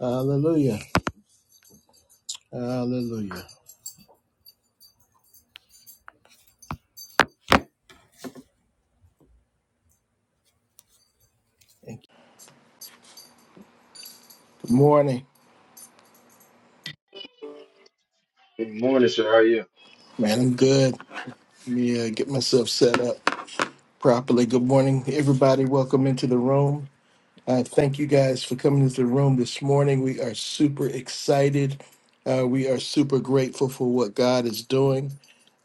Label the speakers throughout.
Speaker 1: Hallelujah. Hallelujah. Thank you. Good morning.
Speaker 2: Good morning, sir. How are you?
Speaker 1: Man, I'm good. Let me uh, get myself set up properly. Good morning, everybody. Welcome into the room. Uh, thank you guys for coming to the room this morning. We are super excited. Uh, we are super grateful for what God is doing.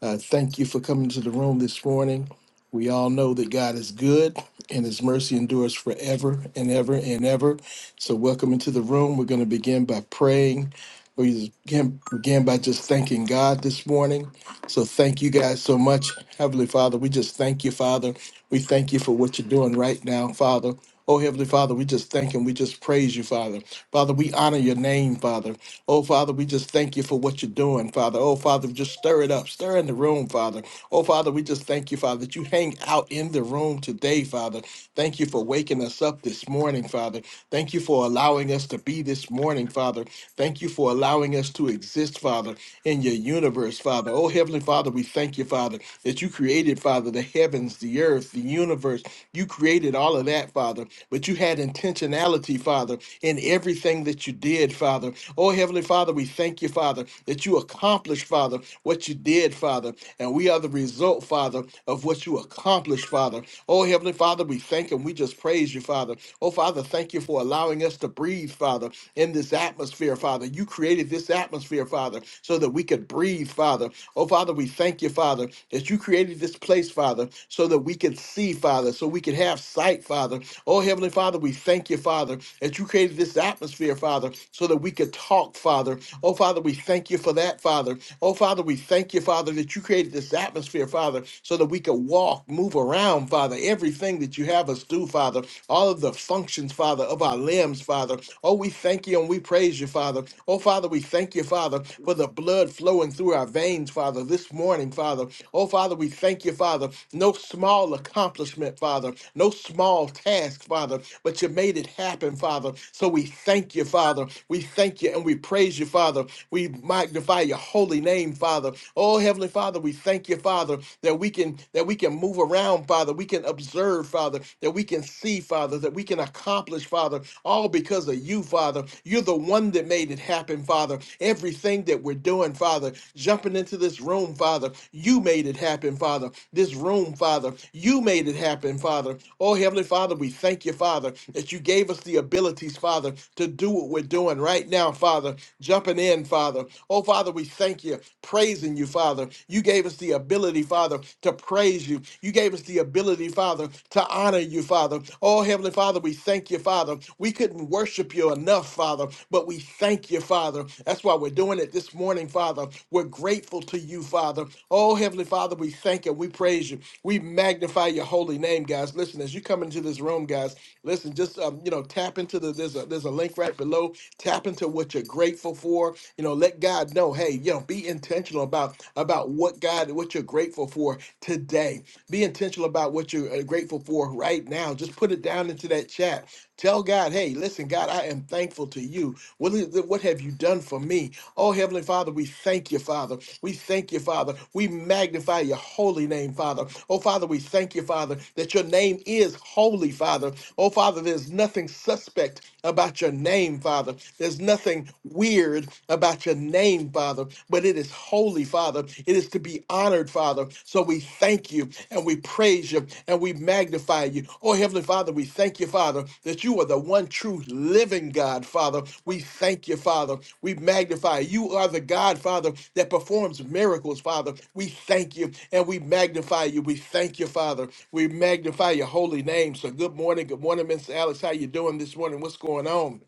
Speaker 1: Uh, thank you for coming to the room this morning. We all know that God is good and his mercy endures forever and ever and ever. So, welcome into the room. We're going to begin by praying. We begin, begin by just thanking God this morning. So thank you guys so much. Heavenly Father, we just thank you, Father. We thank you for what you're doing right now, Father. Oh, Heavenly Father, we just thank and we just praise you, Father. Father, we honor your name, Father. Oh, Father, we just thank you for what you're doing, Father. Oh, Father, just stir it up. Stir in the room, Father. Oh, Father, we just thank you, Father, that you hang out in the room today, Father. Thank you for waking us up this morning, Father. Thank you for allowing us to be this morning, Father. Thank you for allowing us to exist exist, Father, in your universe, Father. Oh, Heavenly Father, we thank you, Father, that you created, Father, the heavens, the earth, the universe. You created all of that, Father, but you had intentionality, Father, in everything that you did, Father. Oh, Heavenly Father, we thank you, Father, that you accomplished, Father, what you did, Father, and we are the result, Father, of what you accomplished, Father. Oh, Heavenly Father, we thank and we just praise you, Father. Oh, Father, thank you for allowing us to breathe, Father, in in this atmosphere, Father. You created this atmosphere, Father, so that we could breathe, Father. Oh, Father, we thank you, Father, that you created this place, Father, so that we could see, Father, so we could have sight, Father. Oh, Heavenly Father, we thank you, Father, that you created this atmosphere, Father, so that we could talk, Father. Oh, Father, we thank you for that, Father. Oh, Father, we thank you, Father, that you created this atmosphere, Father, so that we could walk, move around, Father. Everything that you have us do, Father, all of the functions functions, Father, of our limbs, Father. Oh, we thank you and we praise you, Father. Oh, Father, we thank you, Father, for the blood flowing through our veins, Father, this morning, Father. Oh, Father, we thank you, Father. No small accomplishment, Father. No small task, Father, but you made it happen, Father. So we thank you, Father. We thank you and we praise you, Father. We magnify your holy name, Father. Oh, Heavenly Father, we thank you, Father, that we can that we can move around, Father. We can observe serve, Father, that we can see, Father, that we can accomplish, Father, all because of you, Father. You're the one that made it happen, Father. Everything that we're doing, Father, jumping into this room, Father, you made it happen, Father. This room, Father, you made it happen, Father. Oh, Heavenly Father, we thank you, Father, that you gave us the abilities, Father, to do what we're doing right now, Father, jumping in, Father. Oh, Father, we thank you, praising you, Father. You gave us the ability, Father, to praise you. You gave us the ability, Father, to honor you, Father. Oh, Heavenly Father, we thank you, Father. We couldn't worship you enough, Father, but we thank you, Father. That's why we're doing it this morning, Father. We're grateful to you, Father. Oh, Heavenly Father, we thank you. We praise you. We magnify your holy name, guys. Listen, as you come into this room, guys, listen, just um, you know, tap into the there's a there's a link right below. Tap into what you're grateful for. You know, let God know, hey, you know, be intentional about about what God, what you're grateful for today. Be intentional about what you're uh, grateful for right now. Just put it down into that chat. Tell God, hey, listen, God, I am thankful to you. What, is what have you done for me? Oh, Heavenly Father, we thank you, Father. We thank you, Father. We magnify your holy name, Father. Oh, Father, we thank you, Father, that your name is holy, Father. Oh, Father, there's nothing suspect about your name, Father. There's nothing weird about your name, Father, but it is holy, Father. It is to be honored, Father. So we thank you and we praise you and we magnify you. Oh, Heavenly Father, we thank you, Father, that you are the one true living God, Father. We thank you, Father. We magnify you. You are the God, Father, that performs miracles, Father. We thank you and we magnify you. We thank you, Father. We magnify your holy name. So good morning. Good morning, Mr. Alex. How you doing this morning? What's going on?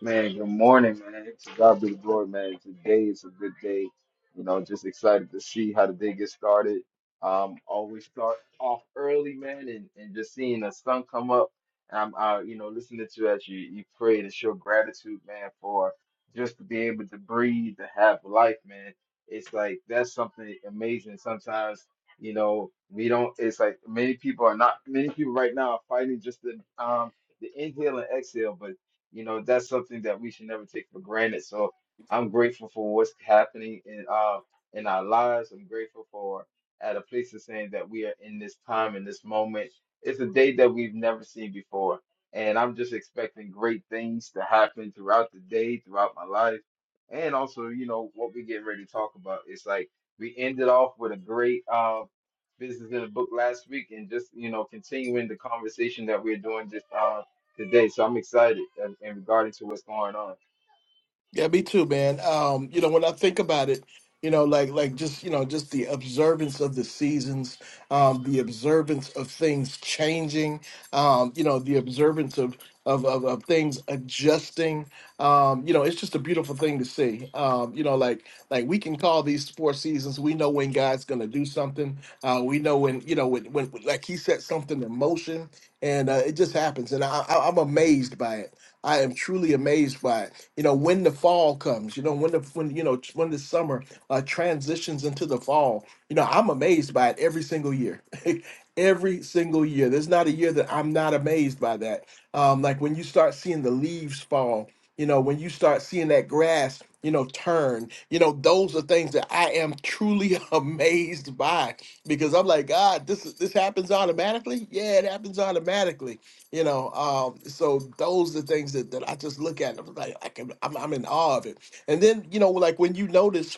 Speaker 2: Man, good morning, man. To God be the glory, man. Today is a good day. You know, just excited to see how the day gets started. Um, always start off early, man, and, and just seeing the sun come up. And I'm, uh, you know, listening to you as you you pray to show gratitude, man, for just to be able to breathe, to have life, man. It's like that's something amazing. Sometimes, you know, we don't. It's like many people are not. Many people right now are fighting just the um the inhale and exhale, but you know, that's something that we should never take for granted. So I'm grateful for what's happening in uh in our lives. I'm grateful for at a place of saying that we are in this time in this moment. It's a day that we've never seen before. And I'm just expecting great things to happen throughout the day, throughout my life. And also, you know, what we get ready to talk about. It's like we ended off with a great uh business in the book last week and just, you know, continuing the conversation that we're doing just uh today. So I'm excited in in regarding to what's going on.
Speaker 1: Yeah, me too, man. Um, you know, when I think about it, you know, like like just you know, just the observance of the seasons, um, the observance of things changing, um, you know, the observance of of of, of things adjusting. Um, you know, it's just a beautiful thing to see. Um, you know, like like we can call these four seasons. We know when God's going to do something. Uh, we know when you know when when like He set something in motion, and uh, it just happens. And I, I, I'm amazed by it I am truly amazed by it. You know, when the fall comes, you know, when the when you know t- when the summer uh, transitions into the fall, you know, I'm amazed by it every single year. every single year. There's not a year that I'm not amazed by that. Um, like when you start seeing the leaves fall, you know, when you start seeing that grass, you know, turn, you know, those are things that I am truly amazed by because I'm like, God, this is this happens automatically. Yeah, it happens automatically you know um so those are the things that, that i just look at and i'm like i can I'm, I'm in awe of it and then you know like when you notice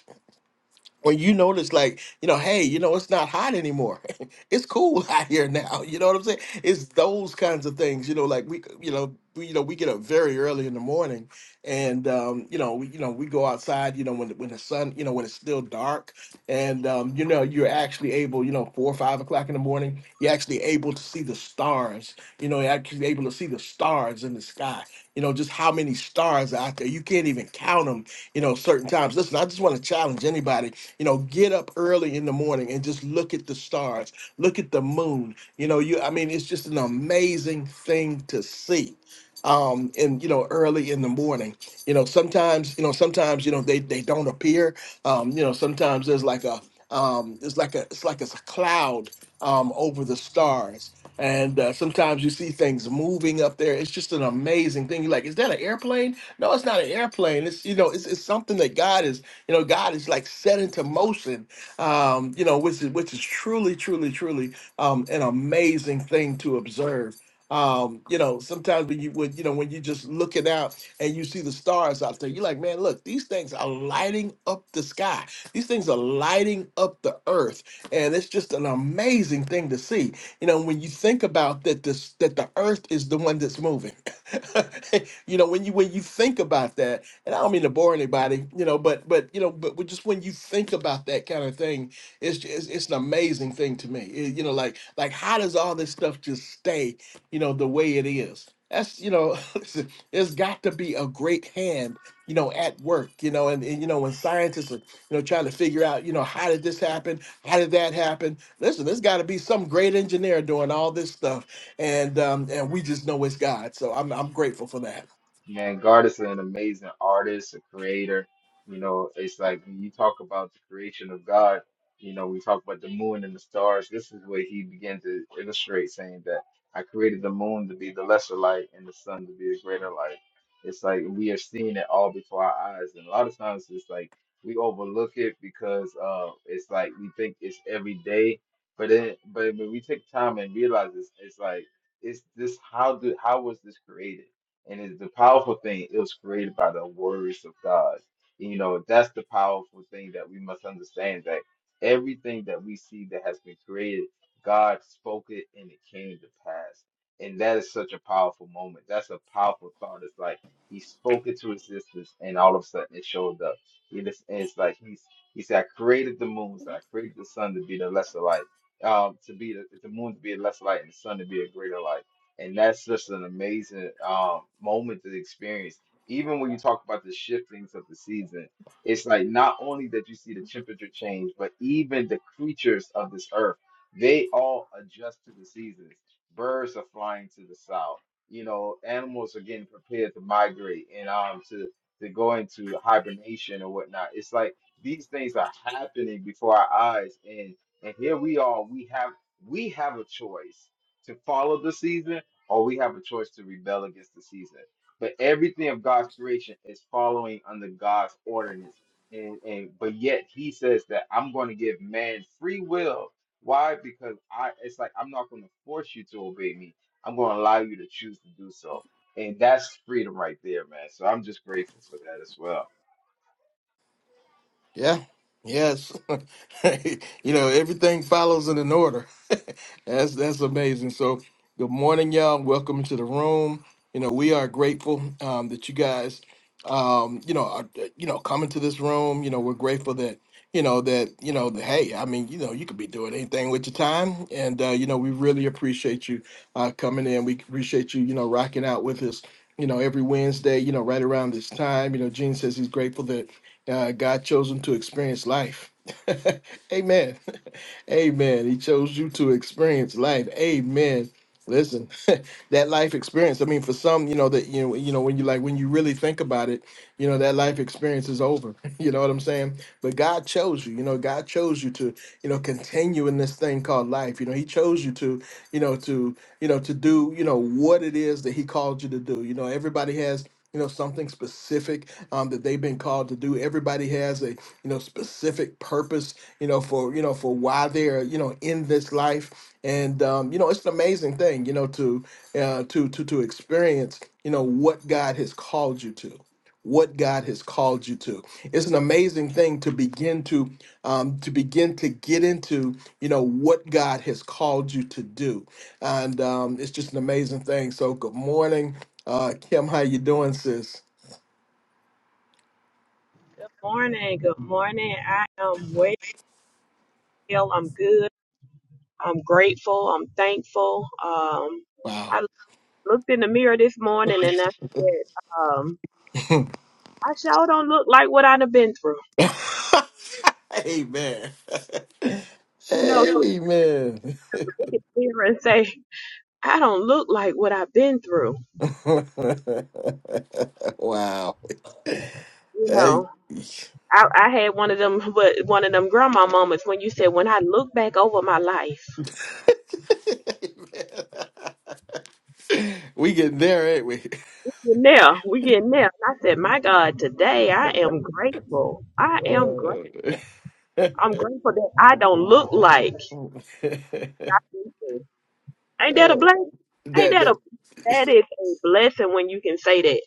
Speaker 1: when you notice like you know hey you know it's not hot anymore it's cool out here now you know what i'm saying it's those kinds of things you know like we you know we, you know we get up very early in the morning and um you know we, you know we go outside you know when the- when the sun you know when it's still dark and um you know you're actually able you know four or five o'clock in the morning you're actually able to see the stars you know you're actually able to see the stars in the sky you know just how many stars are out there you can't even count them you know certain times listen i just want to challenge anybody you know get up early in the morning and just look at the stars look at the moon you know you i mean it's just an amazing thing to see um and you know early in the morning you know sometimes you know sometimes you know they they don't appear um you know sometimes there's like a um it's like a it's like it's a cloud um over the stars and uh, sometimes you see things moving up there it's just an amazing thing you're like is that an airplane no it's not an airplane it's you know it's, it's something that god is you know, God is like set into motion, um, you know, which is which is truly, truly, truly um, an amazing thing to observe. Um, you know, sometimes when you would, you know, when you are just looking out and you see the stars out there, you're like, man, look, these things are lighting up the sky. These things are lighting up the earth. And it's just an amazing thing to see. You know, when you think about that this that the earth is the one that's moving you know when you when you think about that and i don't mean to bore anybody you know but but you know but when- just when you think about that kind of thing it's just it's it's an amazing thing to me It- you know like like how does all this stuff just stay you know the way it is that's you know listen, there's got to be a great hand you know at work you know and, and you know when scientists are you know trying to figure out you know how did this happen how did that happen listen there's got to be some great engineer doing all this stuff and um, and we just know it's God. So I'm I'm grateful for that.
Speaker 2: Man, God is an amazing artist, a creator. You know, it's like when you talk about the creation of God, you know, we talk about the moon and the stars. This is where he began to illustrate, saying that I created the moon to be the lesser light and the sun to be the greater light. It's like we are seeing it all before our eyes. And a lot of times it's like we overlook it because uh it's like we think it's every day. But then but when we take time and realize it's, it's like it's this how do how was this created? And it's the powerful thing, it was created by the words of God. And, you know, that's the powerful thing that we must understand that everything that we see that has been created, God spoke it and it came to pass. And that is such a powerful moment. That's a powerful thought. It's like he spoke it to existence and all of a sudden it showed up. It is, and it's like he's he said, I created the moons, I created the sun to be the lesser light. Um, to be the, the moon to be a lesser light and the sun to be a greater light and that's just an amazing um, moment to experience. Even when you talk about the shiftings of the season, it's like not only that you see the temperature change, but even the creatures of this earth, they all adjust to the seasons. Birds are flying to the south. You know, animals are getting prepared to migrate and um to to go into hibernation or whatnot. It's like these things are happening before our eyes, and and here we are. We have we have a choice to follow the season or we have a choice to rebel against the season. But everything of God's creation is following under God's ordinance. And, and but yet he says that I'm going to give man free will. Why? Because I it's like I'm not going to force you to obey me. I'm going to allow you to choose to do so. And that's freedom right there, man. So I'm just grateful for that as well.
Speaker 1: Yeah. Yes. you know, everything follows in an order. that's that's amazing. So, good morning, y'all. Welcome to the room. You know, we are grateful um, that you guys, um, you know, are, uh, you know, coming to this room. You know, we're grateful that you know that you know that, hey, I mean, you know, you could be doing anything with your time, and uh, you know, we really appreciate you uh, coming in. We appreciate you, you know, rocking out with us. You know, every Wednesday, you know, right around this time. You know, Gene says he's grateful that uh, God chose him to experience life. Amen. Amen. He chose you to experience life. Amen. Listen, that life experience. I mean, for some, you know that you know, you know when you like when you really think about it, you know that life experience is over. You know what I'm saying? But God chose you. You know, God chose you to you know continue in this thing called life. You know, He chose you to you know to you know to do you know what it is that He called you to do. You know, everybody has you know something specific um, that they've been called to do everybody has a you know specific purpose you know for you know for why they're you know in this life and um, you know it's an amazing thing you know to uh, to to to experience you know what god has called you to what God has called you to. It's an amazing thing to begin to um, to begin to get into, you know, what God has called you to do, and um, it's just an amazing thing. So, good morning, uh, Kim. How you doing, sis?
Speaker 3: Good morning. Good morning. I am well. I'm good. I'm grateful. I'm thankful. Um,
Speaker 1: Wow.
Speaker 3: I looked in the mirror this morning and I said, um, I sure don't look like what I've been through.
Speaker 1: Amen.
Speaker 3: You know, sometimes
Speaker 1: Amen.
Speaker 3: you look in the mirror and say, I don't look like what I've been through.
Speaker 1: wow.
Speaker 3: You
Speaker 1: Hey.
Speaker 3: know, I, I had one of them, what one of them grandma moments when you said, when I look back over my life,
Speaker 1: we getting there, ain't we?
Speaker 3: we're getting there. We're getting there. And I said, my God, today I am grateful. I am grateful.
Speaker 1: Uh, that
Speaker 3: I'm grateful that I don't look like. Ain't that a blessing? Ain't that a
Speaker 1: that
Speaker 3: that is a blessing when you can say that.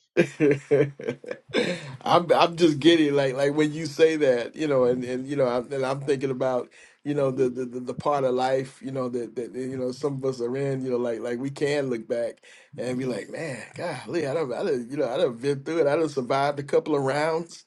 Speaker 1: I'm I'm just giddy like like when you say that you know and and you know I'm, and I'm thinking about you know the, the the the part of life you know that that you know some of us are in you know like like we can look back and be like man golly I don't I done, you know I done been through it I done survived a couple of rounds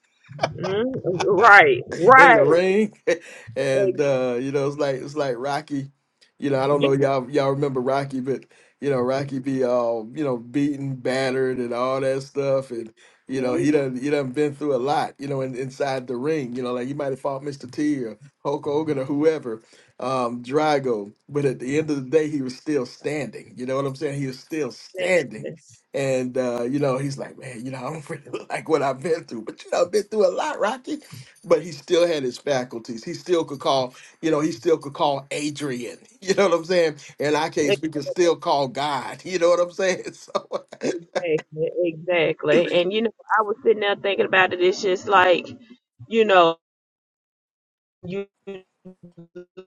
Speaker 3: mm Right,
Speaker 1: in the
Speaker 3: right.
Speaker 1: ring, and uh, you know, it's like it's like Rocky. You know, I don't know y'all y'all remember Rocky, but you know Rocky be all you know beaten, battered, and all that stuff, and you know
Speaker 3: mhm.
Speaker 1: he done he done been through a lot. You know, in, inside the ring, you know, like he might have fought Mr. T or Hulk Hogan or whoever, um, Drago, but at the end of the day, he was still standing. You know what I'm saying? He was still standing. And uh, you know, he's like, man, you know, I don't really look like what I've been through, but you know, I've been through a lot, Rocky but he still had his faculties. He still could call, you know, he still could call Adrian. You know what I'm saying? In our case, we could still call God. You know what I'm saying? So
Speaker 3: Exactly, exactly, exactly. And you know, I was sitting there thinking about it. It's just like, you know, you live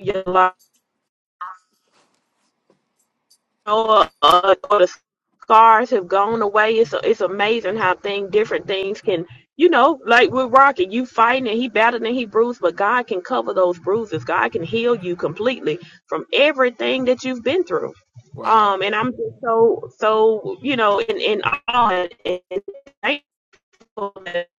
Speaker 3: your life know, uh, uh, or the scars have gone away. It's it's amazing how thing different things can, you know, like with Rocket, you fighting and he battered and he bruised, but God can cover those bruises. God can heal you completely from everything that you've been through.
Speaker 1: wow.
Speaker 3: Um, and I'm just so so you know in in awe and, and thankful that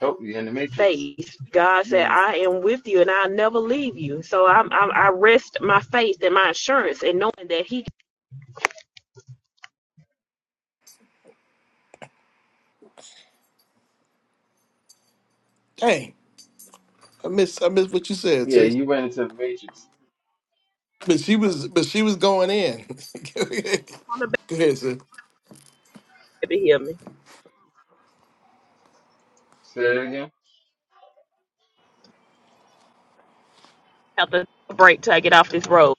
Speaker 2: Hope you in the matrix.
Speaker 3: faith. God said,
Speaker 1: Yes.
Speaker 3: "I am with you, and I'll never leave you." So I'm, I'm I rest my faith and my assurance in knowing that He
Speaker 1: Dang, I miss I miss what you said,
Speaker 2: Yeah,
Speaker 1: sis.
Speaker 2: you went into the matrix.
Speaker 1: But she was but she was going in. Go
Speaker 3: can come back
Speaker 1: ahead, sis.
Speaker 3: to heal me.
Speaker 2: Say that again.
Speaker 3: have to break till I get off this road.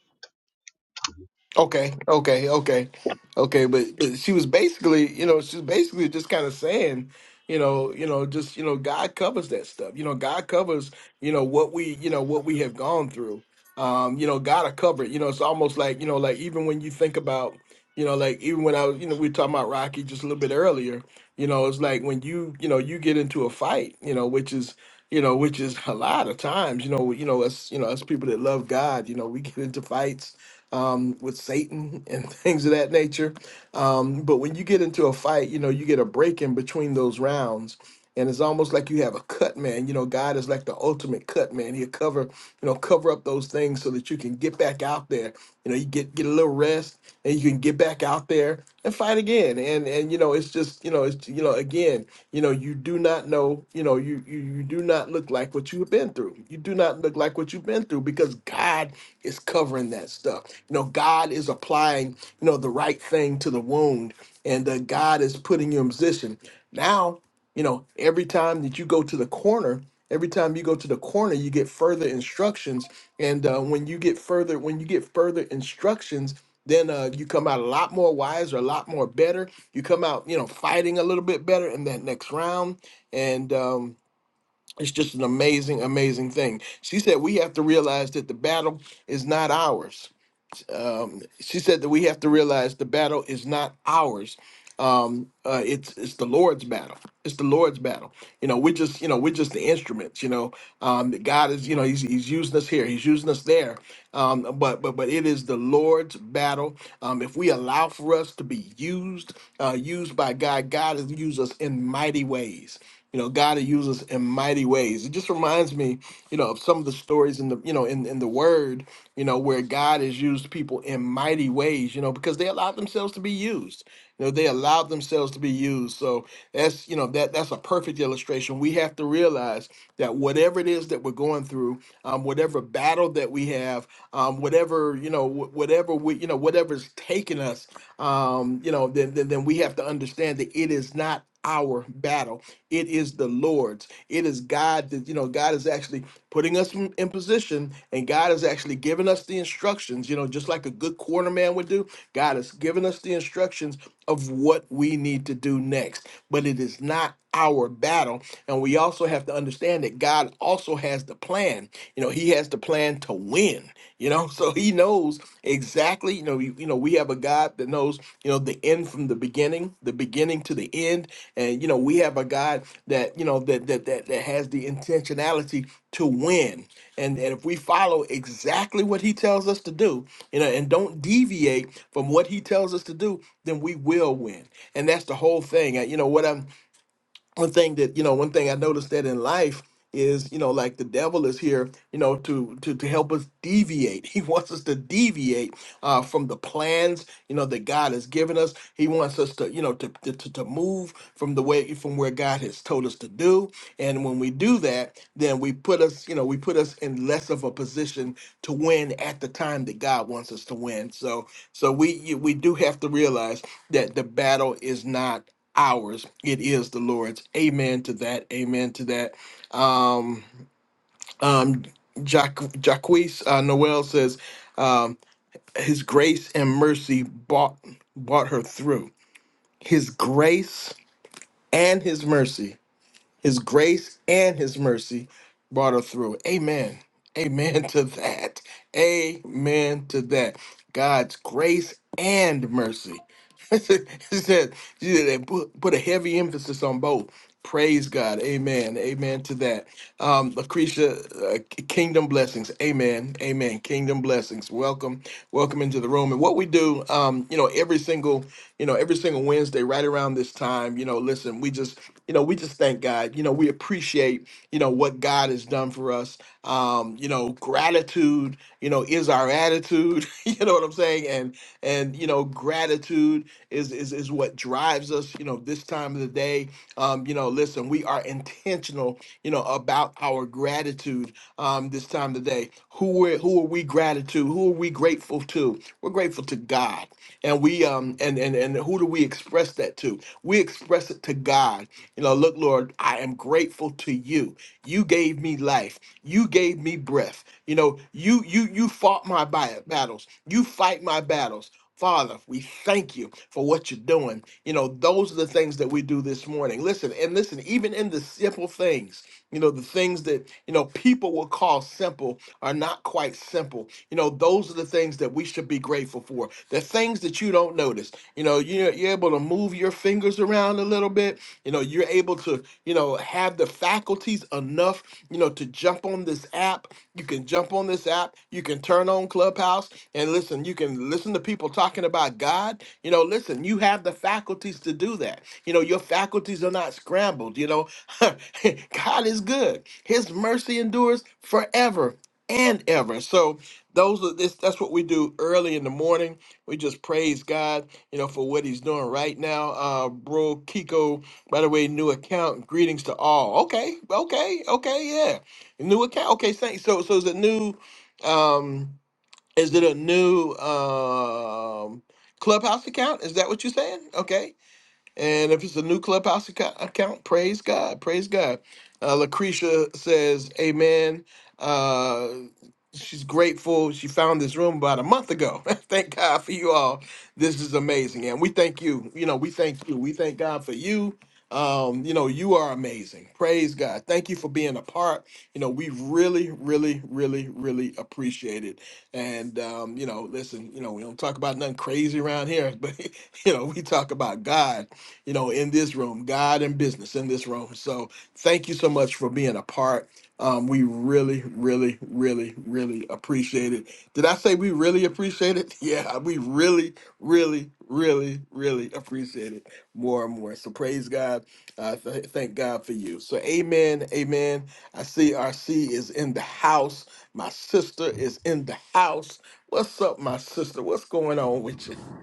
Speaker 1: Okay, okay, okay, okay. But, but she was basically, you know, she's basically just kind of saying, you know, you know, just you know, God covers that stuff. You know, God covers, you know, what we, you know, what we have gone through. Um, you know, God will cover it. You know, it's almost like, you know, like even when you think about, you know, like even when I was, you know, we were talking about Rocky just a little bit earlier. You know, it's like when you, you know, you get into a fight, you know, which is you know, which is a lot of times, you know, you know, us, you know, us people that love God, you know, we get into fights, um, with Satan and things of that nature. Um, but when you get into a fight, you know, you get a break in between those rounds. And it's almost like you have a cut man. You know, God is like the ultimate cut man. He'll cover, you know, cover up those things so that you can get back out there. You know, you get get a little rest and you can get back out there and fight again. And and you know, it's just, you know, it's you know, again, you know, you do not know know, you know, you, you you do not look like what you've been through. You do not look like what you've been through because God is covering that stuff. You know, God is applying, you know, the right thing to the wound, and uh, God is putting you in position. Now, you know, every time that you go to the corner, every time you go to the corner, you get further instructions, and uh, when you get further, when you get further instructions. Then uh, you come out a lot more wiser, a lot more better. You come out, you know, fighting a little bit better in that next round and um, it's just an amazing, amazing thing. She said we have to realize that the battle is not ours um, she said that we have to realize the battle is not ours. Um, uh, it's it's the Lord's battle. It's the Lord's battle. You know, we're just you know we're just the instruments. You know, um, that God is you know he's he's using us here. He's using us there. Um, but but but it is the Lord's battle. Um, if we allow for us to be used uh, used by God, God has used us in mighty ways. You know, God will use us in mighty ways. It just reminds me, you know, of some of the stories in the you know in in the Word you know, where God has used people in mighty ways, you know, because they allowed themselves to be used. You know, they allowed themselves to be used. So that's, you know, that that's a perfect illustration. We have to realize that whatever it is that we're going through, um, whatever battle that we have, um, whatever, you know, wh- whatever we, you know, whatever's taking us, um, you know, then, then then we have to understand that it is not our battle. It is the Lord's. It is God that, you know, God is actually putting us in, in position, and God has actually given us the instructions, you know, just like a good cornerman would do. God has given us the instructions of what we need to do next, but it is not our battle. And we also have to understand that God also has the plan. You know, He has the plan to win, you know, so He knows exactly, you know, you, you know, we have a God that knows, you know, the end from the beginning, the beginning to the end and you know, we have a God that you know that that that, that has the intentionality to win. And and if we follow exactly what He tells us to do, you know, and don't deviate from what He tells us to do, then we will win. And that's the whole thing. Uh, You know what I'm one thing that you know one thing i noticed that in life is you know like the devil is here you know to to to help us deviate he wants us to deviate uh from the plans you know that god has given us he wants us to you know to to, to to move from the way from where god has told us to do and when we do that then we put us you know we put us in less of a position to win at the time that god wants us to win so so we you- we do have to realize that the battle is not ours. It is the Lord's. Amen to that. Amen to that. Um, um, Jacques, Jacques uh, Noel says, um, His grace and mercy bought bought her through. His grace and His mercy his grace and his mercy brought her through. Amen. Amen to that. Amen to that. God's grace and mercy. she said, she said they put, put a heavy emphasis on both. Praise God. Amen. Amen to that. Um, Lucretia, uh, k- kingdom blessings. Amen. Amen. Kingdom blessings. Welcome. Welcome into the room. And what we do, um, you know, every single you know, every single Wednesday, right around this time, you know, listen, we just, you know, we just thank God. You know, we appreciate, you know, what God has done for us. Um, you know, gratitude, you know, is our attitude. you know what I'm saying? And and you know, gratitude is is is what drives us, you know, this time of the day. Um, you know, listen, we are intentional, you know, about our gratitude um this time of the day. Who we who are we gratitude? Who are we grateful to? We're grateful to God and we um and and and who do we express that to we express it to god you know look lord i am grateful to you you gave me life you gave me breath you know you you you fought my bi- battles you fight my battles Father, we thank you for what you're doing. You know, those are the things that we do this morning. Listen, and listen, even in the simple things. You know, the things that, you know, people will call simple are not quite simple. You know, those are the things that we should be grateful for. The things that you don't notice. You know, you're, you're able to move your fingers around a little bit. You know, you're able to, you know, have the faculties enough, you know, to jump on this app. You can jump on this app. You can turn on Clubhouse and listen. You can listen to people talking about God. You know, listen, you have the faculties to do that. You know, your faculties are not scrambled. You know, God is good. His mercy endures forever and ever. So those are this that's what we do early in the morning. We just praise God, you know, for what he's doing right now. Uh bro Kiko, by the way, new account. Greetings to all. Okay, okay, okay, yeah. New account. Okay, thanks. So so is it new um is it a new um clubhouse account? Is that what you're saying? Okay. And if it's a new Clubhouse acco- account, praise God, praise God. Uh, Lucretia says, Amen. Uh, she's grateful. She found this room about a month ago. thank God for you all. This is amazing. And we thank you. You know, we thank you. We thank God for you. Um, you know, you are amazing. Praise God. Thank you for being a part. You know, we really, really, really, really appreciate it. And, um, you know, listen, you know, we don't talk about nothing crazy around here, but, you know, we talk about God you know, in this room, God and business in this room. So thank you so much for being a part. Um, we really, really, really, really appreciate it. Did I say we really appreciate it? Yeah, we really, really, really, really appreciate it more and more. So praise God. Uh, th- thank God for you. So amen, amen. I see RC is in the house. My sister is in the house. What's up, my sister? What's going on with you?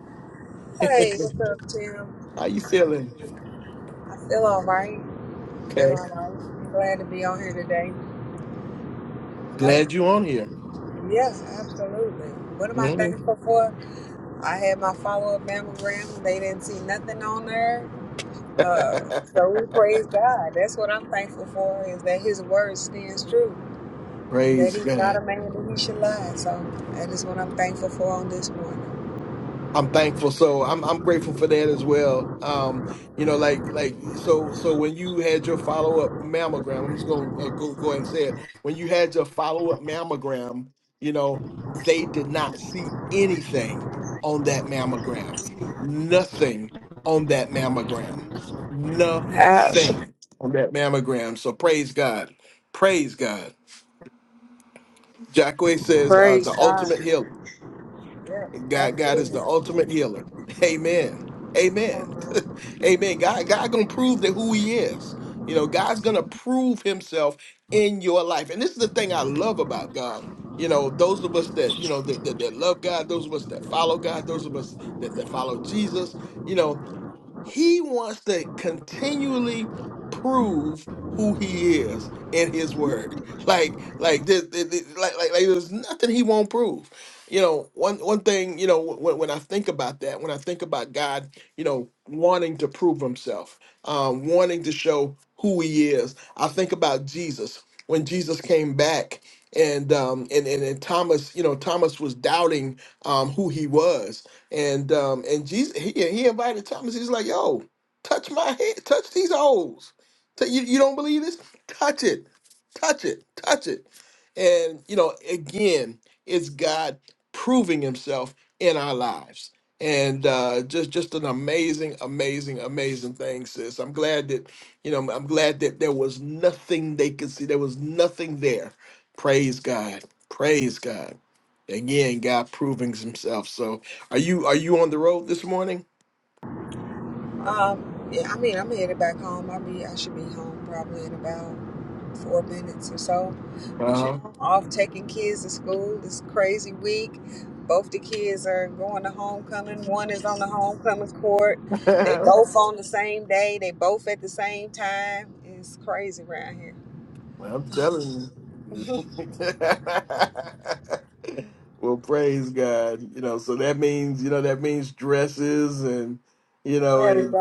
Speaker 4: Hey, what's up, Tim?
Speaker 1: How you feeling?
Speaker 4: I feel all right. Feel
Speaker 1: Okay.
Speaker 4: all right. Glad to be on here today.
Speaker 1: Glad
Speaker 4: No.
Speaker 1: you on here.
Speaker 4: Yeah, absolutely. What am I
Speaker 1: Mhm.
Speaker 4: thankful for? I had my follow up mammogram. They didn't see nothing on there. Uh, so we praise God. That's what I'm thankful for is that His word stands true and that
Speaker 1: Praise
Speaker 4: He's not a
Speaker 1: God.
Speaker 4: man that He should lie. So that is what I'm thankful for on this morning.
Speaker 1: I'm thankful. So I'm I'm grateful for that as well. Um, you know, like like so so when you had your follow up mammogram, I'm just gonna uh, go go ahead and say it. When you had your follow up mammogram, you know they did not see anything on that mammogram. Nothing on that mammogram.
Speaker 4: Abs-
Speaker 1: Nothing on that mammogram. So praise God. Praise God. Jackway says, uh,
Speaker 4: praise
Speaker 1: the
Speaker 4: God.
Speaker 1: ultimate healer.
Speaker 4: Yeah,
Speaker 1: God, God is the
Speaker 4: absolutely.
Speaker 1: ultimate healer. Amen.
Speaker 4: Come
Speaker 1: Amen.
Speaker 4: on, man.
Speaker 1: Amen. God, God gonna prove that who he is. You know, God's gonna prove himself in your life. And this is the thing I love about God. You know, those of us that, you know, that, that, that love God, those of us that follow God, those of us that, that follow Jesus, you know, he wants to continually prove who he is in his word. Like, like this, this- this- like, like, like there's nothing he won't prove. You know, one one thing, you know, when, when I think about that, when I think about God, you know, wanting to prove himself, um, wanting to show who he is, I think about Jesus. When Jesus came back and um and, and, and Thomas, you know, Thomas was doubting um who he was and um, and Jesus, he, he invited Thomas. He's like, "Yo, touch my head, touch these holes. T- You, you don't believe this? Touch it, touch it, touch it." And you know, again, it's God proving Himself in our lives, and uh, just just an amazing, amazing, amazing thing, sis. I'm glad that you know, I'm glad that there was nothing they could see. There was nothing there. Praise God. Praise God. Again, God proving Himself. So are you are you on the road this morning?
Speaker 4: Um, yeah, I mean, I'm headed back home. I'll be, I should be home probably in about four minutes or so. But you
Speaker 1: Uh-huh.
Speaker 4: know, I'm off taking kids to school this crazy week. Both the kids are going to homecoming. One is on the homecoming court. They both on the same day. They both at the same time. It's crazy around here.
Speaker 1: Well, I'm telling you. well, praise God. You know, so that means, you know, that means dresses and, you know,
Speaker 4: Oh
Speaker 1: and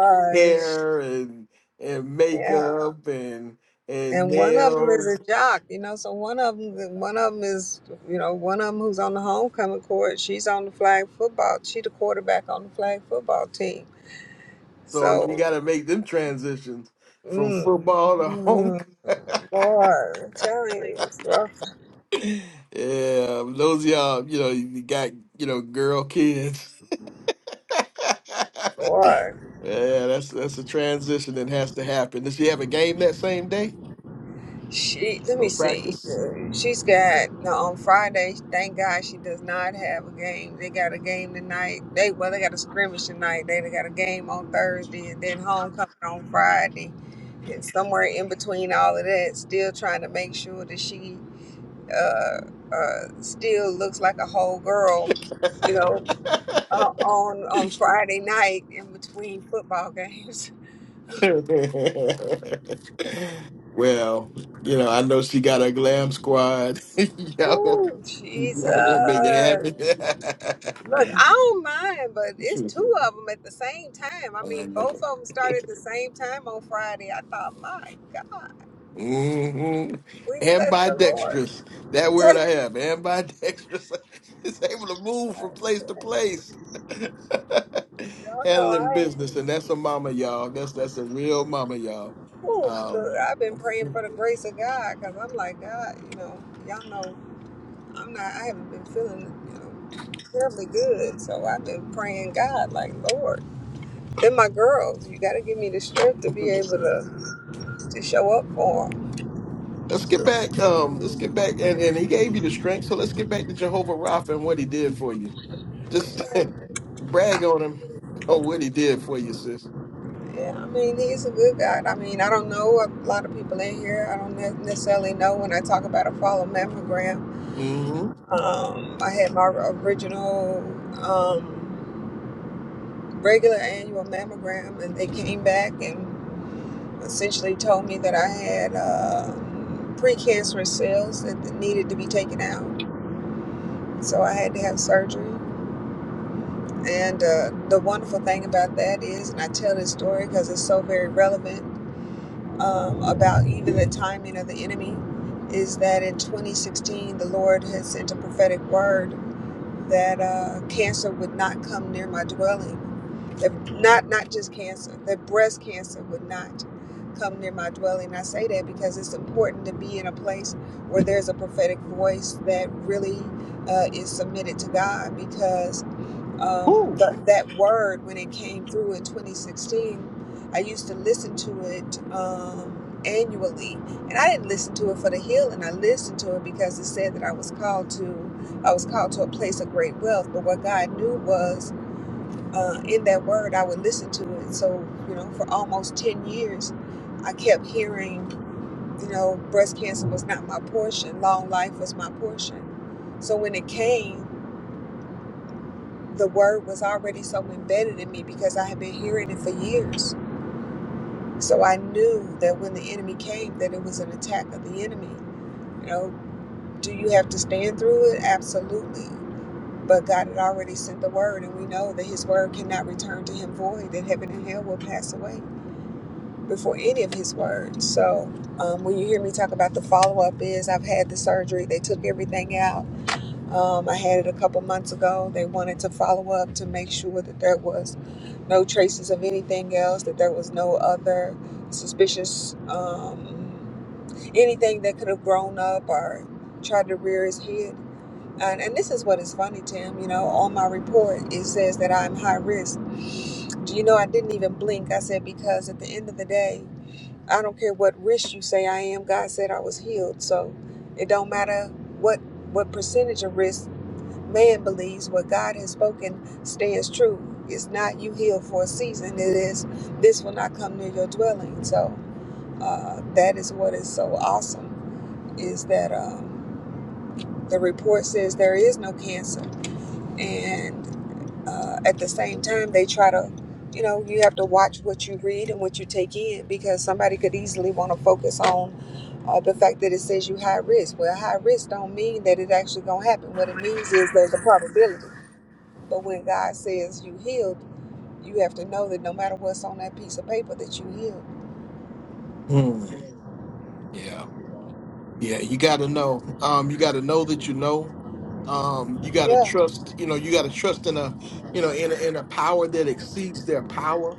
Speaker 4: gosh.
Speaker 1: hair and and
Speaker 4: Yeah.
Speaker 1: makeup and and
Speaker 4: and one of them is a
Speaker 1: nails.
Speaker 4: jock, you know. So one of them, one of them is, you know, one of them who's on the homecoming court. She's on the flag football. She the quarterback on the flag football team.
Speaker 1: So you
Speaker 4: So,
Speaker 1: gotta make them transitions from
Speaker 4: mm,
Speaker 1: football to home.
Speaker 4: mm, boy, I'm telling you, it's rough,
Speaker 1: Yeah, those of y'all, you know, you got, you know, girl kids.
Speaker 4: boy.
Speaker 1: yeah, that's that's a transition that has to happen. Does she have a game that same day
Speaker 4: She let me
Speaker 1: or
Speaker 4: see.
Speaker 1: practice?
Speaker 4: She's got no on Friday. Thank God she does not have a game. They got a game tonight. They well they got a scrimmage tonight. They they got a game on Thursday and then homecoming on Friday. And somewhere in between all of that, still trying to make sure that she uh uh still looks like a whole girl. You know, uh, on on Friday night in between football games.
Speaker 1: well, you know, I know she got a glam squad. Y'all,
Speaker 4: Ooh, Jesus.
Speaker 1: y'all gonna make it
Speaker 4: Look,
Speaker 1: happen.
Speaker 4: I don't mind, but it's two of them at the same time. I
Speaker 1: I
Speaker 4: mean, both
Speaker 1: know.
Speaker 4: of them start at the same time on Friday. I thought, my God,
Speaker 1: Mm-hmm.
Speaker 4: we bless the Lord.
Speaker 1: Ambidextrous. That word I have. Ambidextrous. it's able to move from place to place.
Speaker 4: Y'all know
Speaker 1: Handling
Speaker 4: I,
Speaker 1: business. And that's a mama, y'all. That's that's a real mama, y'all.
Speaker 4: whew,
Speaker 1: Um,
Speaker 4: look, I've been praying for the grace of God because I'm like, God, you know, y'all know I'm not, I haven't been feeling, you know, terribly good. So I've been praying, God, like, Lord, then my girls, you got to give me the strength to be able to, to show up for 'em.
Speaker 1: let's get back. Um, let's get back. And, and he gave you the strength. So let's get back to Jehovah Rapha and what he did for you. Just brag on him on what he did for you, sis.
Speaker 4: Yeah, I mean, he's a good God. I mean, I don't know a lot of people in here. I don't ne- necessarily know when I talk about a follow mammogram.
Speaker 1: Mm-hmm.
Speaker 4: Um, I had my original um, regular annual mammogram, and they came back and essentially told me that I had um precancerous cells that needed to be taken out. So I had to have surgery. And uh, the wonderful thing about that is, and I tell this story because it's so very relevant um, about even the timing of the enemy is that in 2016 the Lord had sent a prophetic word that uh, cancer would not come near my dwelling. That not not just cancer, that breast cancer would not come near my dwelling. I say that because it's important to be in a place where there's a prophetic voice that really uh, is submitted to God. Because um,
Speaker 1: Whew.
Speaker 4: th- that word, when it came through in 2016, I used to listen to it. Um, annually and I didn't listen to it for the healing I listened to it because it said that I was called to I was called to a place of great wealth, but what God knew was uh, in that word, I would listen to it. So, you know, for almost 10 years, I kept hearing, you know, breast cancer was not my portion, long life was my portion. So when it came, the word was already so embedded in me because I had been hearing it for years. So I knew that when the enemy came, that it was an attack of the enemy. You know, do you have to stand through it? Absolutely. But God had already sent the word, and we know that his word cannot return to him void, that heaven and hell will pass away before any of his words. So um, when you hear me talk about the follow up, is I've had the surgery, they took everything out. Um, I had it a couple months ago. They wanted to follow up to make sure that there was no traces of anything else, that there was no other suspicious um, anything that could have grown up or tried to rear its head. And, and this is what is funny, Tim. You know, on my report, it says that I'm high risk. Do you know I didn't even blink? I said, because at the end of the day, I don't care what risk you say I am, God said I was healed. So it don't matter what what percentage of risk man believes, what God has spoken stands true. It's not you healed for a season, it is this will not come near your dwelling. So uh, that is what is so awesome is that um, the report says there is no cancer and uh, at the same time they try to you know you have to watch what you read and what you take in because somebody could easily want to focus on uh, the fact that it says you high risk well high risk don't mean that it actually gonna happen what it means is there's a probability but when god says you healed you have to know that no matter what's on that piece of paper that you healed
Speaker 1: Hmm. Yeah. Yeah, you got to know. Um, you got to know that you know. Um, you got to
Speaker 4: yeah,
Speaker 1: trust. You know, you got to trust in a, you know, in a, in a power that exceeds their power.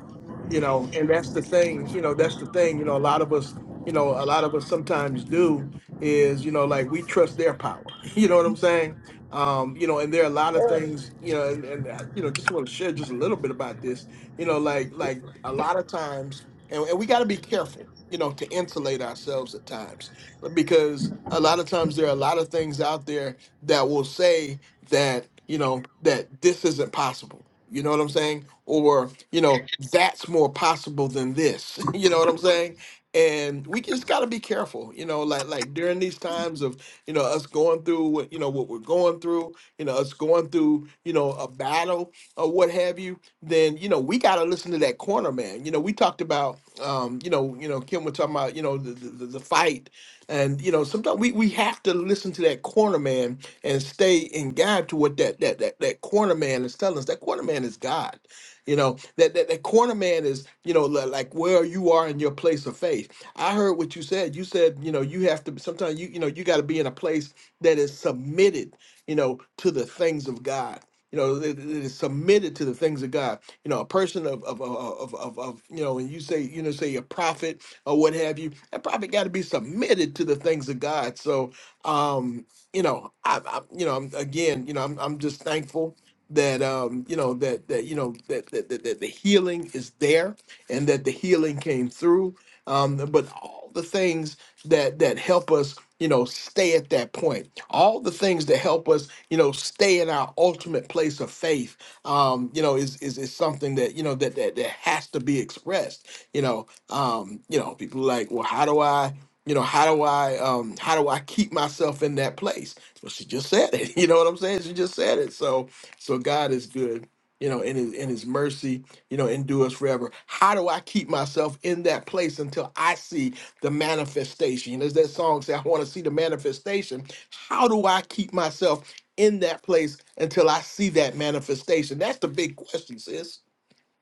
Speaker 1: You know, and that's the thing. You know, that's the thing. You know, a lot of us. You know, a lot of us sometimes do is you know like we trust their power. You know what I'm saying? Um, you know, and there are a lot of
Speaker 4: yeah.
Speaker 1: things. You know, and, and uh, you know, just want to share just a little bit about this. You know, like like a lot of times, and, and we got to be careful. You know, to insulate ourselves at times because a lot of times there are a lot of things out there that will say that you know that this isn't possible you know what i'm saying or you know that's more possible than this you know what i'm saying and we just got to be careful you know like like during these times of you know us going through what you know what we're going through you know us going through you know a battle or what have you then you know we got to listen to that corner man you know we talked about um you know you know kim was talking about you know the the, the the fight and you know, sometimes we, we have to listen to that corner man and stay in God to what that that that, that corner man is telling us. That corner man is God. You know, that, that that corner man is, you know, li- like where you are in your place of faith. I heard what you said. You said, you know, you have to sometimes you you know, you got to be in a place that is submitted, you know, to the things of God. You know, that that is submitted to the things of God. You know, a person of of of of, of, of you know, when you say you know, say a prophet or what have you, that probably got to be submitted to the things of God. So, um, you know, I, I you know, I'm, again, you know, I'm, I'm just thankful that um, you know that that you know that that, that that the healing is there and that the healing came through. Um, but all the things that that help us you know stay at that point all the things that help us you know stay in our ultimate place of faith um you know is is, is something that you know that, that that has to be expressed you know um you know people like well how do i you know how do i um how do i keep myself in that place well she just said it you know what i'm saying she just said it so so god is good you know in his in his mercy you know endures forever how do i keep myself in that place until i see the manifestation You know, as that song say i want to see the manifestation how do i keep myself in that place until i see that manifestation that's the big question sis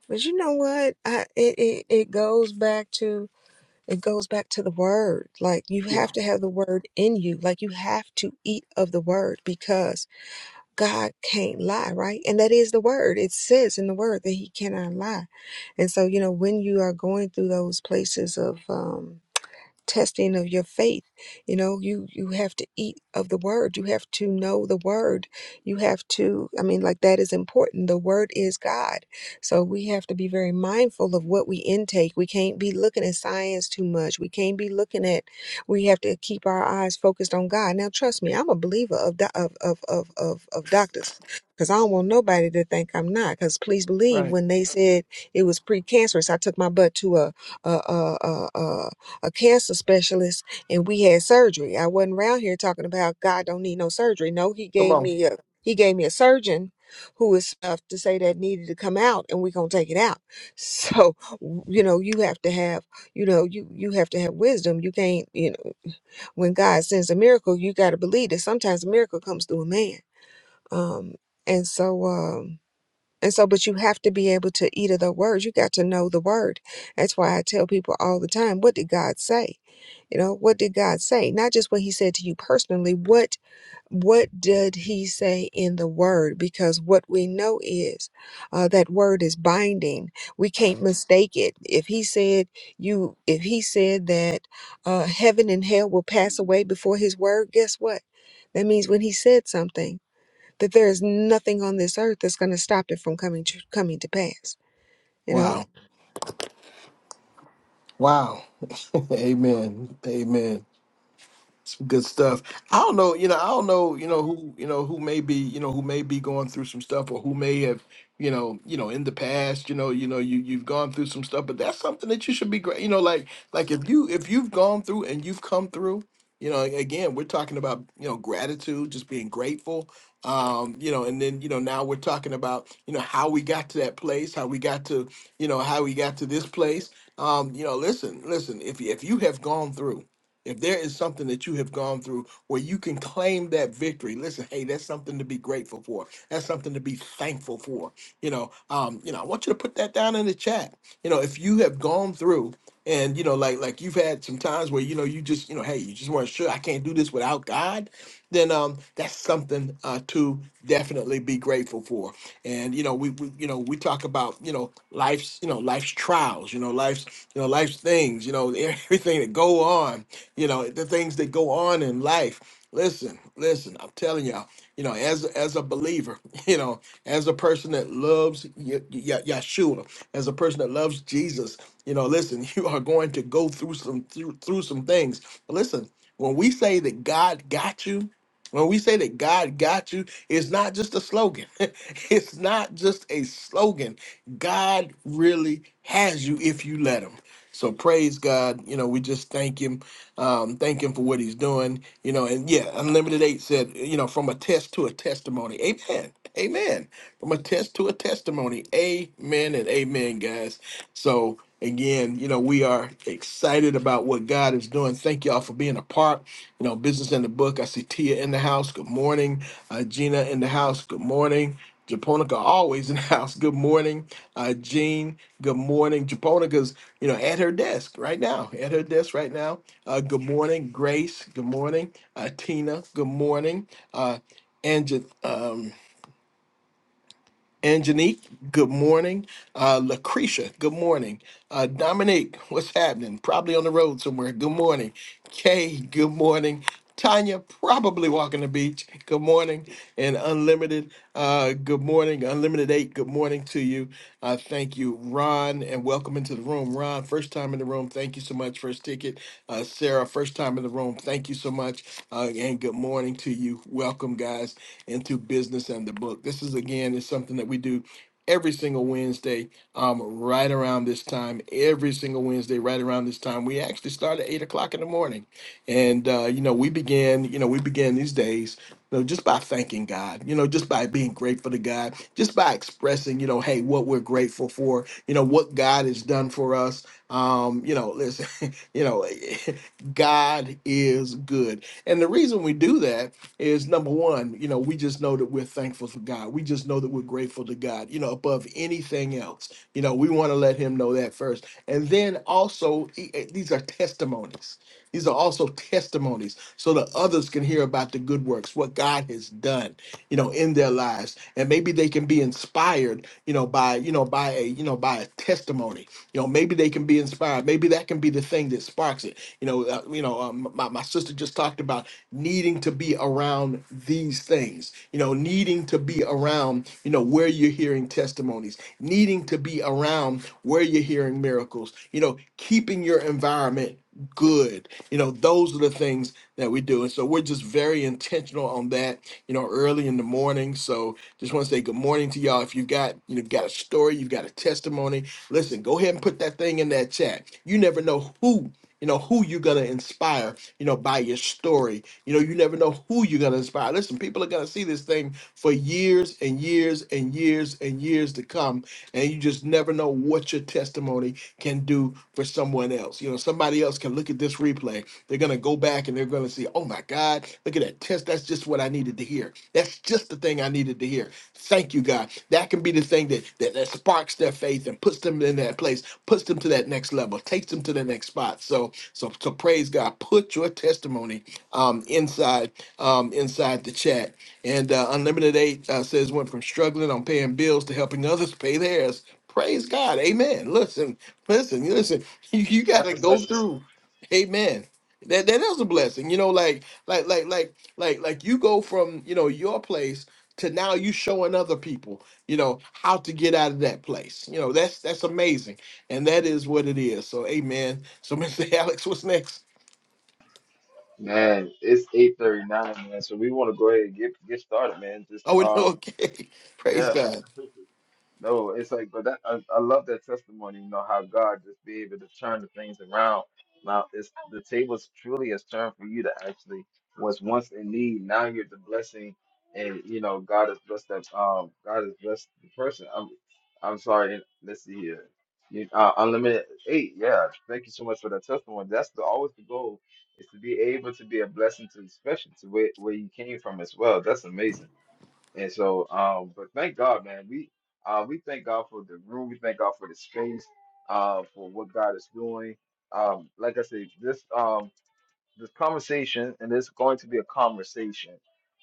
Speaker 4: but you know what I, it, it it goes back to It goes back to the word. Like you
Speaker 1: yeah
Speaker 4: have to have the word in you. Like you have to eat of the word because God can't lie, right? And that is the word. It says in the word that he cannot lie. And so, you know, when you are going through those places of, um testing of your faith you know you you have to eat of the word you have to know the word you have to i mean like that is important the word is god so we have to be very mindful of what we intake we can't be looking at science too much we can't be looking at we have to keep our eyes focused on god now trust me i'm a believer of do- of of of of, of doctors because i don't want nobody to think i'm not because please believe
Speaker 1: right
Speaker 4: when they said it was precancerous i took my butt to a a, a, a, a cancer specialist and we had surgery. I wasn't around here talking about God don't need no surgery. No, he
Speaker 1: come
Speaker 4: gave
Speaker 1: on
Speaker 4: me a he gave me a surgeon who was stuff to say that needed to come out and we're gonna take it out. So you know, you have to have you know, you you have to have wisdom. You can't, you know, when God sends a miracle, you gotta believe that sometimes a miracle comes through a man. Um and so um and so but you have to be able to eat of the word. You got to know the word. That's why I tell people all the time, what did God say? You know, what did God say? Not just what he said to you personally, what what did he say in the word? Because what we know is uh, that word is binding. We can't mistake it. If he said you if he said that uh, heaven and hell will pass away before his word, guess what? That means when he said something, that there is nothing on this earth that's going to stop it from coming to, coming to pass. You know,
Speaker 1: wow Wow. Amen. Amen some good stuff. I don't know, you know, I don't know, you know, who, you know, who may be, you know, who may be going through some stuff or who may have, you know, you know, in the past, you know, you know, you you've gone through some stuff, but that's something that you should be great, you know, like like if you if you've gone through and you've come through, you know, again, we're talking about, you know, gratitude, just being grateful. Um, you know, and then, you know, now we're talking about, you know, how we got to that place, how we got to, you know, how we got to this place. Um, you know, listen, listen, if you if you have gone through if there is something that you have gone through where you can claim that victory, listen, hey, that's something to be grateful for. That's something to be thankful for. You know, um, you know, I want you to put that down in the chat you know, if you have gone through and you know, like like you've had some times where you know you just you know, hey, you just weren't sure I can't do this without God, then um, that's something uh, to definitely be grateful for. And you know, we, we you know we talk about you know life's you know life's trials, you know life's you know life's things, you know everything that go on, you know the things that go on in life. Listen, listen, I'm telling y'all you know, as as a believer, you know, as a person that loves Ye- Ye- Yeshua, as a person that loves Jesus, you know, listen, you are going to go through some through, through some things. But listen, when we say that God got you. When we say that God got you, it's not just a slogan. it's not just a slogan. God really has you if you let Him. So praise God. You know, we just thank Him, um, thank Him for what He's doing. You know, and yeah, Unlimited Eight said, you know, from a test to a testimony. Amen. Amen. From a test to a testimony. Amen and amen, guys. So, again, you know, we are excited about what God is doing. Thank y'all for being a part. You know, business in the book. I see Tia in the house. Good morning. Uh, Gina in the house. Good morning. Japonica always in the house. Good morning. Uh, Jean, good morning. Japonica's, you know, at her desk right now. At her desk right now. Uh, good morning. Grace, good morning. Uh, Tina, good morning. Uh, Angie, um, Angenique, good morning. Uh, Lucretia, good morning. Uh, Dominique, what's happening? Probably on the road somewhere. Good morning. Kay, good morning. Tanya, probably walking the beach. Good morning. And Unlimited, uh, good morning. Unlimited today. Good morning to you. I uh, thank you, Ron, and welcome into the room. Ron, first time in the room. Thank you so much. First ticket. Uh, Sarah, first time in the room. Thank you so much. Uh, and good morning to you. Welcome, guys, into Business and the Book. This is, again, is something that we do every single Wednesday, um, right around this time. Every single Wednesday, right around this time. We actually start at 8 o'clock in the morning. And uh, you know, we begin, you know, we begin these days, you know, just by thanking God, you know, just by being grateful to God, just by expressing, you know, hey, what we're grateful for, you know, what God has done for us. Um, you know, listen, you know, God is good. And the reason we do that is number one, you know, we just know that we're thankful for God. We just know that we're grateful to God, you know, above anything else. You know, we want to let him know that first. And then also, e- e- these are testimonies these are also testimonies so that others can hear about the good works, what God has done, you know, in their lives. And maybe they can be inspired, you know, by, you know, by a, you know, by a testimony. You know, maybe they can be inspired. Maybe that can be the thing that sparks it. You know, uh, you know, um, my, my sister just talked about needing to be around these things, you know, needing to be around, you know, where you're hearing testimonies, needing to be around where you're hearing miracles, you know, keeping your environment good you know, those are the things that we do. And so we're just very intentional on that, you know, early in the morning. So just want to say good morning to y'all. If you've got, you know, got a story, you've got a testimony, listen, go ahead and put that thing in that chat. You never know who you know who you're gonna inspire you know by your story you know you never know who you're gonna inspire listen people are gonna see this thing for years and years and years and years to come and you just never know what your testimony can do for someone else. You know, somebody else can look at this replay. They're going to go back and they're going to see, oh my God, look at that test. That's just what I needed to hear. That's just the thing I needed to hear. Thank you, God. That can be the thing that, that, that sparks their faith and puts them in that place, puts them to that next level, takes them to the next spot. So, so, so praise God. Put your testimony um, inside um, inside the chat and uh, Unlimited Eight uh, says went from struggling on paying bills to helping others pay theirs. Praise God. Amen. Listen, listen, listen. You, you got
Speaker 2: That's
Speaker 1: to
Speaker 2: a
Speaker 1: go
Speaker 2: blessing.
Speaker 1: through. Amen. That that is a blessing. You know, like like like like like like you go from you know your place to now you showing other people you know how to get out of that place. You know that's that's amazing, and that is what it is. So amen. So Mr. Alex, what's next?
Speaker 2: Man, it's eight thirty nine, man. So we want to go ahead and get get started, man. Just
Speaker 1: Oh,
Speaker 2: um,
Speaker 1: okay. Praise
Speaker 2: yeah.
Speaker 1: God.
Speaker 2: No, it's like, but that I, I love that testimony. You know how God just be able to turn the things around. Now, it's the tables truly has turned for you to actually was once in need. Now you're the blessing, and you know God has blessed that. Um, God has blessed the person. I'm, I'm sorry. and Let's see here. You, uh, unlimited eight. Yeah, thank you so much for that testimony. That's the always the goal is to be able to be a blessing to, especially to where, where you came from as well. That's amazing. And so, um, but thank God, man. We uh, we thank God for the room. We thank God for the space, uh, for what God is doing. Um, like I said, this um, this conversation, and it's going to be a conversation.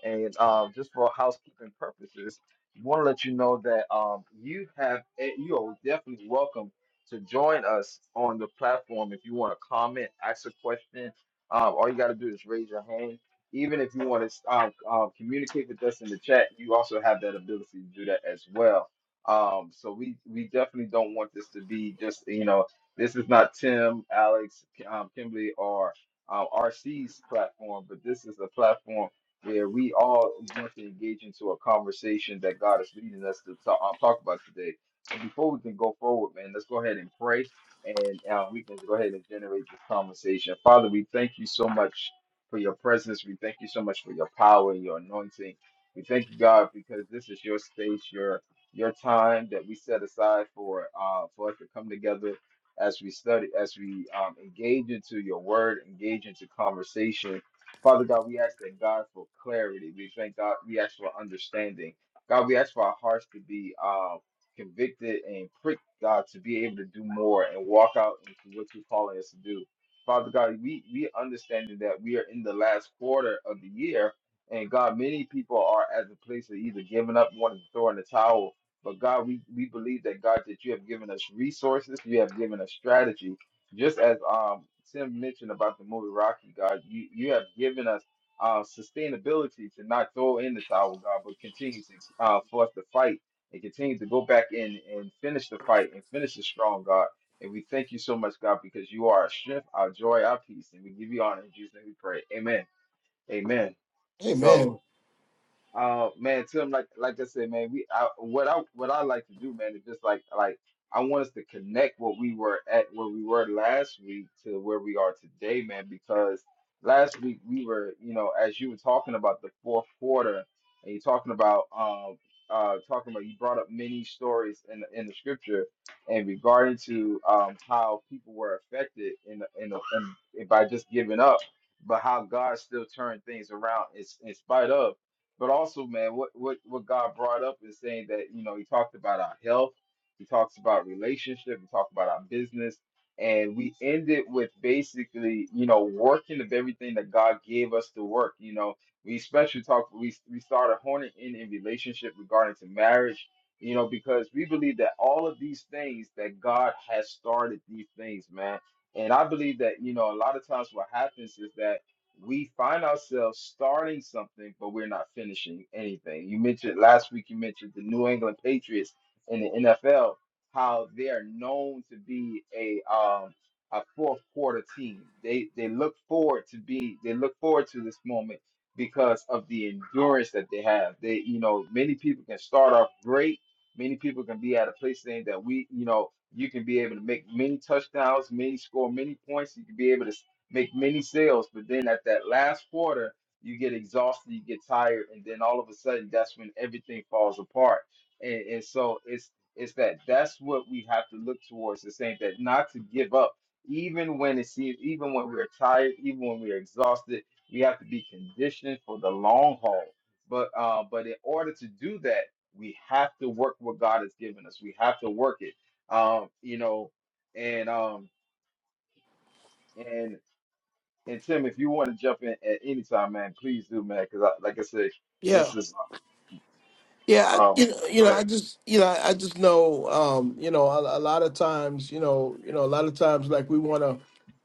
Speaker 2: And uh, just for housekeeping purposes, want to let you know that um, you have eh, you are definitely welcome to join us on the platform if you want to comment, ask a question. Um, all you got to do is raise your hand. Even if you want to uh, uh, communicate with us in the chat, you also have that ability to do that as well. Um, so we we definitely don't want this to be just you know this is not Tim, Alex, K- um, Kimberly, or um, RC's platform, but this is a platform where we all want to engage into a conversation that God is leading us to talk, uh, talk about today. And before we can go forward, man, let's go ahead and pray, and uh, we can go ahead and generate this conversation. Father, we thank you so much for your presence. We thank you so much for your power and your anointing. We thank you, God, because this is your space, your your time that we set aside for uh, for us to come together as we study, as we um, engage into your word, engage into conversation. Father God, we ask that God for clarity. We thank God, we ask for understanding. God, we ask for our hearts to be uh, convicted and pricked, God, to be able to do more and walk out into what you're calling us to do. Father God, we, we understanding that we are in the last quarter of the year, and God, many people are at the place of either giving up, wanting to throw in the towel, but God, we, we believe that God that you have given us resources, you have given us strategy. Just as um Tim mentioned about the movie Rocky, God, you, you have given us uh, sustainability to not throw in the towel, God, but continue to uh, for us to fight and continue to go back in and finish the fight and finish it strong, God. And we thank you so much, God, because you are our strength, our joy, our peace, and we give you honor in Jesus' name. We pray. Amen. Amen. So
Speaker 1: Amen.
Speaker 2: uh, man, Tim, like like I said, man, we I, what I what I like to do, man, is just like like I want us to connect what we were at where we were last week to where we are today, man, because last week we were, you know, as you were talking about the fourth quarter, and you're talking about um uh talking about you brought up many stories in the, in the scripture and regarding to um how people were affected in the, in, the, in by just giving up, but how God still turned things around in, in spite of but also, man, what what what God brought up is saying that you know He talked about our health, He talks about relationship, He talked about our business, and we ended with basically you know working of everything that God gave us to work. You know, we especially talked we we started honing in in relationship regarding to marriage. You know, because we believe that all of these things that God has started these things, man. And I believe that, you know, a lot of times what happens is that we find ourselves starting something, but we're not finishing anything. You mentioned last week, you mentioned the New England Patriots in the NFL, how they are known to be a um, a fourth quarter team. They they look forward to be they look forward to this moment because of the endurance that they have. They you know many people can start off great. Many people can be at a place saying that we you know you can be able to make many touchdowns, many score many points. You can be able to make many sales, but then at that last quarter, you get exhausted, you get tired, and then all of a sudden, that's when everything falls apart. And, and so it's it's that that's what we have to look towards. It's saying that not to give up, even when it seems, even when we're tired, even when we're exhausted, we have to be conditioned for the long haul. But uh, but in order to do that, we have to work what God has given us. We have to work it. Um, you know, and um, and Tim, if you want to jump in at any time, man, please do, man, because I, like I said,
Speaker 1: Yeah.
Speaker 2: this is
Speaker 1: Yeah, I-
Speaker 2: um.
Speaker 1: you know, you
Speaker 2: Go
Speaker 1: know,
Speaker 2: ahead.
Speaker 1: I just, you know, I just know, um, you know, a, a lot of times, you know, you know, a lot of times, like we want to,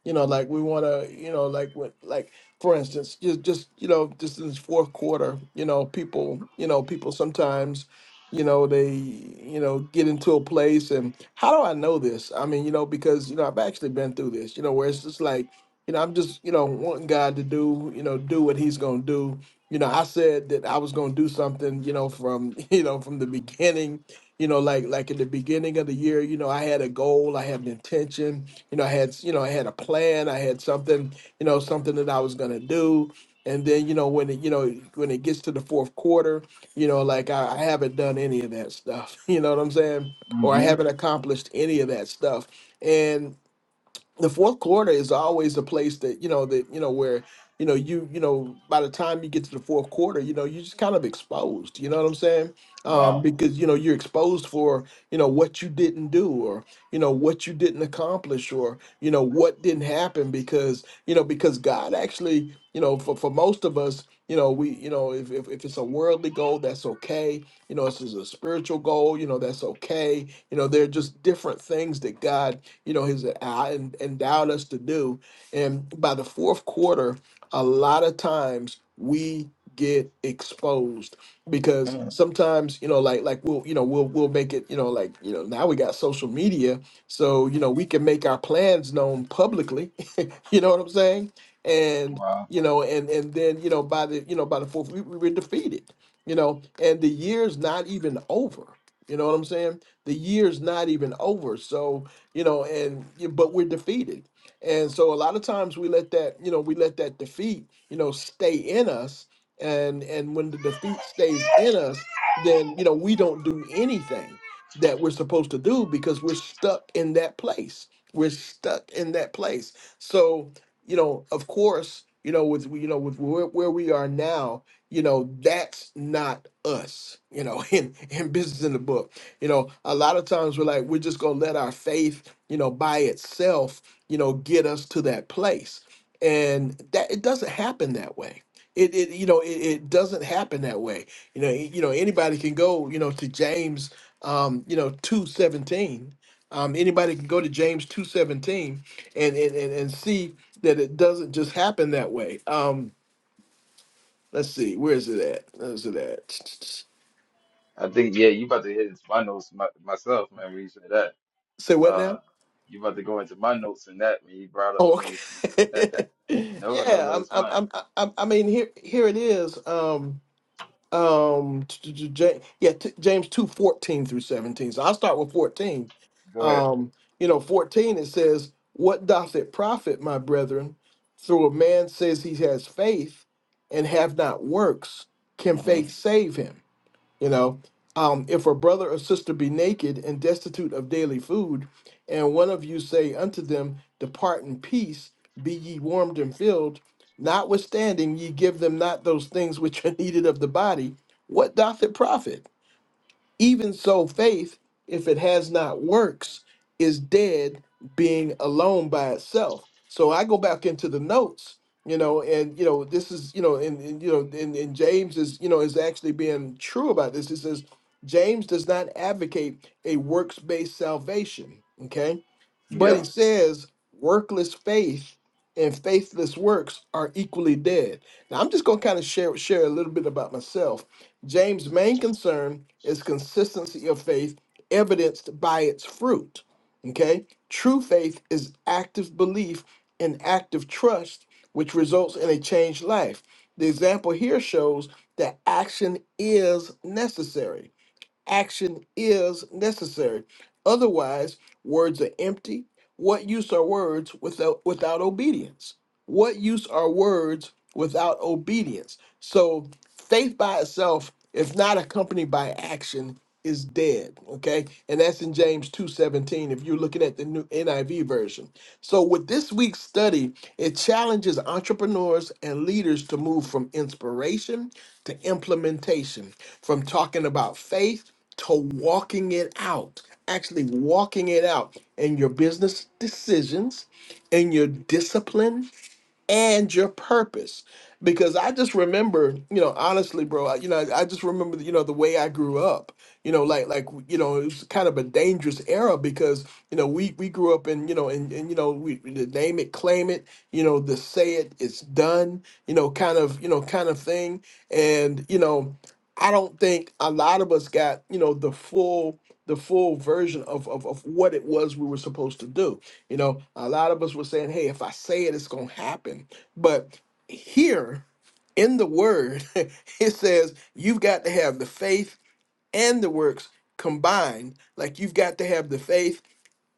Speaker 1: you know, like we want to, you know, like what, like for instance, just, just, you know, just in this fourth quarter, you know, people, you know, people sometimes, you know, they, you know, get into a place, and how do I know this? I mean, you know, because you know, I've actually been through this, you know, where it's just like. You know, I'm just, you know, wanting God to do, you know, do what he's going to do. You know, I said that I was going to do something, you know, from, you know, from the beginning, you know, like like at the beginning of the year, you know, I had a goal, I had an intention, you know, I had, you know, I had a plan, I had something, you know, something that I was going to do. And then, you know, when it, you know, when it gets to the fourth quarter, you know, like I, I haven't done any of that stuff, you know what I'm saying? Or I
Speaker 2: hmm
Speaker 1: haven't accomplished any of that stuff. And the fourth quarter is always a place that you know that you know where you know you you know by the time you get to the fourth quarter you know you're just kind of exposed you know what i'm saying um,
Speaker 2: Wow.
Speaker 1: because you know you're exposed for you know what you didn't do or you know what you didn't accomplish or you know what didn't happen because you know because god actually you know for, for most of us you know we you know if, if, if it's a worldly goal that's okay you know if it's a spiritual goal you know that's okay you know there are just different things that god you know, has uh, en- endowed us to do. And by the fourth quarter, a lot of times we get exposed because
Speaker 2: Mm.
Speaker 1: sometimes you know like like we'll you know we'll we'll make it you know like you know now we got social media so you know we can make our plans known publicly you know what I'm saying? And
Speaker 2: Wow.
Speaker 1: you know, and and then you know by the you know by the fourth we, we were defeated. You know, and the year's not even over. You know what I'm saying? The year's not even over. So you know, and but we're defeated. And so a lot of times we let that you know we let that defeat you know stay in us. And and when the defeat stays in us, then you know we don't do anything that we're supposed to do because we're stuck in that place. We're stuck in that place so, you know, of course, you know, with you know, with where, where we are now, you know, that's not us, you know, in in business in the book. You know, a lot of times we're like, we're just gonna let our faith, you know, by itself, you know, get us to that place. And that it doesn't happen that way. It, it you know it, it doesn't happen that way you know y- you know anybody can go you know to James um you know 217 um anybody can go to James 217 and and and, and see that it doesn't just happen that way. Um, let's see, where is it at? Where's it at?
Speaker 2: I think yeah, you about to hit into my notes my, myself, man. When you said that,
Speaker 1: Say what
Speaker 2: uh,
Speaker 1: now?
Speaker 2: you about to go into my notes and that when you brought up
Speaker 1: Oh,
Speaker 2: James. two.
Speaker 1: okay.
Speaker 2: no, no,
Speaker 1: yeah,
Speaker 2: no,
Speaker 1: I'm,
Speaker 2: it's
Speaker 1: I'm,
Speaker 2: fine.
Speaker 1: I'm, I'm, I mean, here, here it is. Um, um, t- t- J- yeah, t- James two fourteen through seventeen. So I'll start with fourteen.
Speaker 2: Go ahead.
Speaker 1: Um, you know, fourteen it says, "What doth it profit, my brethren, through a man says he has faith, and have not works? Can
Speaker 2: hmm
Speaker 1: faith save him?" You know, um, if a brother or sister be naked and destitute of daily food, and one of you say unto them, Depart in peace, be ye warmed and filled, notwithstanding ye give them not those things which are needed of the body, what doth it profit? Even so, faith, if it has not works, is dead, being alone by itself. So I go back into the notes, you know, and you know, this is, you know, and, and you know, and, and James is, you know, is actually being true about this. He says James does not advocate a works-based salvation. Okay but
Speaker 2: Yeah,
Speaker 1: it says workless faith and faithless works are equally dead. Now I'm just going to kind of share share a little bit about myself. James' main concern is consistency of faith evidenced by its fruit. Okay? True faith is active belief and active trust which results in a changed life. The example here shows that action is necessary action is necessary. Otherwise, words are empty. What use are words without without obedience? What use are words without obedience? So faith by itself, if not accompanied by action, is dead. Okay. And that's in James 2:17, if you're looking at the new NIV version. So with this week's study, it challenges entrepreneurs and leaders to move from inspiration to implementation, from talking about faith to walking it out, actually walking it out in your business decisions, in your discipline, and your purpose. Because I just remember, you know, honestly, bro, I, you know, I, I just remember, you know, the way I grew up, you know, like, like, you know, it was kind of a dangerous era because, you know, we, we grew up in, you know, and, and, you know, we, the name it, claim it, you know, the say it, it's done, you know, kind of, you know, kind of thing. And, you know, I don't think a lot of us got, you know, the full, the full version of, of, of what it was we were supposed to do you know, a lot of us were saying, hey, if I say it, it's going to happen. But here in the word, it says you've got to have the faith and the works combined. Like you've got to have the faith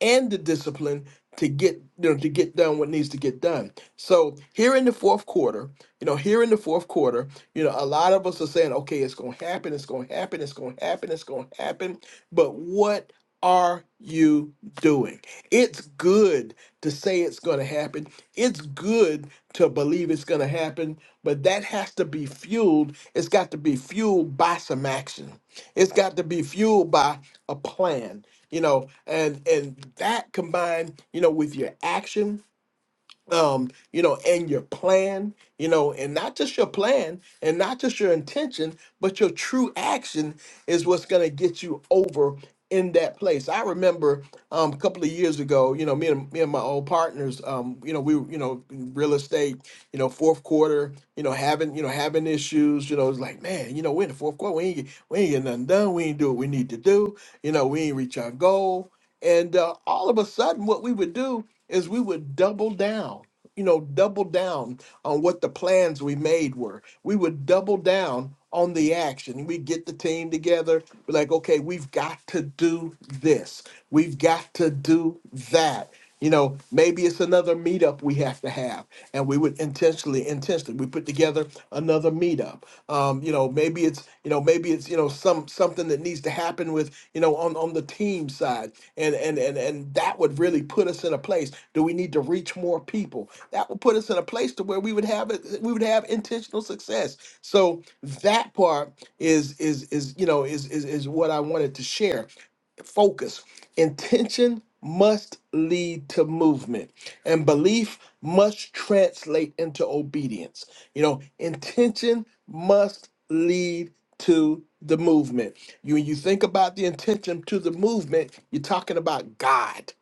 Speaker 1: and the discipline to get you know to get done what needs to get done. So here in the fourth quarter, you know, here in the fourth quarter, you know, a lot of us are saying, okay, it's gonna happen, it's gonna happen, it's gonna happen, it's gonna happen. But what are you doing? It's good to say it's gonna happen. It's good to believe it's gonna happen, but that has to be fueled. It's got to be fueled by some action. It's got to be fueled by a plan you know and and that combined you know with your action um you know and your plan you know and not just your plan and not just your intention but your true action is what's going to get you over in that place i remember um a couple of years ago you know me and me and my old partners um you know we were, you know in real estate you know fourth quarter you know having you know having issues you know it's like man you know we're in the fourth quarter we ain't get- we ain't getting nothing done we ain't do what we need to do you know we ain't reach our goal and uh, all of a sudden, what we would do is we would double down, you know, double down on what the plans we made were. We would double down on the action. We get the team together. We're like, okay, we've got to do this. We've got to do that. You know, maybe it's another meetup we have to have. And we would intentionally intentionally. We put together another meetup. Um, you know, maybe it's you know maybe it's you know some something that needs to happen with you know on on the team side, and and and and that would really put us in a place. Do we need to reach more people? That would put us in a place to where we would have it. We would have intentional success. So that part is is is you know is is is what I wanted to share. Focus, intention must lead to movement and belief must translate into obedience. You know, intention must lead to the movement. You, when you think about the intention to the movement, you're talking about God.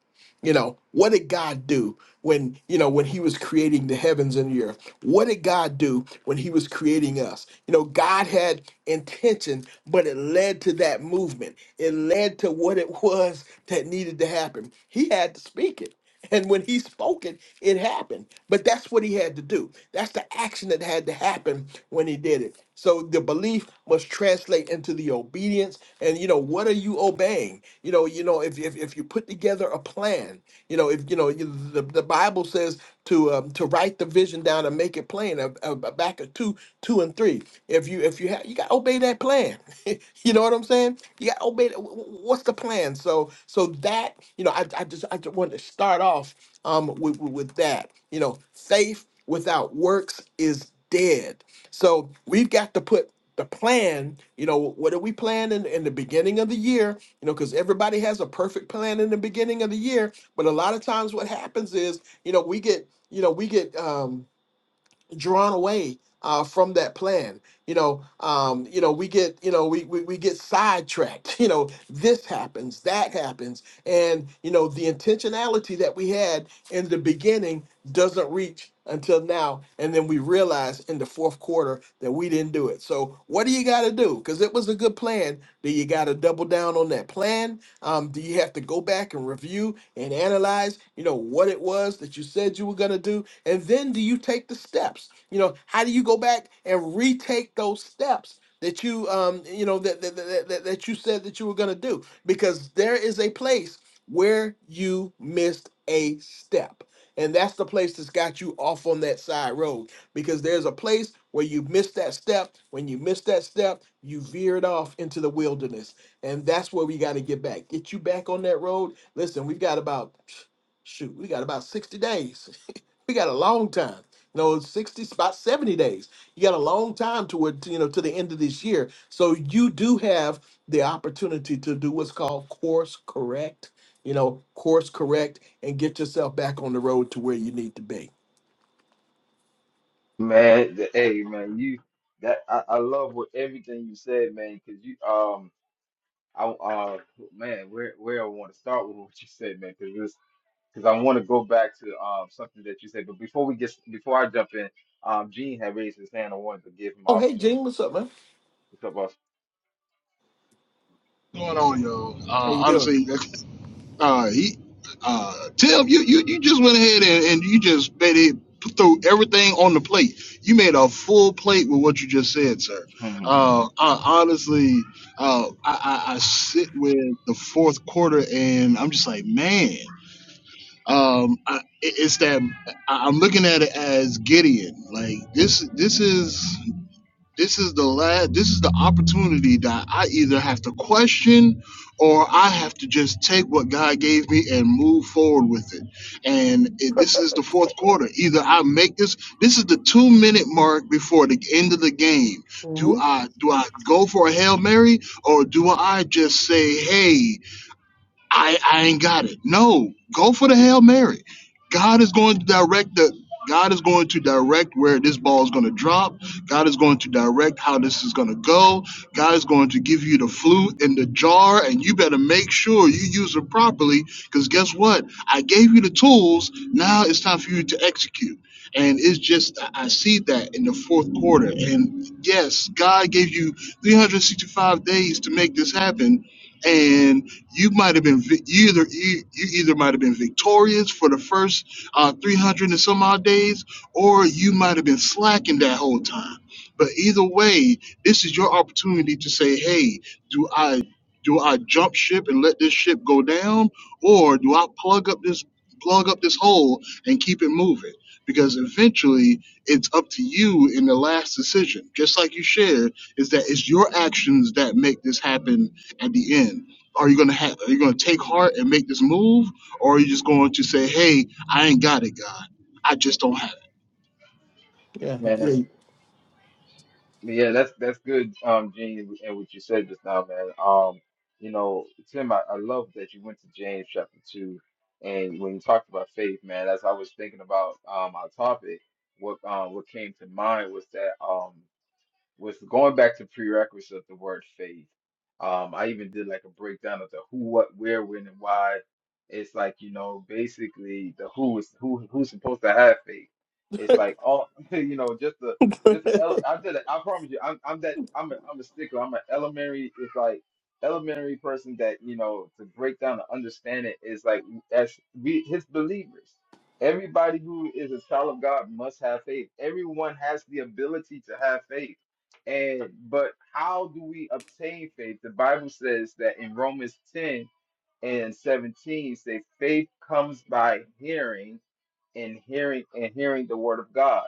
Speaker 1: You know, what did God do when, you know, when he was creating the heavens and the earth? What did God do when he was creating us? You know, God had intention, but it led to that movement. It led to what it was that needed to happen. He had to speak it. And when he spoke it, it happened. But that's what he had to do. That's the action that had to happen when he did it. So the belief must translate into the obedience. And you know, what are you obeying? You know, you know, if if, if you put together a plan, you know, if you know, you, the, the Bible says to um, to write the vision down and make it plain. Uh, uh, back of two, two and three. If you if you have you got to obey that plan. you know what I'm saying? You got to obey. the- wh- wh- What's the plan? So so that you know, I I just I just wanted to start off um with with with that. You know, faith without works is dead. So we've got to put the plan, you know, what are we planning in the beginning of the year? You know, because everybody has a perfect plan in the beginning of the year. But a lot of times what happens is you know we get you know we get um drawn away uh from that plan you know um you know we get you know we, we we get sidetracked you know this happens that happens and you know the intentionality that we had in the beginning doesn't reach until now and then we realize in the fourth quarter that we didn't do it so what do you got to do because it was a good plan, then you got to double down on that plan. Um, do you have to go back and review and analyze, you know, what it was that you said you were going to do? And then do you take the steps? You know, how do you go back and retake those steps? That you, um, you know, that that, that, that that you said that you were gonna do, because there is a place where you missed a step, and that's the place that's got you off on that side road because there's a place where you miss that step. When you miss that step, you veered off into the wilderness. And that's where we got to get back. Get you back on that road. Listen, we've got about, shoot, we got about 60 days. we got a long time. You know, 60, about 70 days. You got a long time toward, you know, to the end of this year. So you do have the opportunity to do what's called course correct, you know, course correct and get yourself back on the road to where you need to be.
Speaker 2: man. The, hey, man, you that I, I love what everything you said, man, because you um. I uh man, where where I want to start with what you said, man, because because I want to go back to um, something that you said. But before we get before I jump in, um, Gene had raised his hand. I wanted to give him an
Speaker 1: Oh, hey,
Speaker 2: opportunity.
Speaker 1: Gene, what's up, man?
Speaker 2: What's up, boss?
Speaker 5: going on, y'all?
Speaker 1: How
Speaker 5: Uh,
Speaker 1: you doing?
Speaker 5: honestly, uh, he, uh, Tim, you, you, you just went ahead and, and you just made it threw everything on the plate. You made a full plate with what you just said, sir. Uh, I, honestly, uh, I, I, I sit with the fourth quarter and I'm just like, man, um, I, it- it's that I- I'm looking at it as Gideon. Like this, this is this is the last this is the opportunity that i either have to question or i have to just take what god gave me and move forward with it and it, this is the fourth quarter either i make this this is the two minute mark before the end of the game do
Speaker 1: hmm
Speaker 5: i do i go for a hail mary or do i just say hey I, I ain't got it. No, go for the Hail Mary. God is going to direct the God is going to direct where this ball is going to drop. God is going to direct how this is going to go. God is going to give you the flute and the jar, and you better make sure you use it properly. Because guess what? I gave you the tools. Now it's time for you to execute. And it's just, I I see that in the fourth quarter. And yes, God gave you 365 days to make this happen. And you might have been vi- you either you, you either might have been victorious for the first uh, 300 and some odd days or you might have been slacking that whole time but either way this is your opportunity to say hey do i do i jump ship and let this ship go down or do i plug up this plug up this hole and keep it moving because eventually it's up to you in the last decision just like you shared is that it's your actions that make this happen at the end are you gonna have are you gonna take heart and make this move or are you just going to say hey i ain't got it god i just don't have it
Speaker 1: Yeah,
Speaker 2: man, that's
Speaker 1: yeah.
Speaker 2: yeah, that's that's good, um, Gene, and what you said just now, man. Um, you know, Tim, I, I love that you went to James chapter two, and when you talked about faith, man, as I was thinking about um, our topic, what um, what came to mind was that um. was going back to prerequisite of the word faith. Um, I even did like a breakdown of the who, what, where, when, and why. It's like, you know, basically the who is who who's supposed to have faith. It's like all you know, just the just the ele- I did it. I promise you, I'm I'm that I'm a I'm a stickler. I'm an elementary. It's like elementary person that you know to break down and understand it is like as we his believers. Everybody who is a child of God must have faith. Everyone has the ability to have faith and but how do we obtain faith? The Bible says that in Romans 10 and 17 say faith comes by hearing and hearing and hearing the word of God.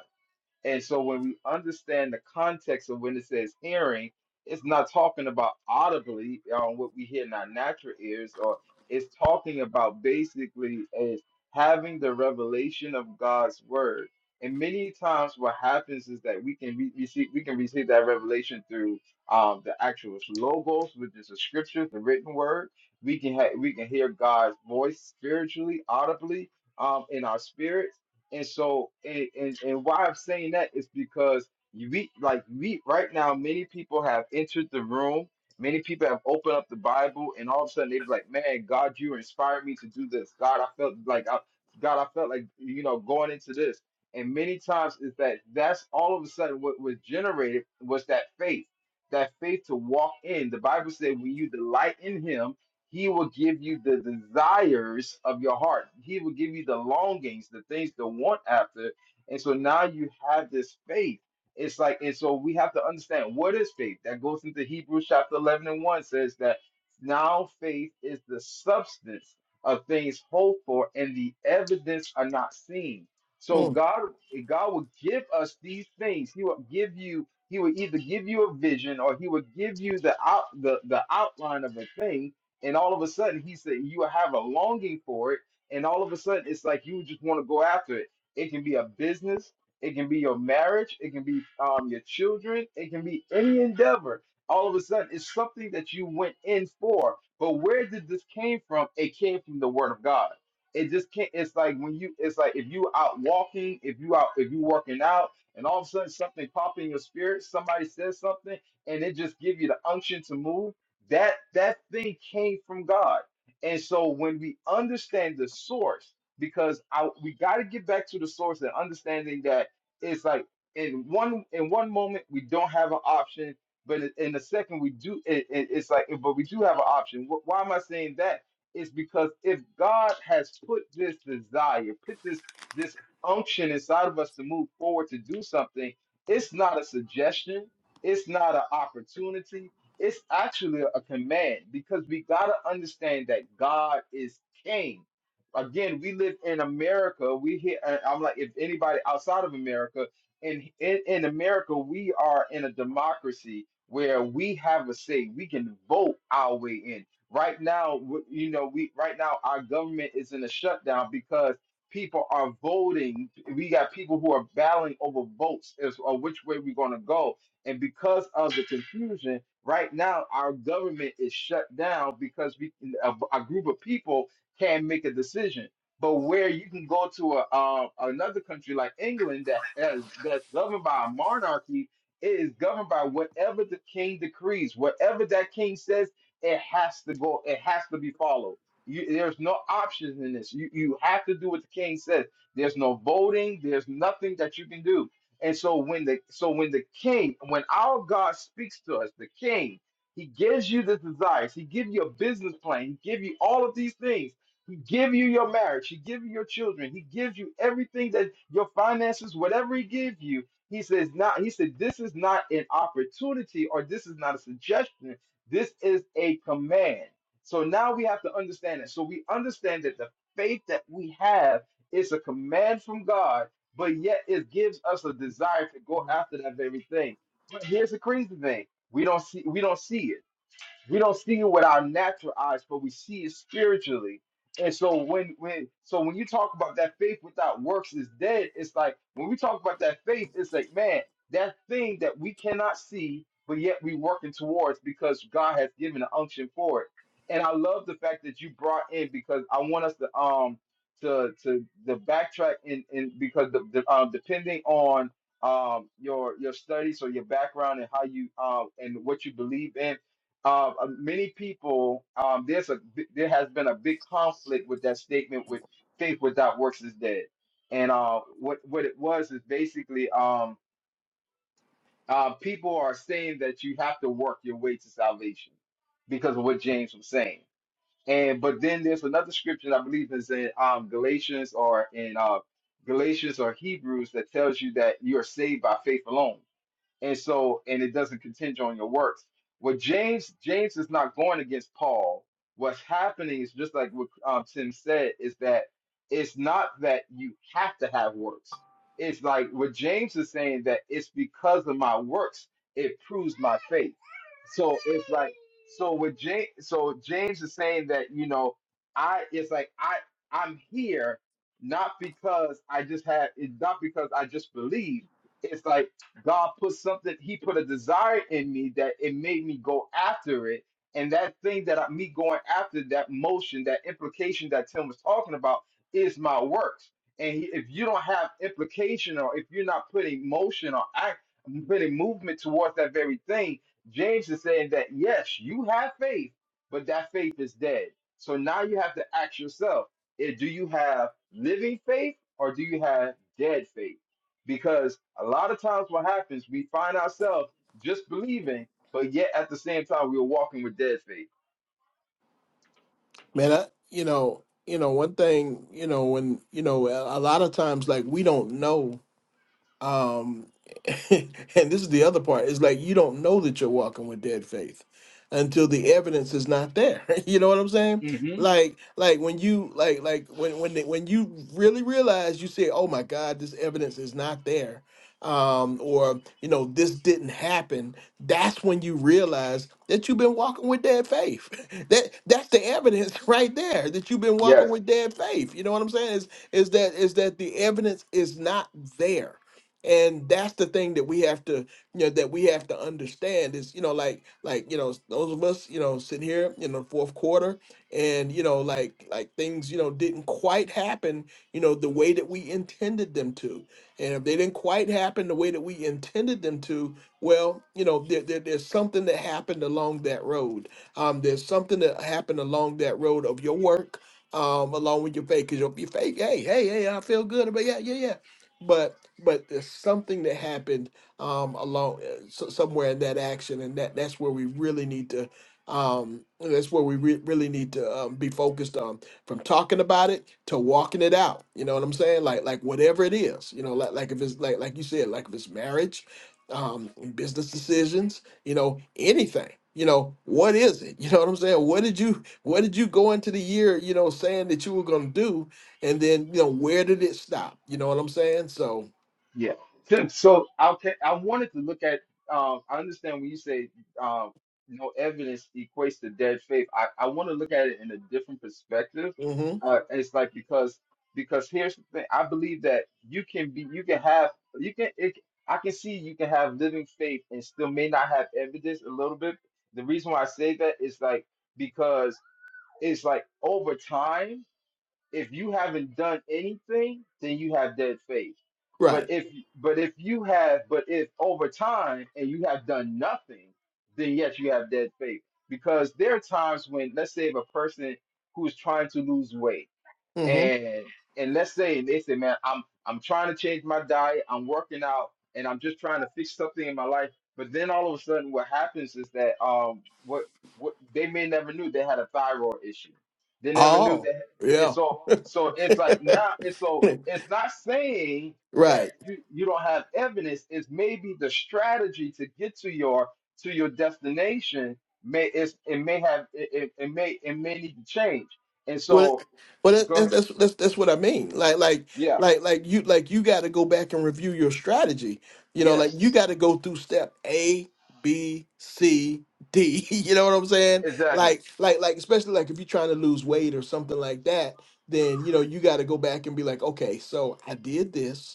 Speaker 2: And so when we understand the context of when it says hearing, it's not talking about audibly on what we hear in our natural ears, or it's talking about basically is having the revelation of God's word. And many times, what happens is that we can re- receive we can receive that revelation through um, the actual logos, which is the scripture, the written word. We can ha- we can hear God's voice spiritually, audibly um, in our spirit and so, and, and, and why I'm saying that is because you we like we right now, many people have entered the room. Many people have opened up the Bible, and all of a sudden they be like, "Man, God, you inspired me to do this. God, I felt like I, God, I felt like you know going into this." And many times is that that's all of a sudden what was generated was that faith, that faith to walk in. The Bible said, "When you delight in Him." He will give you the desires of your heart. He will give you the longings, the things to want after. And so now you have this faith. It's like, and so we have to understand what is faith. That goes into Hebrews chapter 11 and 1 says that now faith is the substance of things hoped for and the evidence are not seen. So
Speaker 1: mm.
Speaker 2: God, God will give us these things. He will give you, He will either give you a vision or He will give you the out the, the outline of a thing and all of a sudden he said you have a longing for it and all of a sudden it's like you just want to go after it it can be a business it can be your marriage it can be um, your children it can be any endeavor all of a sudden it's something that you went in for but where did this came from it came from the word of god it just can't it's like when you it's like if you out walking if you out if you working out and all of a sudden something pop in your spirit somebody says something and it just give you the unction to move that that thing came from God. And so when we understand the source, because I we got to get back to the source and understanding that it's like in one in one moment we don't have an option, but in in the second we do. It, it, it's like but we do have an option. Wh- Why am I saying that? It's because if God has put this desire, put this this unction inside of us to move forward to do something, it's not a suggestion. It's not an opportunity it's actually a command because we got to understand that God is king. Again, we live in America. We hear, I- I'm like, if anybody outside of America, in, in, in America, we are in a democracy where we have a say. We can vote our way in. Right now, w- you know, we right now our government is in a shutdown because people are voting. We got people who are battling over votes as or which way we're going to go. And because of the confusion, Right now, our government is shut down because we, a, a group of people can make a decision. But where you can go to a uh, another country like England that has that's governed by a monarchy, it is governed by whatever the king decrees, whatever that king says, it has to go, it has to be followed. You, there's no options in this. You you have to do what the king says. There's no voting. There's nothing that you can do. And so when the so when the king, when our God speaks to us, the king, he gives you the desires, he gives you a business plan, he gives you all of these things. He give you your marriage, he give you your children, he gives you everything that your finances, whatever he gives you. He says not, he said, this is not an opportunity or this is not a suggestion. This is a command. So now we have to understand it. So we understand that the faith that we have is a command from God but yet it gives us a desire to go after that very thing. But here's the crazy thing: we don't see we don't see it. We don't see it with our natural eyes, but we see it spiritually. And so when when so when you talk about that faith without works is dead, it's like when we talk about that faith, it's like man, that thing that we cannot see, but yet we working towards because God has given an unction for it. And I love the fact that you brought in because I want us to um to to the backtrack and and because the, the um depending on um your your studies or your background and how you um and what you believe in uh, uh, many people um, there's a there has been a big conflict with that statement with faith without works is dead and uh, what what it was is basically um, uh, people are saying that you have to work your way to salvation because of what James was saying and but then there's another scripture that I believe is in um, Galatians or in uh, Galatians or Hebrews that tells you that you are saved by faith alone and so and it doesn't contingent on your works. What James James is not going against Paul. What's happening is just like what um, Tim said is that it's not that you have to have works. It's like what James is saying that it's because of my works it proves my faith. So it's like so what James so James is saying that you know I it's like I I'm here not because I just had it's not because I just believe it's like God put something, He put a desire in me that it made me go after it. And that thing that I, me going after that motion, that implication that Tim was talking about is my works. And he, if you don't have implication or if you're not putting motion or act, putting movement towards that very thing, James is saying that yes, you have faith, but that faith is dead. So now you have to ask yourself eh, do you have living faith or do you have dead faith? because a lot of times what happens, we find ourselves just believing, but yet at the same time, we're walking with dead faith.
Speaker 1: Man, I, you know, you know, one thing, you know, when you know, a a lot of times, like we don't know. Um, and this is the other part It's like you don't know that you're walking with dead faith until the evidence is not there. you know what I'm saying?
Speaker 2: hmm
Speaker 1: Like, like when you like like when when they, when you really realize you say, "Oh my God, this evidence is not there," um, or you know, this didn't happen. That's when you realize that you've been walking with dead faith. that that's the evidence right there that you've been walking
Speaker 2: Yes.
Speaker 1: with dead faith. You know what I'm saying? Is is that is that the evidence is not there and that's the thing that we have to you know that we have to understand is you know like like you know those of us you know sitting here in the fourth quarter and you know like like things you know didn't quite happen you know the way that we intended them to and if they didn't quite happen the way that we intended them to well you know there, there, there's something that happened along that road um there's something that happened along that road of your work um, along with your faith, because your, your faith, hey, hey, hey, I feel good about yeah, yeah, yeah but but there's something that happened um along uh, so, somewhere in that action and that that's where we really need to um that's where we re- really need to um, be focused on from talking about it to walking it out you know what i'm saying like like whatever it is you know like like if it's like like you said like if it's marriage um business decisions you know anything you know what is it you know what i'm saying what did you what did you go into the year you know saying that you were going to do and then you know where did it stop you know what i'm saying so
Speaker 2: Yeah. So so I'll ta- I wanted to look at um I understand when you say um no evidence equates to dead faith. I, I want to look at it in a different perspective.
Speaker 1: hmm
Speaker 2: Uh it's like because because here's the thing. I believe that you can be you can have you can it, I can see you can have living faith and still may not have evidence a little bit. The reason why I say that is like because it's like over time if you haven't done anything, then you have dead faith. But
Speaker 1: right
Speaker 2: if but if you have but if over time and you have done nothing, then yes, you have dead faith. Because there are times when let's say if a person who is trying to lose weight
Speaker 1: hmm
Speaker 2: and and let's say they say, man, I'm I'm trying to change my diet, I'm working out, and I'm just trying to fix something in my life. But then all of a sudden, what happens is that um, what what they may never knew they had a thyroid issue. They never knew
Speaker 1: oh
Speaker 2: that it's
Speaker 1: yeah
Speaker 2: so so it's like now it's so it's not saying that
Speaker 1: right
Speaker 2: you, you don't have evidence. It's maybe the strategy to get to your to your destination may it's, it may have it, it, it may it may need to change. And
Speaker 1: well
Speaker 2: so
Speaker 1: that- well that,
Speaker 2: go
Speaker 1: that's,
Speaker 2: ahead.
Speaker 1: that's that's that's what i mean like like
Speaker 2: Yeah.
Speaker 1: like like you like you got to go back and review your strategy you know like
Speaker 2: Yes.
Speaker 1: you got to go through step a b c d you know what i'm saying
Speaker 2: Exactly.
Speaker 1: like like like especially like if you're trying to lose weight or something like that then you know you got to go back and be like okay so i did this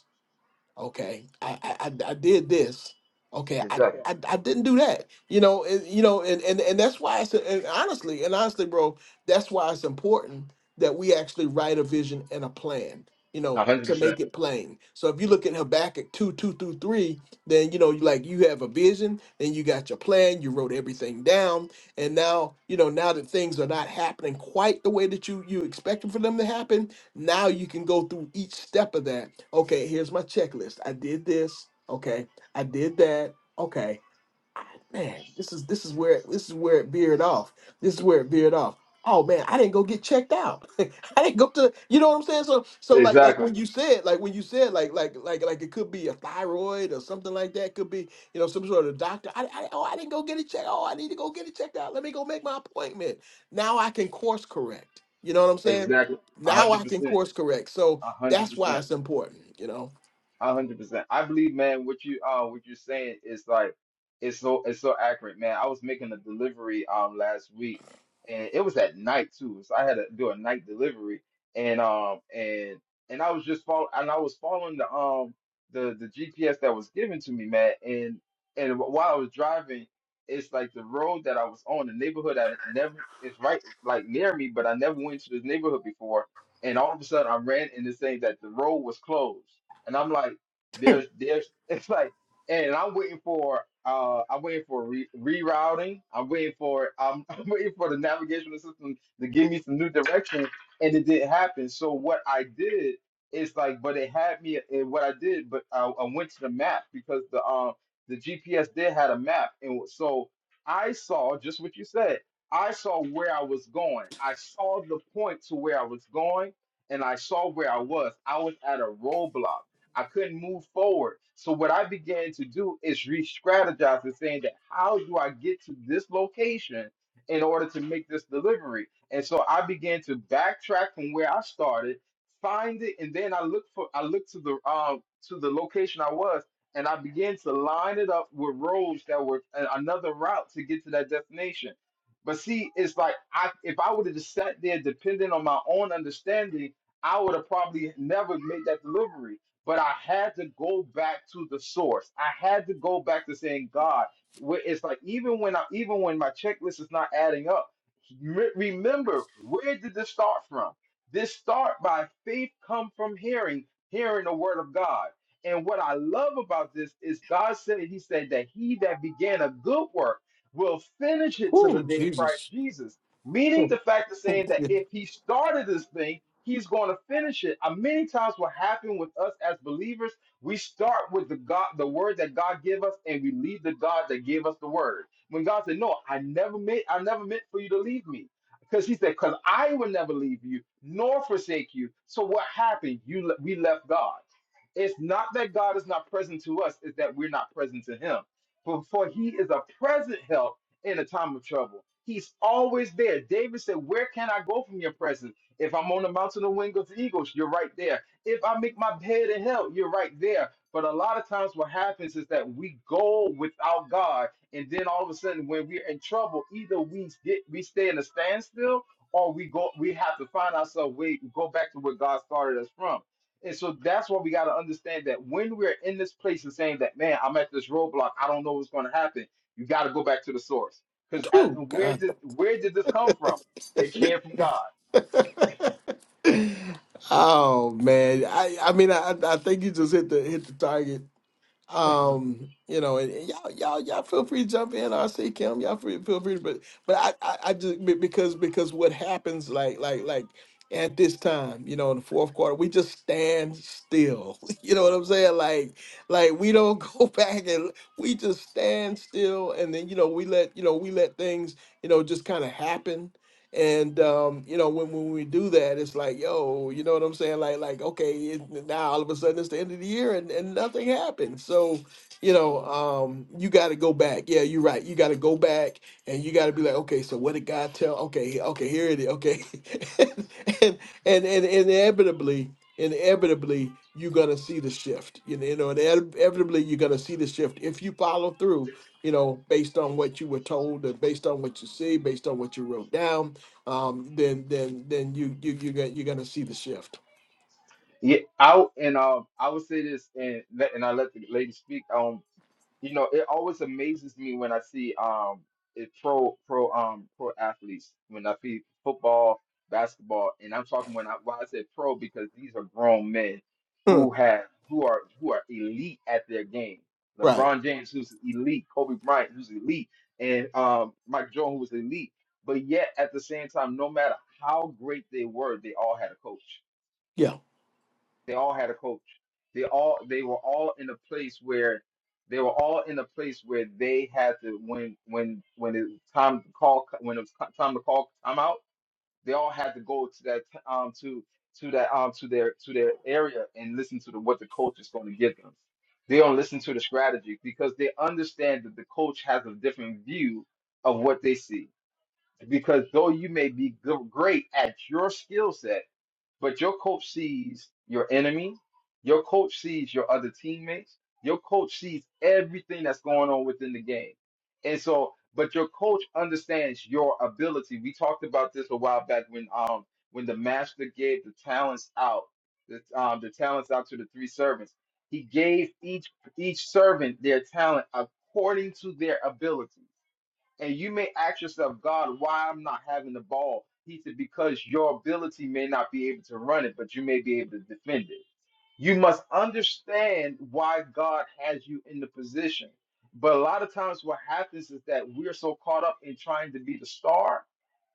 Speaker 1: Okay, I I, I I did this. Okay, I,
Speaker 2: Exactly.
Speaker 1: I I didn't do that. You know, and, you know, and and and that's why it's and honestly and honestly, bro, that's why it's important that we actually write a vision and a plan. You
Speaker 2: Yeah.
Speaker 1: know,
Speaker 2: A hundred
Speaker 1: to make
Speaker 2: percent.
Speaker 1: it plain. So if you look at Habakkuk two two through three, then you know, you like you have a vision, then you got your plan, you wrote everything down, and now you know now that things are not happening quite the way that you you expected for them to happen now you can go through each step of that. Okay, here's my checklist. I did this. Okay, I did that. Okay, man, this is this is where this is where it veered off. This is where it veered off. Oh man, I didn't go get checked out. I didn't go to you know what I'm saying? So so like like
Speaker 2: Exactly.
Speaker 1: when you said like when you said like like like like it could be a thyroid or something like that, could be, you know, some sort of doctor. I, I oh I didn't go get it checked. Oh, I need to go get it checked out. Let me go make my appointment. Now I can course correct. You know what I'm saying?
Speaker 2: Exactly. A
Speaker 1: Now
Speaker 2: hundred
Speaker 1: I can
Speaker 2: percent.
Speaker 1: course correct. So
Speaker 2: A hundred
Speaker 1: that's why
Speaker 2: percent.
Speaker 1: it's important, you know.
Speaker 2: A hundred percent. I believe, man, what you uh what you're saying is like it's so it's so accurate, man. I was making a delivery um last week and it was at night too. So I had to do a night delivery and um and and I was just following and I was following the um the the GPS that was given to me, man. And and while I was driving, it's like the road that I was on, the neighborhood I never it's right like near me, but I never went to this neighborhood before. And all of a sudden I ran into saying that the road was closed and I'm like, there's, there's, it's like, and I'm waiting for, uh, I'm waiting for re- rerouting. I'm waiting for, I'm, I'm waiting for the navigational system to give me some new direction, and it didn't happen. So what I did is like, but it had me. And what I did, but I, I went to the map because the um the GPS did had a map, and so I saw just what you said. I saw where I was going. I saw the point to where I was going and I saw where I was. I was at a roadblock. I couldn't move forward. So what I began to do is re-strategize and saying that how do I get to this location in order to make this delivery? And so I began to backtrack from where I started, find it, and then I look for I looked to the um to the location I was and I began to line it up with roads that were a- another route to get to that destination. But see, it's like I if I would have just sat there depending on my own understanding, I would have probably never made that delivery. But I had to go back to the source. I had to go back to saying, God, wh- it's like even when I even when my checklist is not adding up, re- remember where did this start from? This start by faith come from hearing, hearing the word of God. And what I love about this is God said, He said that he that began a good work will finish it to the
Speaker 1: Whoo,
Speaker 2: day of Christ
Speaker 1: Jesus.
Speaker 2: Jesus. Meaning the fact of saying that if he started this thing, He's going to finish it. Uh, many times, what happened with us as believers, we start with the God, the word that God gave us, and we leave the God that gave us the word. When God said, "No, I never meant, I never meant for you to leave me," because He said, "Because I will never leave you nor forsake you." So what happened? You le- we left God. It's not that God is not present to us; it's that we're not present to Him. For, for He is a present help in a time of trouble. He's always there. David said, "Where can I go from your presence?" If I'm on the mountain of wings of eagles, you're right there. If I make my bed in hell, you're right there. But a lot of times, what happens is that we go without God, and then all of a sudden, when we're in trouble, either we get we stay in a standstill, or we go we have to find ourselves way go back to where God started us from. And so that's why we got to understand that when we're in this place and saying that, man, I'm at this roadblock, I don't know what's going to happen. You got to go back to the source because
Speaker 1: Oh,
Speaker 2: where
Speaker 1: God.
Speaker 2: did where did this come from? It came from God.
Speaker 1: Oh man, I I mean I I think you just hit the hit the target. Um, you know, and, and y'all y'all y'all feel free to jump in. I see Kim, y'all free, feel free, but but I, I I just be- because because what happens like like like at this time, you know, in the fourth quarter, we just stand still. You know what I'm saying? Like like we don't go back and we just stand still, and then you know we let you know we let things you know just kind of happen and um, you know, when when we do that, it's like, yo, you know what I'm saying? Like, like, okay, it, now all of a sudden it's the end of the year and, and nothing happened. So, you know, um, you got to go back. Yeah, you're right. You got to go back and you got to be like, okay, so what did God tell? Okay, okay, here it is. Okay, and, and and inevitably, inevitably, you're gonna see the shift. You know, you know, inevit- inevitably, you're gonna see the shift if you follow through. You know, based on what you were told and based on what you see, based on what you wrote down um, then then then you you you get you're gonna see the shift.
Speaker 2: Yeah, I and um, I would say this, and let- and I let the lady speak. Um, you know, it always amazes me when I see um, it pro pro um pro athletes when I see football, basketball, and I'm talking when I why I said pro because these are grown men
Speaker 1: Hmm.
Speaker 2: who have who are who are elite at their game.
Speaker 1: right.
Speaker 2: LeBron James, who's elite, Kobe Bryant, who's elite, and um, Mike Jordan, who was elite. But yet, at the same time, no matter how great they were, they all had a coach
Speaker 1: Yeah.
Speaker 2: they all had a coach. They all they were all in a place where they were all in a place where they had to when when when it was time to call when it was co- time to call time out. They all had to go to that t- um to to that um to their to their area and listen to the, what the coach is going to give them. They don't listen to the strategy because they understand that the coach has a different view of what they see. Because though you may be good, great at your skill set but your coach sees your enemy. Your coach sees your other teammates. Your coach sees everything that's going on within the game. And so, but your coach understands your ability. We talked about this a while back when um when the master gave the talents out, the um the talents out to the three servants. He gave each each servant their talent according to their ability. And you may ask yourself, God, why I'm not having the ball? He said, because your ability may not be able to run it, but you may be able to defend it. You must understand why God has you in the position. But a lot of times, what happens is that we're so caught up in trying to be the star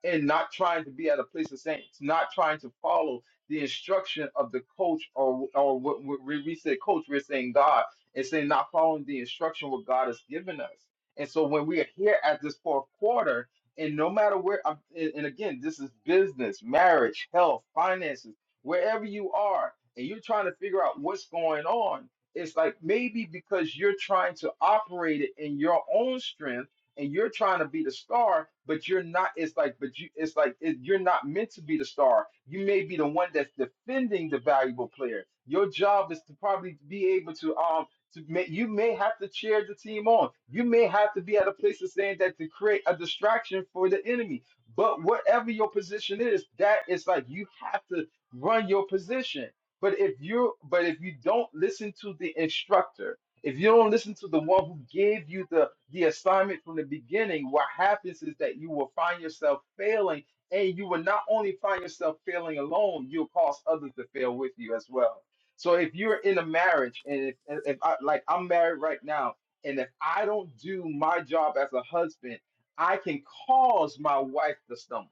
Speaker 2: and not trying to be at a place of saints, not trying to follow the instruction of the coach or or what what we we said coach, we're saying God and saying not following the instruction what God has given us. And so when we are here at this fourth quarter, and no matter where, I'm- and and again, this is business, marriage, health, finances, wherever you are, and you're trying to figure out what's going on. It's like maybe because you're trying to operate it in your own strength and you're trying to be the star, but you're not. It's like, but you, it's like it, you're not meant to be the star. You may be the one that's defending the valuable player. Your job is to probably be able to um. To may, you may have to cheer the team on. You may have to be at a place of saying that to create a distraction for the enemy. But whatever your position is, that is like you have to run your position. But if you but if you don't listen to the instructor, if you don't listen to the one who gave you the, the assignment from the beginning, what happens is that you will find yourself failing, and you will not only find yourself failing alone, you'll cause others to fail with you as well. So if you're in a marriage, and if, and if I, like I'm married right now, and if I don't do my job as a husband, I can cause my wife to stumble.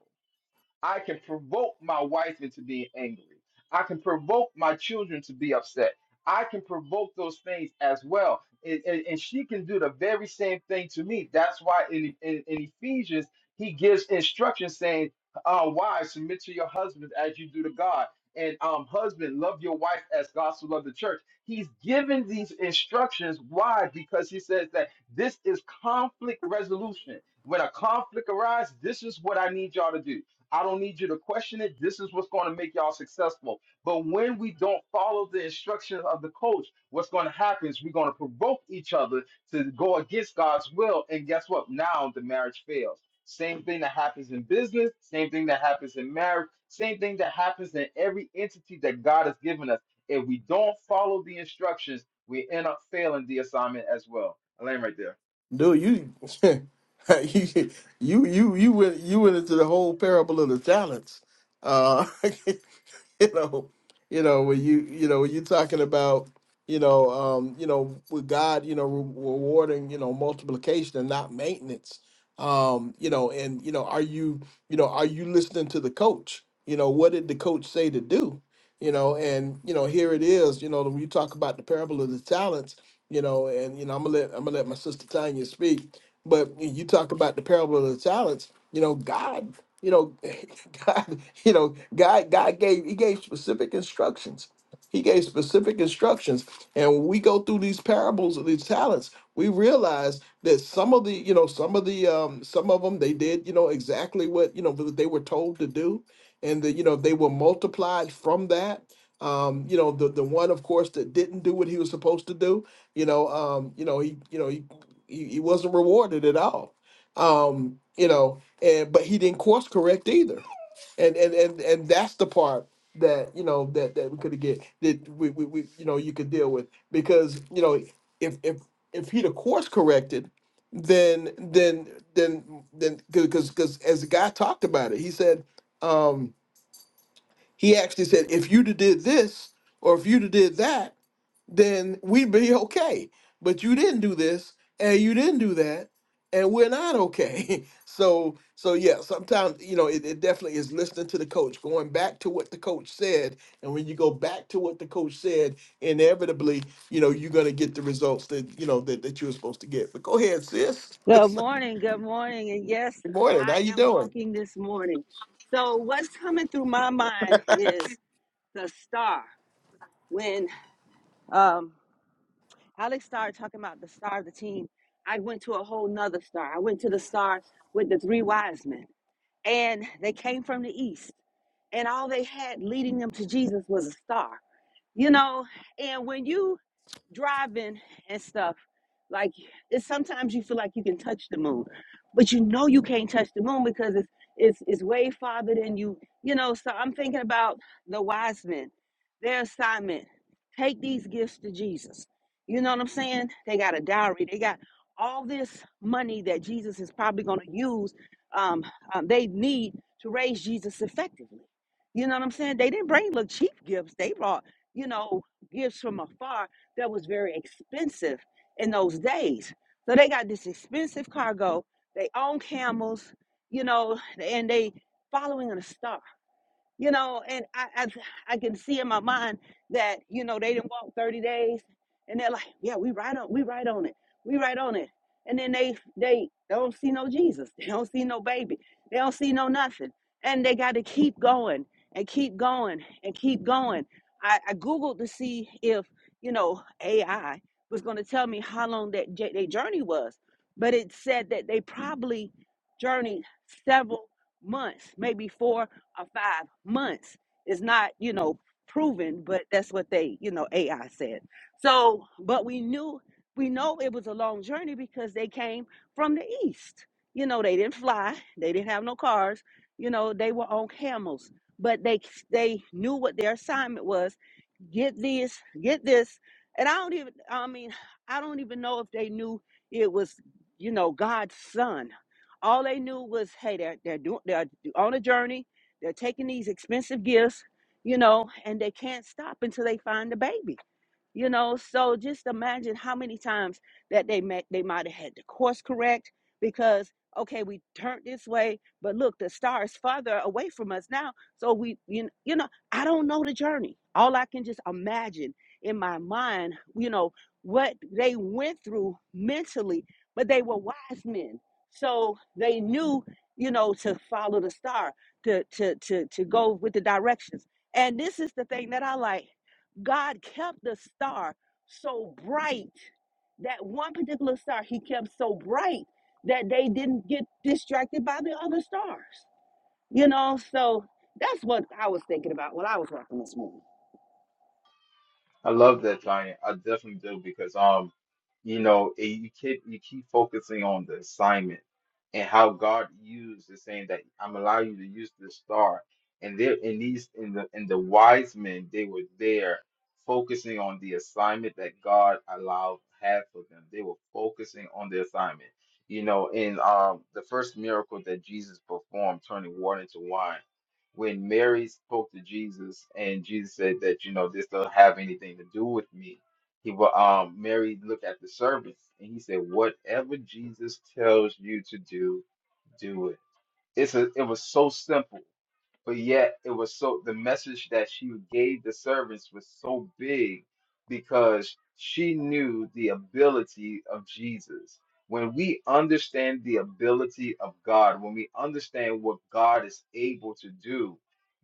Speaker 2: I can provoke my wife into being angry. I can provoke my children to be upset. I can provoke those things as well. And, and, and she can do the very same thing to me. That's why in, in, in Ephesians, he gives instructions saying, uh, Wives, submit to your husbands as you do to God. And um, husband, love your wife as God so loved the church. He's given these instructions. Why? Because he says that this is conflict resolution. When a conflict arises, this is what I need y'all to do I don't need you to question it. This is what's going to make y'all successful. But when we don't follow the instructions of the coach, what's going to happen is we're going to provoke each other to go against God's will. And guess what? Now the marriage fails. Same thing that happens in business, same thing that happens in marriage, same thing that happens in every entity that God has given us. If we don't follow the instructions, we end up failing the assignment as well. Elaine, right there.
Speaker 1: Dude, you you you you you went you went into the whole parable of the talents. Uh you know, you know when you you know when you're talking about you know um you know with God you know re- rewarding you know multiplication and not maintenance um you know and you know are you you know are you listening to the coach you know what did the coach say to do you know and you know here it is you know when you talk about the parable of the talents you know and you know I'm gonna let I'm gonna let my sister Tanya speak but when you talk about the parable of the talents you know God you know, God, you know, God, God gave He gave specific instructions. He gave specific instructions. And when we go through these parables of these talents, we realize that some of the, you know, some of the um some of them they did, you know, exactly what, you know, that they were told to do. And that, you know, they were multiplied from that. Um, you know, the the one of course that didn't do what he was supposed to do, you know, um, you know, he, you know, he he, he wasn't rewarded at all um you know and but he didn't course correct either and and and, and that's the part that you know that that we could get that we, we, we you know you could deal with because you know if if if he'd have course corrected then then then then because because as the guy talked about it he said um he actually said if you'd have did this or if you'd have did that then we'd be okay. But you didn't do this and you didn't do that, and we're not okay. so so yeah, sometimes you know it, it definitely is listening to the coach, going back to what the coach said, and when you go back to what the coach said, inevitably, you know, you're gonna get the results that you know that, that you were supposed to get. But go ahead, sis.
Speaker 6: Good
Speaker 1: Good
Speaker 6: morning, good morning. And yes,
Speaker 1: morning.
Speaker 6: I
Speaker 1: How you
Speaker 6: am
Speaker 1: doing?
Speaker 6: walking this morning. So what's coming through my mind is the star. When um Alex started talking about the star of the team, I went to a whole nother star. I went to the star with the three wise men. And they came from the east. And all they had leading them to Jesus was a star. You know, and when you driving and stuff, like it's sometimes you feel like you can touch the moon, but you know you can't touch the moon because it's it's it's way farther than you, you know. So I'm thinking about the wise men, their assignment. Take these gifts to Jesus. You know what I'm saying? They got a dowry. They got all this money that Jesus is probably going to use. Um, um, they need to raise Jesus effectively. You know what I'm saying? They didn't bring little cheap gifts. They brought, you know, gifts from afar that was very expensive in those days. So they got this expensive cargo. They own camels, you know, and they following in a star you know, and I, I I can see in my mind that you know they didn't walk 30 days, and they're like, yeah, we right on, we right on it, we right on it, and then they they don't see no Jesus, they don't see no baby, they don't see no nothing, and they got to keep going and keep going and keep going. I, I googled to see if you know AI was going to tell me how long that j- their journey was, but it said that they probably journeyed several months, maybe four or five months is not, you know, proven, but that's what they, you know, AI said. So, but we knew, we know it was a long journey because they came from the east. You know, they didn't fly, they didn't have no cars, you know, they were on camels, but they they knew what their assignment was. Get this, get this. And I don't even I mean, I don't even know if they knew it was, you know, God's son. All they knew was, hey, they're they're doing they're on a journey they're taking these expensive gifts, you know, and they can't stop until they find the baby. You know, so just imagine how many times that they met, they might have had to course correct because okay, we turned this way, but look, the star is farther away from us now. So we, you, you know, I don't know the journey. All I can just imagine in my mind, you know, what they went through mentally, but they were wise men, so they knew, you know, to follow the star, to to to to go with the directions. And this is the thing that I like. God kept the star so bright. That one particular star he kept so bright that they didn't get distracted by the other stars. You know, so that's what I was thinking about when I was walking this morning.
Speaker 2: I love that, Giant. I definitely do because um, you know, it, you keep you keep focusing on the assignment and how God used is saying that I'm allowing you to use this star. And there in these in the in the wise men, they were there focusing on the assignment that God allowed had for them. They were focusing on the assignment. You know, in um the first miracle that Jesus performed, turning water into wine when Mary spoke to Jesus and Jesus said that you know this don't have anything to do with me. He wa- um Mary looked at the servants and he said, "Whatever Jesus tells you to do, do it." It's a it was so simple but yet it was so the message that she gave the servants was so big because she knew the ability of Jesus. When we understand the ability of God, when we understand what God is able to do,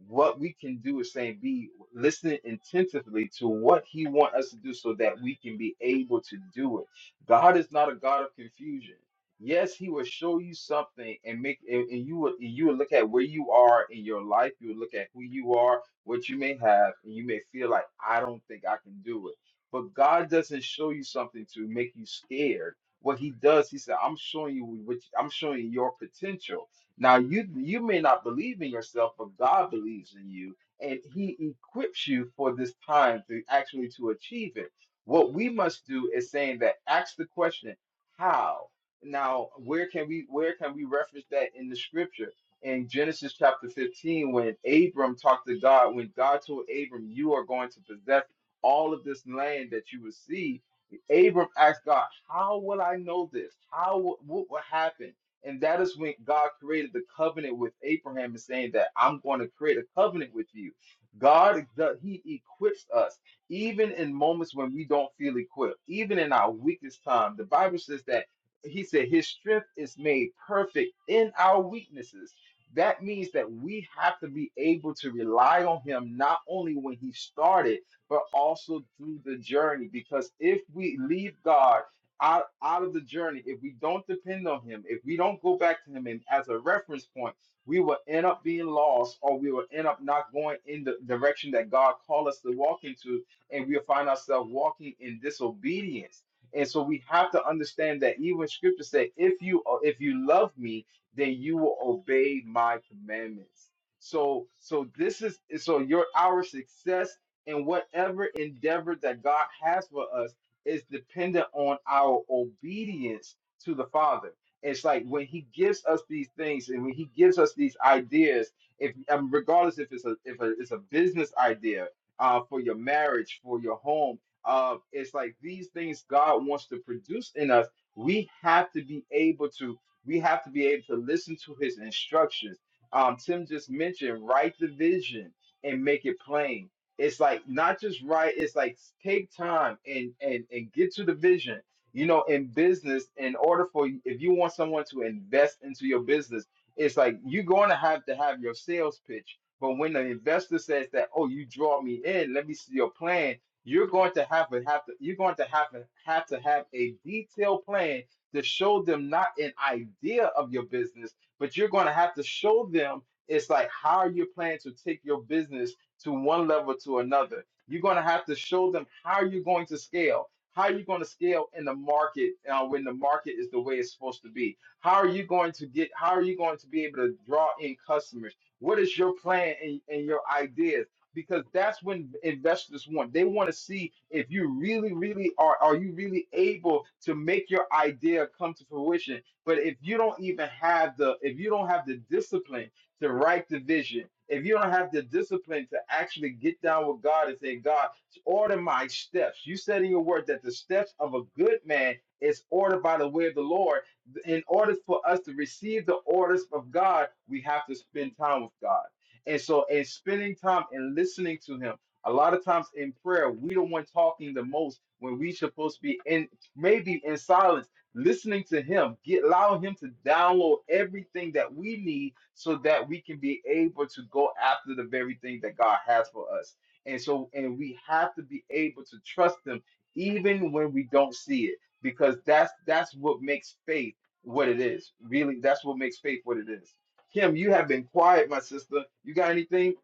Speaker 2: what we can do is saying be listening intensively to what he wants us to do so that we can be able to do it. God is not a God of confusion. Yes, he will show you something and make and, and you will and you will look at where you are in your life, you will look at who you are, what you may have, and you may feel like I don't think I can do it. But God doesn't show you something to make you scared. What he does, he said, I'm showing you what I'm showing you your potential. Now you you may not believe in yourself, but God believes in you and he equips you for this time to actually to achieve it. What we must do is saying that ask the question, how? Now, where can we where can we reference that in the scripture? In Genesis chapter 15, when Abram talked to God, when God told Abram, You are going to possess all of this land that you will see, Abram asked God, How will I know this? How wi- what will happen? And that is when God created the covenant with Abraham and saying that I'm going to create a covenant with you. God, the- He equips us even in moments when we don't feel equipped, even in our weakest time. The Bible says that he said his strength is made perfect in our weaknesses that means that we have to be able to rely on him not only when he started but also through the journey because if we leave god out, out of the journey if we don't depend on him if we don't go back to him and as a reference point we will end up being lost or we will end up not going in the direction that god called us to walk into and we'll find ourselves walking in disobedience and so we have to understand that even scripture said, if you if you love me, then you will obey my commandments. So so this is so your our success in whatever endeavor that God has for us is dependent on our obedience to the Father. It's like when He gives us these things and when He gives us these ideas, if um, regardless if it's a if a, it's a business idea uh, for your marriage, for your home, uh, it's like these things God wants to produce in us. We have to be able to. We have to be able to listen to His instructions. Um, Tim just mentioned write the vision and make it plain. It's like not just write. It's like take time and and and get to the vision. You know, in business, in order for if you want someone to invest into your business, it's like you're going to have to have your sales pitch. But when the investor says that, oh, you draw me in, let me see your plan you're going to have to have to you're going to have to have to have a detailed plan to show them not an idea of your business, but you're going to have to show them it's like how you plan to take your business to one level to another. You're going to have to show them how you're going to scale. How are you going to scale in the market uh, when the market is the way it's supposed to be? How are you going to get? How are you going to be able to draw in customers? What is your plan and, and your ideas? because that's when investors want. They want to see if you really, really are are you really able to make your idea come to fruition. But if you don't even have the if you don't have the discipline to write the vision, if you don't have the discipline to actually get down with God and say, God, order my steps. You said in your word that the steps of a good man is ordered by the way of the Lord. In order for us to receive the orders of God, we have to spend time with God and so, in spending time and listening to Him. A lot of times in prayer, we the one talking the most when we supposed to be in maybe in silence, listening to Him. Get allow Him to download everything that we need so that we can be able to go after the very thing that God has for us. And so, and we have to be able to trust Him even when we don't see it, because that's that's what makes faith what it is. Really, that's what makes faith what it is. Kim, you have been quiet, my sister. You got anything,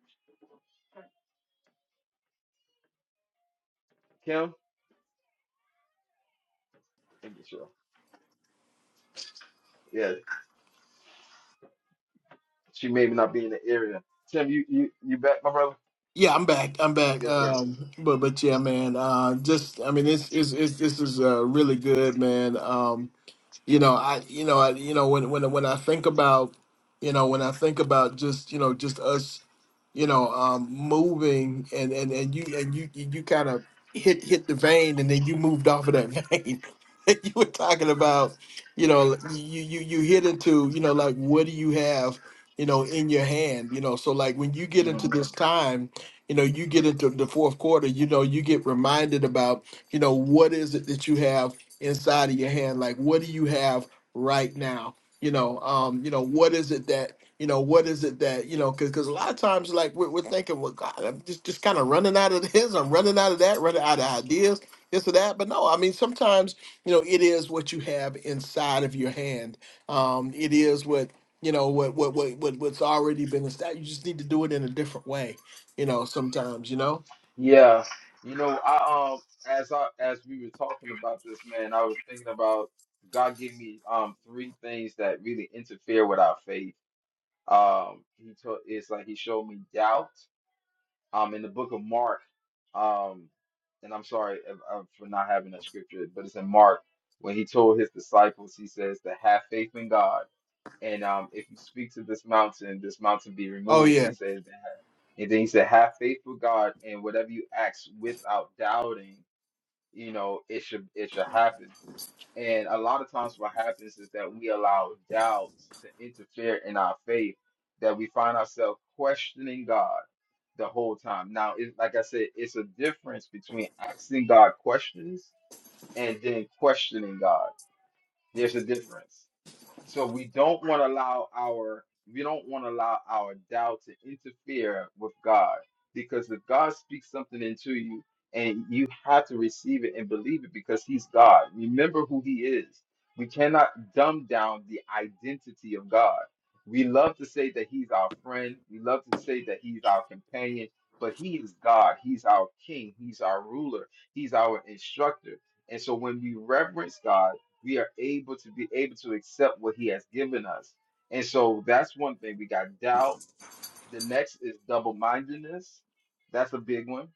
Speaker 2: Kim? Thank you, sure. Yeah, she may not be in the area. Tim, you you you back, my brother?
Speaker 1: Yeah, I'm back. I'm back.
Speaker 2: Yes, sir.
Speaker 1: Um, but but yeah, man. Uh, just I mean, it's it's, it's this is uh, really good, man. Um, you know i you know i you know when when when i think about you know when i think about just you know just us you know um moving and and and you and you you you kind of hit hit the vein and then you moved off of that vein And you were talking about you know like, you you you hit into you know like what do you have you know in your hand you know so like when you get
Speaker 2: hmm
Speaker 1: into this time you know you get into the fourth quarter you know you get reminded about you know what is it that you have inside of your hand like what do you have right now you know um you know what is it that you know what is it that you know because because a lot of times like we're, we're thinking well god i'm just just kind of running out of this i'm running out of that running out of ideas this or that but no i mean sometimes you know it is what you have inside of your hand um it is what you know what what what, what what's already been established you just need to do it in a different way you know sometimes you know
Speaker 2: Yeah, you know, I um as I as we were talking about this, man, I was thinking about God gave me um three things that really interfere with our faith. Um, he told it's like he showed me doubt. um, in the book of Mark, um, and I'm sorry if- uh, for not having that scripture, but it's in Mark when he told his disciples, he says to have faith in God, and um, if you speak to this mountain, this mountain be
Speaker 1: oh
Speaker 2: removed. He
Speaker 1: yeah
Speaker 2: says that, and then he said, have faith with God, and whatever you ask without doubting, you know, it should it should happen. And a lot of times, what happens is that we allow doubt to interfere in our faith, that we find ourselves questioning God the whole time. Now, it, like I said, it's a difference between asking God questions and then questioning God. There's a difference. So we don't want to allow our we don't want to allow our doubt to interfere with God because if God speaks something into you and you have to receive it and believe it because he's God. Remember who he is. We cannot dumb down the identity of God. We love to say that he's our friend. We love to say that he's our companion, but he is God. He's our king. He's our ruler. He's our instructor. And so when we reverence God, we are able to be able to accept what he has given us. And so that's one thing. We got doubt. The next is double mindedness. That's a big one.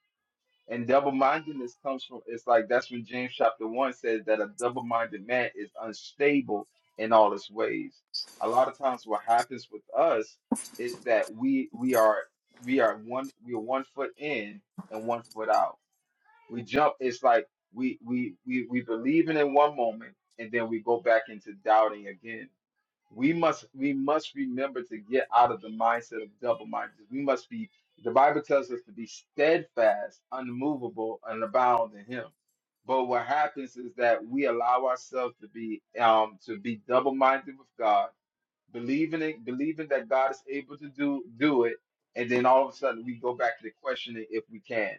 Speaker 2: And double mindedness comes from it's like that's when James chapter one says that a double minded man is unstable in all his ways. A lot of times what happens with us is that we we are we are one we are one foot in and one foot out we jump. It's like we we we we believe in in one moment, and then we go back into doubting again. We must we must remember to get out of the mindset of double mindedness. We must be. The Bible tells us to be steadfast, unmovable, and abound in Him. But what happens is that we allow ourselves to be um to be double minded with God, believing it, believing that God is able to do do it, and then all of a sudden we go back to the questioning if we can.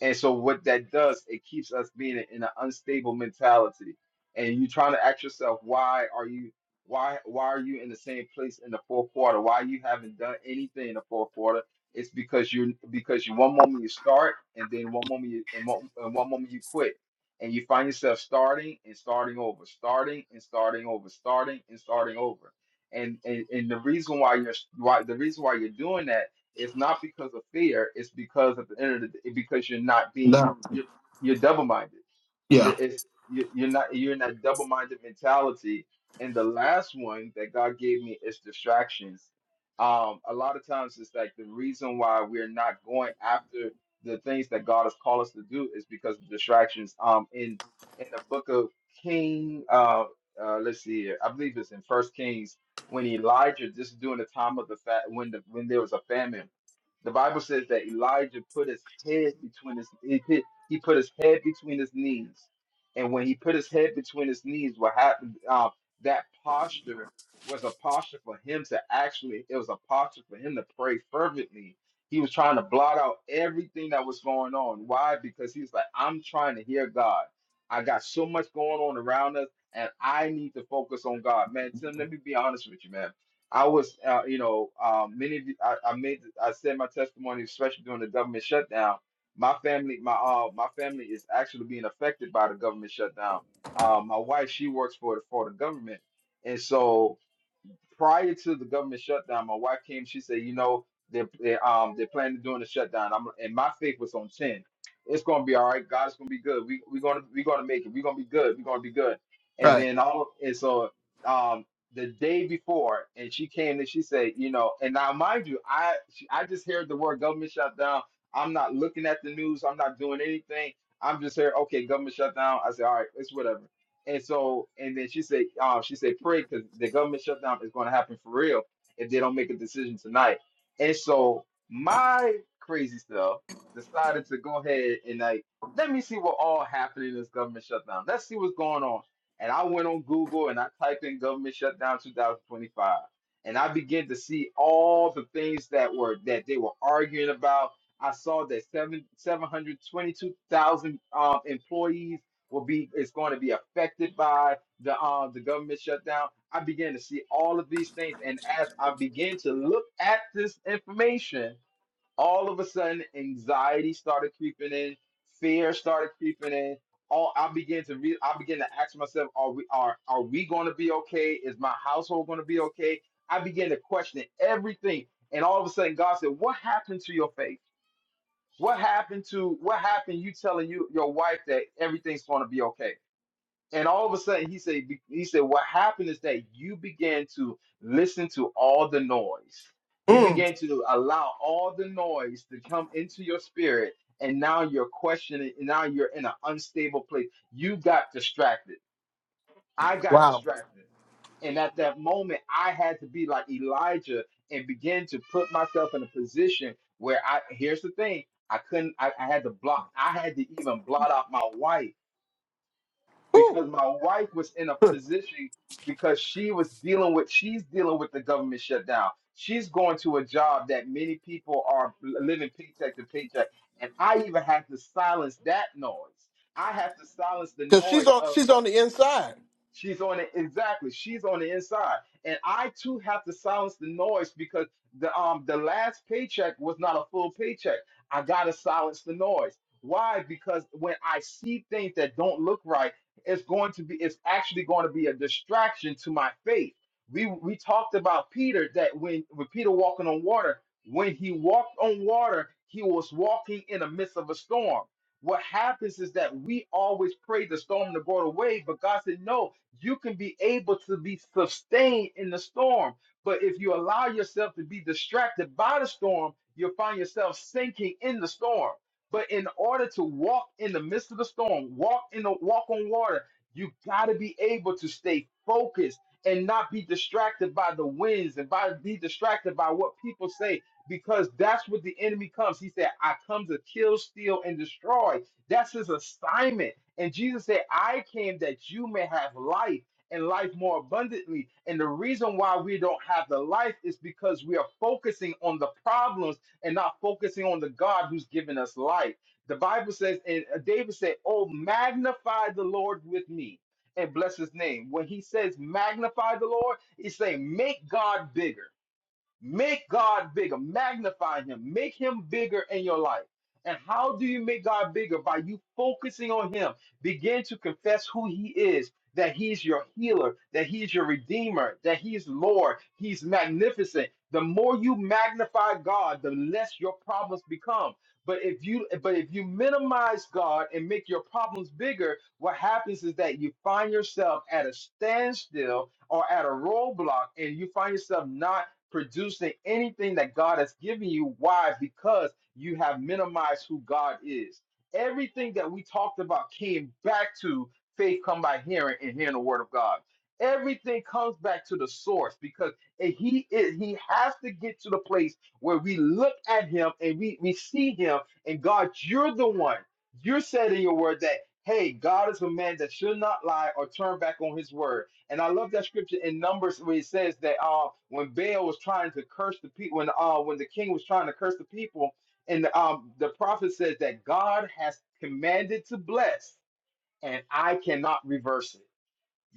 Speaker 2: And so what that does, it keeps us being in an unstable mentality. And you trying to ask yourself, why are you why why are you in the same place in the fourth quarter? Why you haven't done anything in the fourth quarter? It's because you're because you one moment you start and then one moment you and one, and one moment you quit. And you find yourself starting and starting over, starting and starting over, starting and starting over. And and, and the reason why you're why the reason why you're doing that it's not because of fear. It's because at the end of the day, because you're not being
Speaker 1: no
Speaker 2: you're, you're double minded. You're
Speaker 1: yeah
Speaker 2: it's you- you're not you're in that double minded mentality. And the last one that God gave me is distractions. Um, a lot of times it's like the reason why we're not going after the things that God has called us to do is because of distractions. Um, in in the book of King, uh, uh, let's see here, I believe it's in First Kings when Elijah, this is during the time of the fat when the when there was a famine the Bible says that Elijah put his head between his he put, he put his head between his knees, and when he put his head between his knees, what happened? Uh, that posture was a posture for him to actually. It was a posture for him to pray fervently. He was trying to blot out everything that was going on. Why? Because he's like, I'm trying to hear God. I got so much going on around us, and I need to focus on God. Man, Tim, let me be honest with you, man I was, uh, you know, um, many of you, I, I made, I said my testimony, especially during the government shutdown. My family, my uh, my family is actually being affected by the government shutdown. Uh, my wife, she works for the for the government, and so prior to the government shutdown, my wife came. She said, "You know, they're, they're um they're planning on doing the shutdown." I'm and my faith was on ten. It's gonna be all right. God's gonna be good. We we gonna we gonna make it. We're gonna be good. We're gonna be good. And
Speaker 1: right
Speaker 2: then all and so um the day before, and she came and she said, you know, and now mind you, I she, I just heard the word government shutdown. I'm not looking at the news. I'm not doing anything. I'm just here. Okay, government shutdown. I said, all right, it's whatever and so, and then she said, uh, she said, pray because the government shutdown is going to happen for real if they don't make a decision tonight. And so, my crazy self decided to go ahead and like, let me see what all happened in this government shutdown. Let's see what's going on. And I went on Google and I typed in government shutdown 2025, and I began to see all the things that were that they were arguing about. I saw that seven seven hundred twenty-two thousand um, employees will be is going to be affected by the um the government shutdown. I began to see all of these things, and as I began to look at this information, all of a sudden anxiety started creeping in, fear started creeping in. All I began to re- I began to ask myself, are we are are we going to be okay? Is my household going to be okay? I began to question everything, and all of a sudden God said, "What happened to your faith? What happened to what happened? You telling you your wife that everything's going to be okay? And all of a sudden, he said, he said, what happened is that you began to listen to all the noise. You
Speaker 1: mm,
Speaker 2: began to allow all the noise to come into your spirit, and now you're questioning. now you're in an unstable place. You got distracted. I got
Speaker 1: wow
Speaker 2: distracted, and at that moment, I had to be like Elijah and begin to put myself in a position where I. Here's the thing: I couldn't. I, I had to block. I had to even blot out my wife
Speaker 1: Whew.
Speaker 2: because my wife was in a position because she was dealing with she's dealing with the government shutdown. She's going to a job that many people are living paycheck to paycheck, and I even have to silence that noise. I have to silence the
Speaker 1: Cause she's
Speaker 2: noise
Speaker 1: on
Speaker 2: of.
Speaker 1: she's on the inside.
Speaker 2: She's on it exactly. She's on the inside, and I too have to silence the noise because the um the last paycheck was not a full paycheck. I gotta silence the noise. Why? Because when I see things that don't look right, it's going to be it's actually going to be a distraction to my faith. We we talked about Peter that when when Peter walking on water, when he walked on water, he was walking in the midst of a storm. What happens is that we always pray the storm to go away, but God said no you can be able to be sustained in the storm. But if you allow yourself to be distracted by the storm, you'll find yourself sinking in the storm. But in order to walk in the midst of the storm, walk in the walk on water, you got to be able to stay focused and not be distracted by the winds and by be distracted by what people say because that's what the enemy comes. He said, "I come to kill, steal and destroy." That's his assignment. And Jesus said, I came that you may have life and life more abundantly. And the reason why we don't have the life is because we are focusing on the problems and not focusing on the God who's given us life. The Bible says, and uh, David said, Oh, magnify the Lord with me and bless his name. When he says magnify the Lord, he's saying, Make God bigger. Make God bigger. Magnify Him. Make Him bigger in your life. And how do you make God bigger? By you focusing on Him. Begin to confess who He is that He is your healer, that He is your redeemer, that He is Lord. He's magnificent. The more you magnify God, the less your problems become. But if you but if you minimize God and make your problems bigger, what happens is that you find yourself at a standstill or at a roadblock and you find yourself not producing anything that God has given you. Why? Because you have minimized who God is. Everything that we talked about came back to faith come by hearing and hearing the word of God. Everything comes back to the source because if he is he has to get to the place where we look at him and we, we see him and God, you're the one. You said in your word that, hey, God is a man that should not lie or turn back on his word. And I love that scripture in Numbers where it says that uh, when Baal was trying to curse the people, when uh, when the king was trying to curse the people, and um, the prophet says that God has commanded to bless, and I cannot reverse it.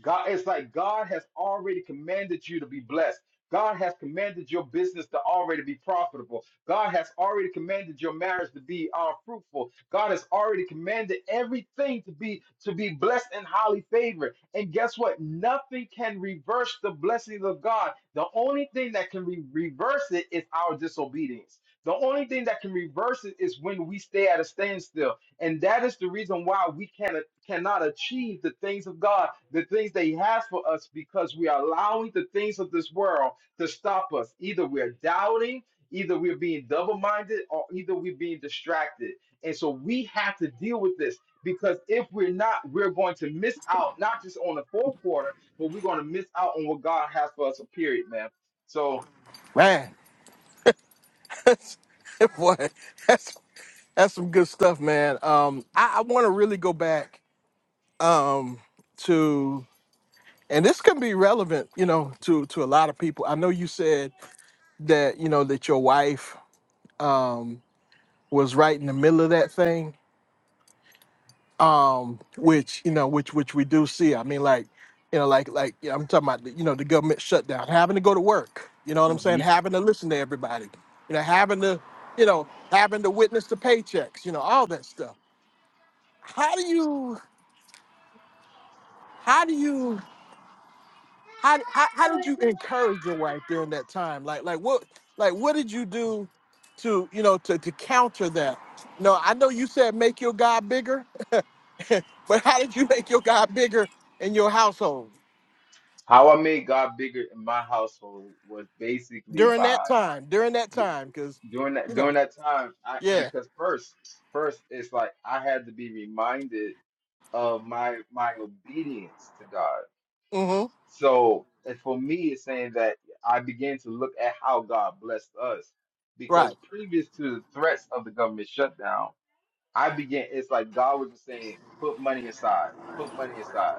Speaker 2: God, it's like God has already commanded you to be blessed. God has commanded your business to already be profitable. God has already commanded your marriage to be uh, fruitful. God has already commanded everything to be to be blessed and highly favored. And guess what? Nothing can reverse the blessings of God. The only thing that can re- reverse it is our disobedience. The only thing that can reverse it is when we stay at a standstill. And that is the reason why we can, cannot achieve the things of God, the things that He has for us, because we are allowing the things of this world to stop us. Either we're doubting, either we're being double minded, or either we're being distracted. And so we have to deal with this because if we're not, we're going to miss out, not just on the fourth quarter, but we're going to miss out on what God has for us, a period, man. So,
Speaker 1: Man. That's boy, that's that's some good stuff, man. Um I, I wanna really go back um to and this can be relevant, you know, to to a lot of people. I know you said that, you know, that your wife um was right in the middle of that thing. um, which you know, which which we do see. I mean, like, you know, like like you know, I'm talking about the- you know the government shutdown, having to go to work. You know what I'm saying?
Speaker 2: mhm.
Speaker 1: Having to listen to everybody. You know, having to, you know, having to witness the paychecks. You know, all that stuff. How do you? How do you? How, how, how did you encourage your wife during that time? Like like what like what did you do to you know to, to counter that? No, I know you said make your God bigger, but how did you make your God bigger in your household?
Speaker 2: how I made God bigger in my household was basically
Speaker 1: during that
Speaker 2: by.
Speaker 1: time, during that time, because
Speaker 2: during that
Speaker 1: you know,
Speaker 2: during that time i
Speaker 1: yeah,
Speaker 2: because first first it's like i had to be reminded of my my obedience to god
Speaker 1: mm-hmm,
Speaker 2: so and for me it's saying that i began to look at how god blessed us
Speaker 1: right,
Speaker 2: because previous to the threats of the government shutdown i began it's like god was just saying put money aside put money aside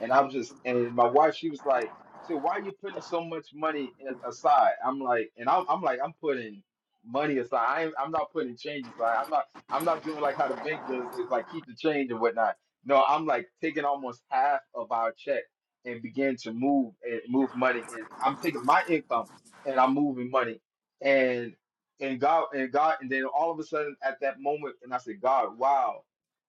Speaker 2: and I was just, and my wife, she was like, "So why are you putting so much money a- aside?" I'm like, and I'm, I'm like, I'm putting money aside. I ain't, I'm not putting change aside. I'm not, I'm not doing like how the bank does. It's like keep the change and whatnot. No, I'm like taking almost half of our check and begin to move and move money. And I'm taking my income and I'm moving money. And and God and God and then all of a sudden at that moment, and I said, God, wow,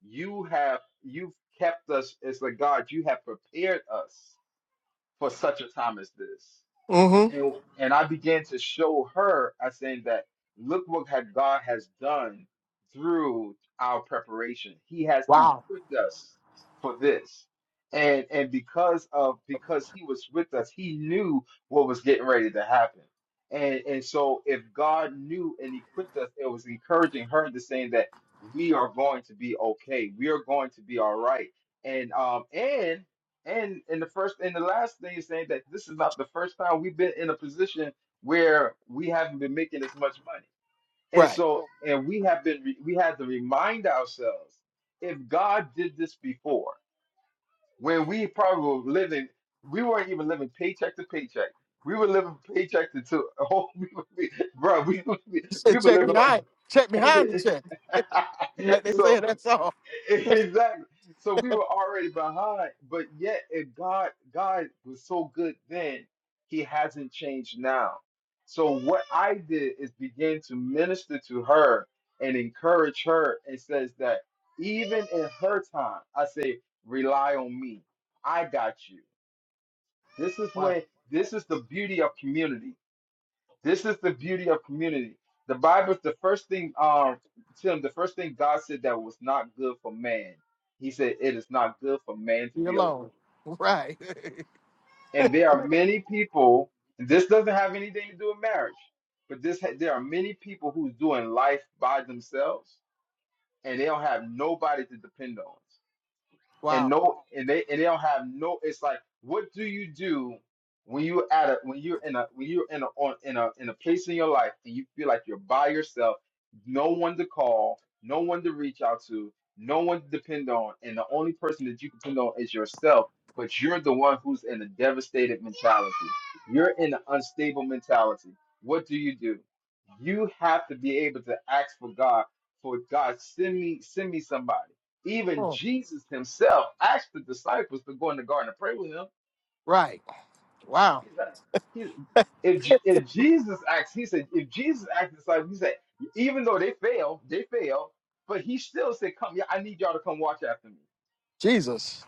Speaker 2: you have You've kept us. as like God, you have prepared us for such a time as this
Speaker 1: mm-hmm,
Speaker 2: and, and I began to show her, I saying that look what had God has done through our preparation. He has
Speaker 1: wow,
Speaker 2: equipped us for this. And and because of because he was with us, he knew what was getting ready to happen. And and so if God knew and equipped us, it was encouraging her to saying that we are going to be okay. We are going to be all right. And um and and and the first and the last thing is saying that this is not the first time we've been in a position where we haven't been making as much money. And
Speaker 1: right.
Speaker 2: so and we have been re- we had to remind ourselves if God did this before, when we probably were living, we weren't even living paycheck to paycheck. We were living paycheck to, to oh, we, were- we, bro, we, we
Speaker 1: He
Speaker 2: we
Speaker 1: said,
Speaker 2: were
Speaker 1: check
Speaker 2: living.
Speaker 1: behind, check behind the
Speaker 2: on-
Speaker 1: check, like they
Speaker 2: so
Speaker 1: say. That's all.
Speaker 2: Exactly. So we were already behind, but yet if God God was so good then, he hasn't changed now. So what I did is begin to minister to her and encourage her and says that even in her time, I say, rely on me. I got you. This is
Speaker 1: Wow,
Speaker 2: when this is the beauty of community. This is the beauty of community. The Bible is the first thing, um, Tim, the first thing God said that was not good for man. He said, It is not good for man to
Speaker 1: be
Speaker 2: be alone.
Speaker 1: alone, right?
Speaker 2: And there are many people, and this doesn't have anything to do with marriage, but this ha- there are many people who's doing life by themselves and they don't have nobody to depend on. and
Speaker 1: wow,
Speaker 2: no and they and they don't have no it's like what do you do when you at a when you're in a when you're in a on in a in a place in your life and you feel like you're by yourself no one to call no one to reach out to no one to depend on and the only person that you can depend on is yourself but you're the one who's in a devastated mentality you're in an unstable mentality what do you do you have to be able to ask for god for god send me send me somebody even
Speaker 1: Oh,
Speaker 2: Jesus himself asked the disciples to go in the garden and pray with him.
Speaker 1: right, wow.
Speaker 2: He's like, he's, if, J- if Jesus asked, he said, if Jesus asked the disciples, he said, even though they failed, they failed, but he still said, come, yeah, I need y'all to come watch after me.
Speaker 1: Jesus,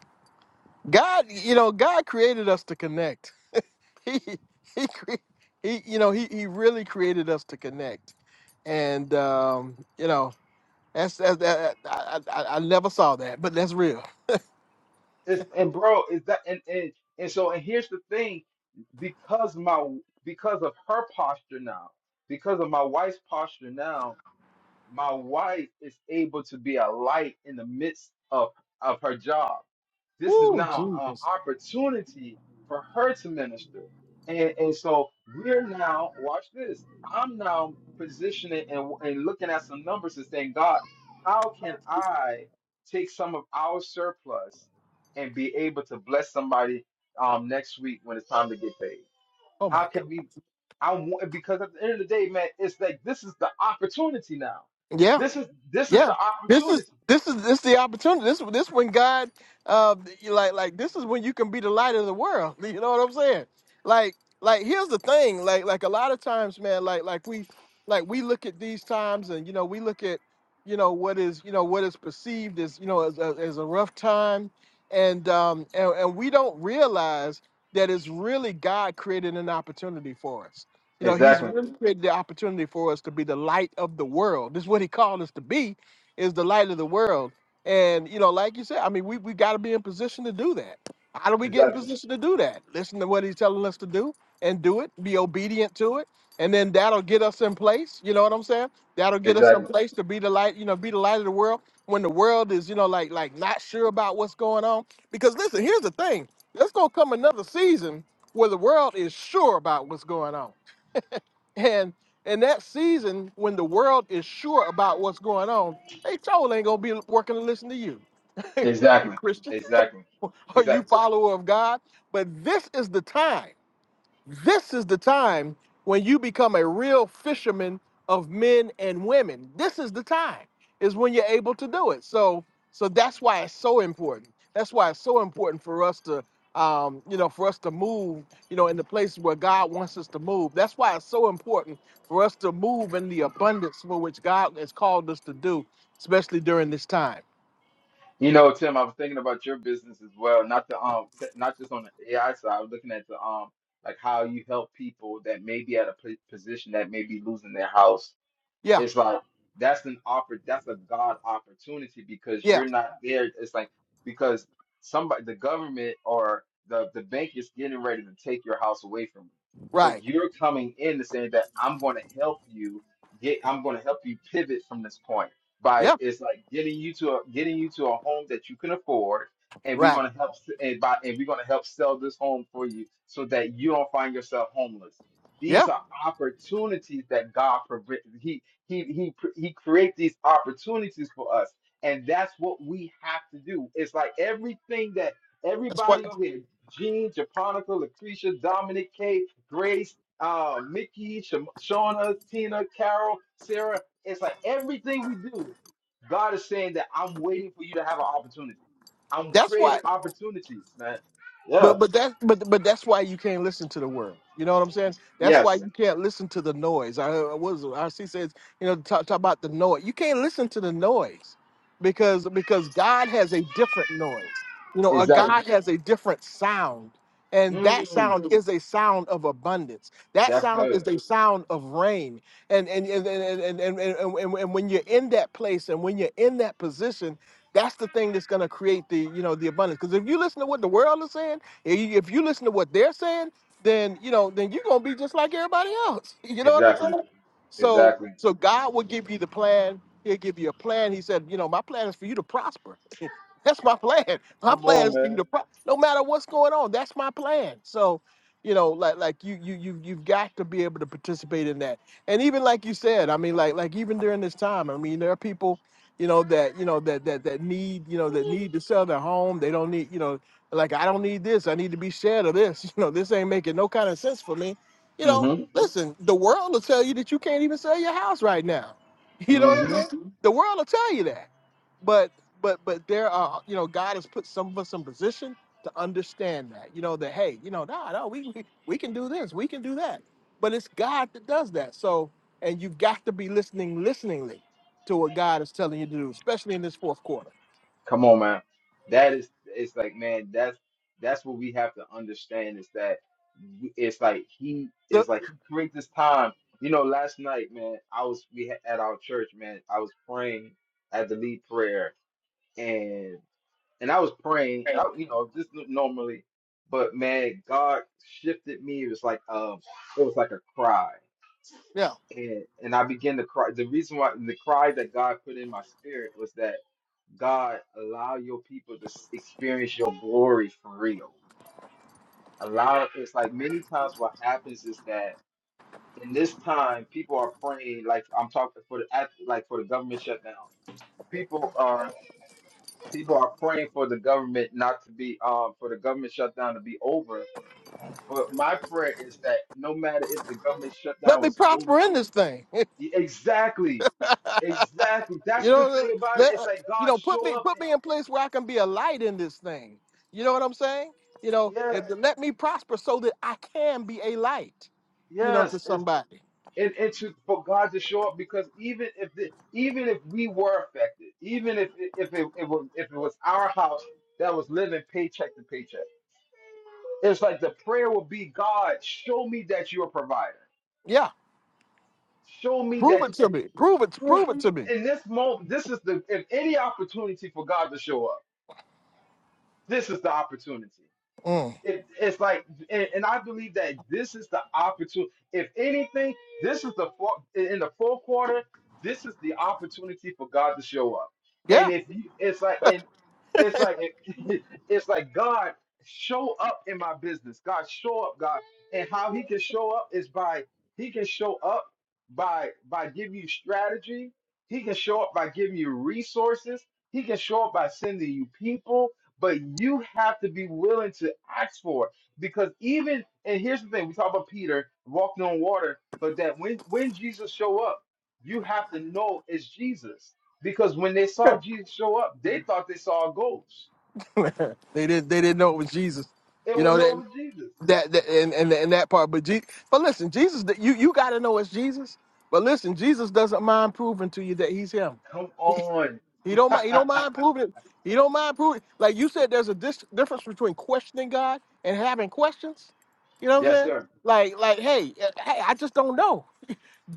Speaker 1: God, you know, God created us to connect. He, he, cre- he, you know, he, he really created us to connect, and um, you know, that's, that's that. I, I, I I never saw that, but that's real.
Speaker 2: It's, and bro, is that, and, and, and so, and here's the thing, because my, because of her posture now, because of my wife's posture now, my wife is able to be a light in the midst of, of her job This is
Speaker 1: Ooh,
Speaker 2: now an
Speaker 1: Jesus.
Speaker 2: opportunity for her to minister. And, and so we're now, watch this. I'm now positioning and, and looking at some numbers and saying, God, how can I take some of our surplus and be able to bless somebody um, next week when it's time to get paid?
Speaker 1: Oh my
Speaker 2: How
Speaker 1: God.
Speaker 2: can we? I want because at the end of the day, man, it's like this is the opportunity now.
Speaker 1: Yeah.
Speaker 2: This is this is
Speaker 1: Yeah,
Speaker 2: the
Speaker 1: this is
Speaker 2: opportunity.
Speaker 1: this is this the opportunity. This this when God, uh, you like like this is when you can be the light of the world. You know what I'm saying? Like like here's the thing. Like like a lot of times, man. Like like we like we look at these times, and you know we look at you know what is you know what is perceived as you know as as, as a rough time, and um and, and we don't realize that it's really God created an opportunity for us. You know, He's
Speaker 2: Exactly.
Speaker 1: really created the opportunity for us to be the light of the world. This is what He called us to be is the light of the world. And you know, like you said, I mean, we we got to be in position to do that. How do we get in
Speaker 2: Exactly.
Speaker 1: position to do that? Listen to what he's telling us to do and do it. Be obedient to it, and then that'll get us in place. You know what I'm saying? That'll get us in
Speaker 2: Exactly.
Speaker 1: place to be the light. You know, be the light of the world when the world is you know like like not sure about what's going on. Because listen, here's the thing: there's gonna come another season where the world is sure about what's going on. And in that season, when the world is sure about what's going on, they told ain't gonna be working to listen to you. you
Speaker 2: Exactly.
Speaker 1: Christian
Speaker 2: Exactly.
Speaker 1: or you
Speaker 2: Exactly.
Speaker 1: follower of God. But this is the time. This is the time when you become a real fisherman of men and women. This is the time is when you're able to do it. So so that's why it's so important. That's why it's so important for us to um, you know, for us to move, you know, in the places where God wants us to move. That's why it's so important for us to move in the abundance for which God has called us to do, especially during this time.
Speaker 2: You know, Tim, I was thinking about your business as well, not the um, t- not just on the AI side. I was looking at the um, like how you help people that may be at a p- position that may be losing their house
Speaker 1: Yeah,
Speaker 2: It's like that's an oppor- that's a God opportunity because
Speaker 1: yeah,
Speaker 2: you're not there. It's like because somebody the government or the, the bank is getting ready to take your house away from you.
Speaker 1: right.
Speaker 2: But you're coming in to say that I'm gonna help you get I'm gonna help you pivot from this point by
Speaker 1: Yeah,
Speaker 2: it's like getting you to a getting you to a home that you can afford and we're
Speaker 1: right.
Speaker 2: gonna help s- and buy and we're gonna help sell this home for you so that you don't find yourself homeless. These
Speaker 1: Yeah.
Speaker 2: are opportunities that God provides. He he he creates these opportunities for us, and that's what we have to do. It's like everything that
Speaker 1: That's what
Speaker 2: everybody on here, Gene, Japonica, Lucretia, Dominic, Kay, Grace, uh, Mickey, Sh- Shauna, Tina, Carol, Sarah. It's like everything we do, God is saying that I'm waiting for you to have an opportunity. I'm
Speaker 1: that's why.
Speaker 2: creating opportunities, man.
Speaker 1: But
Speaker 2: Yeah.
Speaker 1: but that but but that's why you can't listen to the world. You know what I'm saying? That's why
Speaker 2: Yes.
Speaker 1: you can't listen to the noise. I I was RC says you know talk, talk about the noise. You can't listen to the noise because because God has a different noise. You know, a
Speaker 2: Exactly.
Speaker 1: God has a different sound, and that
Speaker 2: Mm,
Speaker 1: sound is a sound of abundance. That
Speaker 2: that's
Speaker 1: sound
Speaker 2: good.
Speaker 1: is a sound of rain. And and and and and and, and, and, and and when you're in that place and when you're in that position, that's the thing that's going to create the you know the abundance. Because if you listen to what the world is saying if you if you listen to what they're saying, then you know, then you're gonna be just like everybody else. You know what I'm
Speaker 2: Exactly.
Speaker 1: saying? So
Speaker 2: Exactly.
Speaker 1: so God will give you the plan. He'll give you a plan. He said, you know, my plan is for you to prosper. that's my plan. My
Speaker 2: Come
Speaker 1: plan
Speaker 2: on,
Speaker 1: is for you
Speaker 2: man.
Speaker 1: to pro- no matter what's going on. That's my plan. So, you know, like like you you you you've got to be able to participate in that. And even like you said, I mean, like like even during this time, I mean, there are people, you know, that you know that that that need you know that need to sell their home. They don't need you know like I don't need this. I need to be shared of this. You know, this ain't making no kind of sense for me. You know,
Speaker 2: Mm-hmm.
Speaker 1: listen, the world will tell you that you can't even sell your house right now. You know what I'm
Speaker 2: hmm
Speaker 1: saying? Mhm. The world will tell you that. But but but there are you know God has put some of us in position to understand that. You know that hey you know nah no we we, we can do this we can do that. But it's God that does that. So and you've got to be listening listeningly to what God is telling you to do, especially in this fourth quarter.
Speaker 2: Come on, man. That is, it's like, man, that's that's what we have to understand is that we- it's like he
Speaker 1: The,
Speaker 2: is like he creates this time. You know, last night, man, I was we had at our church, man. I was praying at the lead prayer, and and I was praying, and I,
Speaker 1: Right.
Speaker 2: you know, just normally, but man, God shifted me. It was like um, it was like a cry,
Speaker 1: yeah.
Speaker 2: and and I began to cry. The reason why the cry that God put in my spirit was that. God, allow your people to s- experience your glory for real. Allow it's like many times what happens is that in this time people are praying like I'm talking for the act- like for the government shutdown. People are people are praying for the government not to be um for the government shutdown to be over. But my prayer is that no matter if the government
Speaker 1: Let
Speaker 2: shutdown
Speaker 1: me
Speaker 2: was over,
Speaker 1: prosper in this thing. you
Speaker 2: e, exactly, exactly. That's the
Speaker 1: know,
Speaker 2: thing about it.
Speaker 1: let,
Speaker 2: It's like
Speaker 1: you
Speaker 2: God
Speaker 1: know, put
Speaker 2: show
Speaker 1: me
Speaker 2: up.
Speaker 1: put me in
Speaker 2: And,
Speaker 1: place where I can be a light in this thing. You know what I'm saying? You know,
Speaker 2: yeah,
Speaker 1: if let me prosper so that I can be a light. You know, to
Speaker 2: yes.
Speaker 1: somebody.
Speaker 2: and, and to for God to show up because even if the, even if we were affected, even if if it, it was if it was our house that was living paycheck to paycheck, it's like the prayer will be, God, show me that you're a provider.
Speaker 1: Yeah,
Speaker 2: Show me
Speaker 1: prove
Speaker 2: that
Speaker 1: it to
Speaker 2: and
Speaker 1: me. Prove it.
Speaker 2: prove
Speaker 1: Prove it to me.
Speaker 2: in this moment. This is the if any opportunity for God to show up, this is the opportunity.
Speaker 1: Mm.
Speaker 2: It, it's like, and, and I believe that this is the opportunity. If anything, this is the four, in the fourth quarter. This is the opportunity for God to show up. And
Speaker 1: Yeah.
Speaker 2: if you, it's like, and it's like, it's like God show up in my business. God show up, God, and how He can show up is by He can show up by by giving you strategy. He can show up by giving you resources. He can show up by sending you people but you have to be willing to ask for it because even and here's the thing we talk about peter walking on water but that when when jesus show up you have to know it's jesus because when they saw jesus show up they thought they saw a ghost
Speaker 1: they didn't. They didn't know it was Jesus.
Speaker 2: it
Speaker 1: You
Speaker 2: was
Speaker 1: know that
Speaker 2: over jesus
Speaker 1: that, that and, and and that part. But Je- but listen, Jesus. You you got to know it's Jesus. But listen, Jesus doesn't mind proving to you that He's Him.
Speaker 2: come on
Speaker 1: He don't mind. He don't mind proving. it. He don't mind proving. Like you said, there's a dis- difference between questioning God and having questions. You know what I'm
Speaker 2: yes
Speaker 1: saying?
Speaker 2: sir
Speaker 1: Like, like, hey, eh, hey, I just don't know.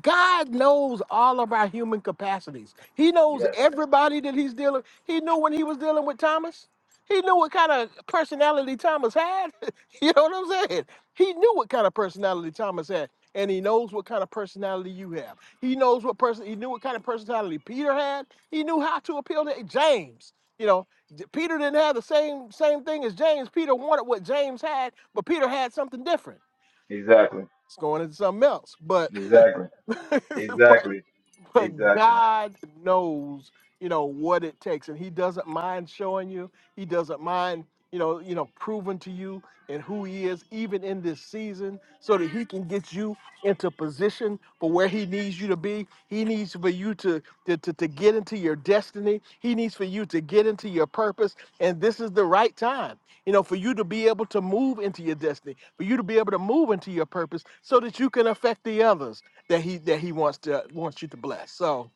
Speaker 1: God knows all of our human capacities. He knows
Speaker 2: yes
Speaker 1: everybody that he's dealing. He knew when he was dealing with Thomas. He knew what kind of personality Thomas had. you know what I'm saying? He knew what kind of personality Thomas had. And he knows what kind of personality you have. He knows what person he knew what kind of personality Peter had. He knew how to appeal to James. You know, J- Peter didn't have the same same thing as James. Peter wanted what James had, but Peter had something different.
Speaker 2: exactly
Speaker 1: It's going into something else. But
Speaker 2: exactly
Speaker 1: but
Speaker 2: exactly
Speaker 1: but
Speaker 2: exactly
Speaker 1: God knows, you know, what it takes, and He doesn't mind showing you. He doesn't mind, you know, you know, proving to you and who He is, even in this season, so that He can get you into position for where He needs you to be. He needs for you to to to, to get into your destiny. He needs for you to get into your purpose, and this is the right time, you know, for you to be able to move into your destiny, for you to be able to move into your purpose, so that you can affect the others that he that he wants to wants you to bless. So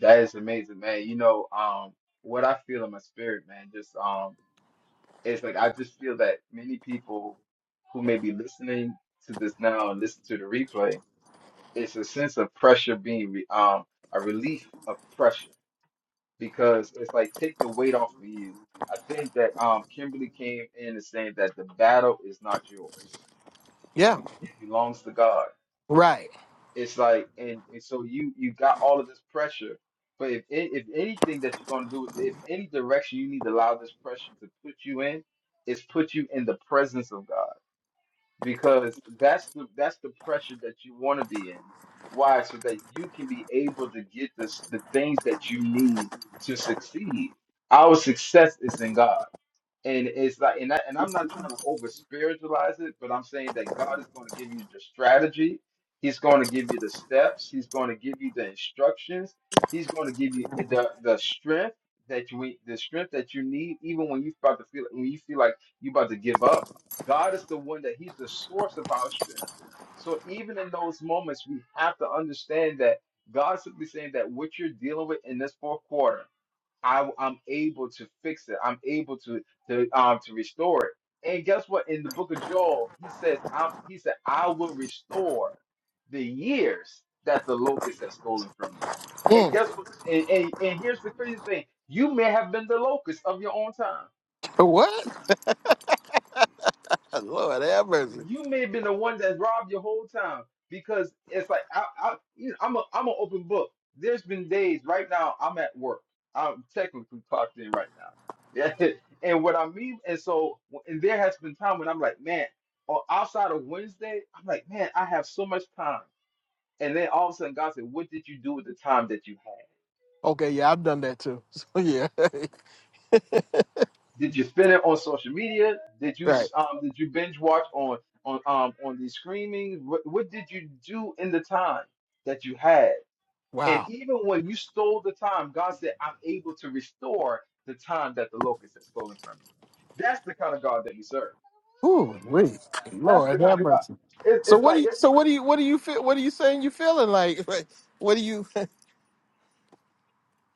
Speaker 2: that is amazing man you know um what i feel in my spirit man just um it's like I just feel that many people who may be listening to this now and listen to the replay, it's a sense of pressure being re um a relief of pressure because it's like take the weight off of you. I think that um Kimberly came in and saying that the battle is not yours;
Speaker 1: yeah,
Speaker 2: it belongs to God.
Speaker 1: right.
Speaker 2: It's like and, and so you you got all of this pressure, but if a- if anything that you're gonna do, if any direction you need to allow this pressure to put you in, is put you in the presence of God because that's the that's the pressure that you want to be in. Why? So that you can be able to get this the things that you need to succeed. Our success is in God. And it's like, and, that, and I'm not trying to over spiritualize it, but I'm saying that God is going to give you the strategy. He's going to give you the steps. He's going to give you the instructions. He's going to give you the the strength that you the strength that you need, even when you about to feel when you feel like you about to give up. God is the one that He's the source of our strength. So even in those moments, we have to understand that God's simply saying that what you're dealing with in this fourth quarter I, I'm able to fix it. I'm able to to um to restore it. And guess what? In the book of Joel, he says, "I'm." He said, "I will restore the years that the locust has stolen from you." And
Speaker 1: Mm.
Speaker 2: guess what? And, and, and here's the crazy thing: you may have been the locust of your own time.
Speaker 1: What? Lord have mercy.
Speaker 2: you may have been the one that robbed your whole time because it's like I, I you know, I'm a I'm an open book. There's been days right now I'm at work. I'm technically clocked in right now. Yeah, and what I mean, and so and there has been time when I'm like, man, or outside of Wednesday, I'm like, man, I have so much time. And then all of a sudden, God said, "What did you do with the time that you had?"
Speaker 1: Okay, yeah, I've done that too. So yeah,
Speaker 2: Did you spend it on social media? Did you
Speaker 1: right.
Speaker 2: um did you binge watch on on um on the streaming? What what did you do in the time that you had? And
Speaker 1: Wow.
Speaker 2: even when you stole the time, God said, "I'm able to restore the time that the locust has stolen from you." That's the kind of God that we serve.
Speaker 1: Ooh, wait.
Speaker 2: That's the
Speaker 1: Lord have
Speaker 2: kind of God.
Speaker 1: mercy.
Speaker 2: It,
Speaker 1: So
Speaker 2: it's
Speaker 1: what do
Speaker 2: like
Speaker 1: you?
Speaker 2: it's
Speaker 1: So what do you? What do you feel? What are you saying? You feeling like? like what do you?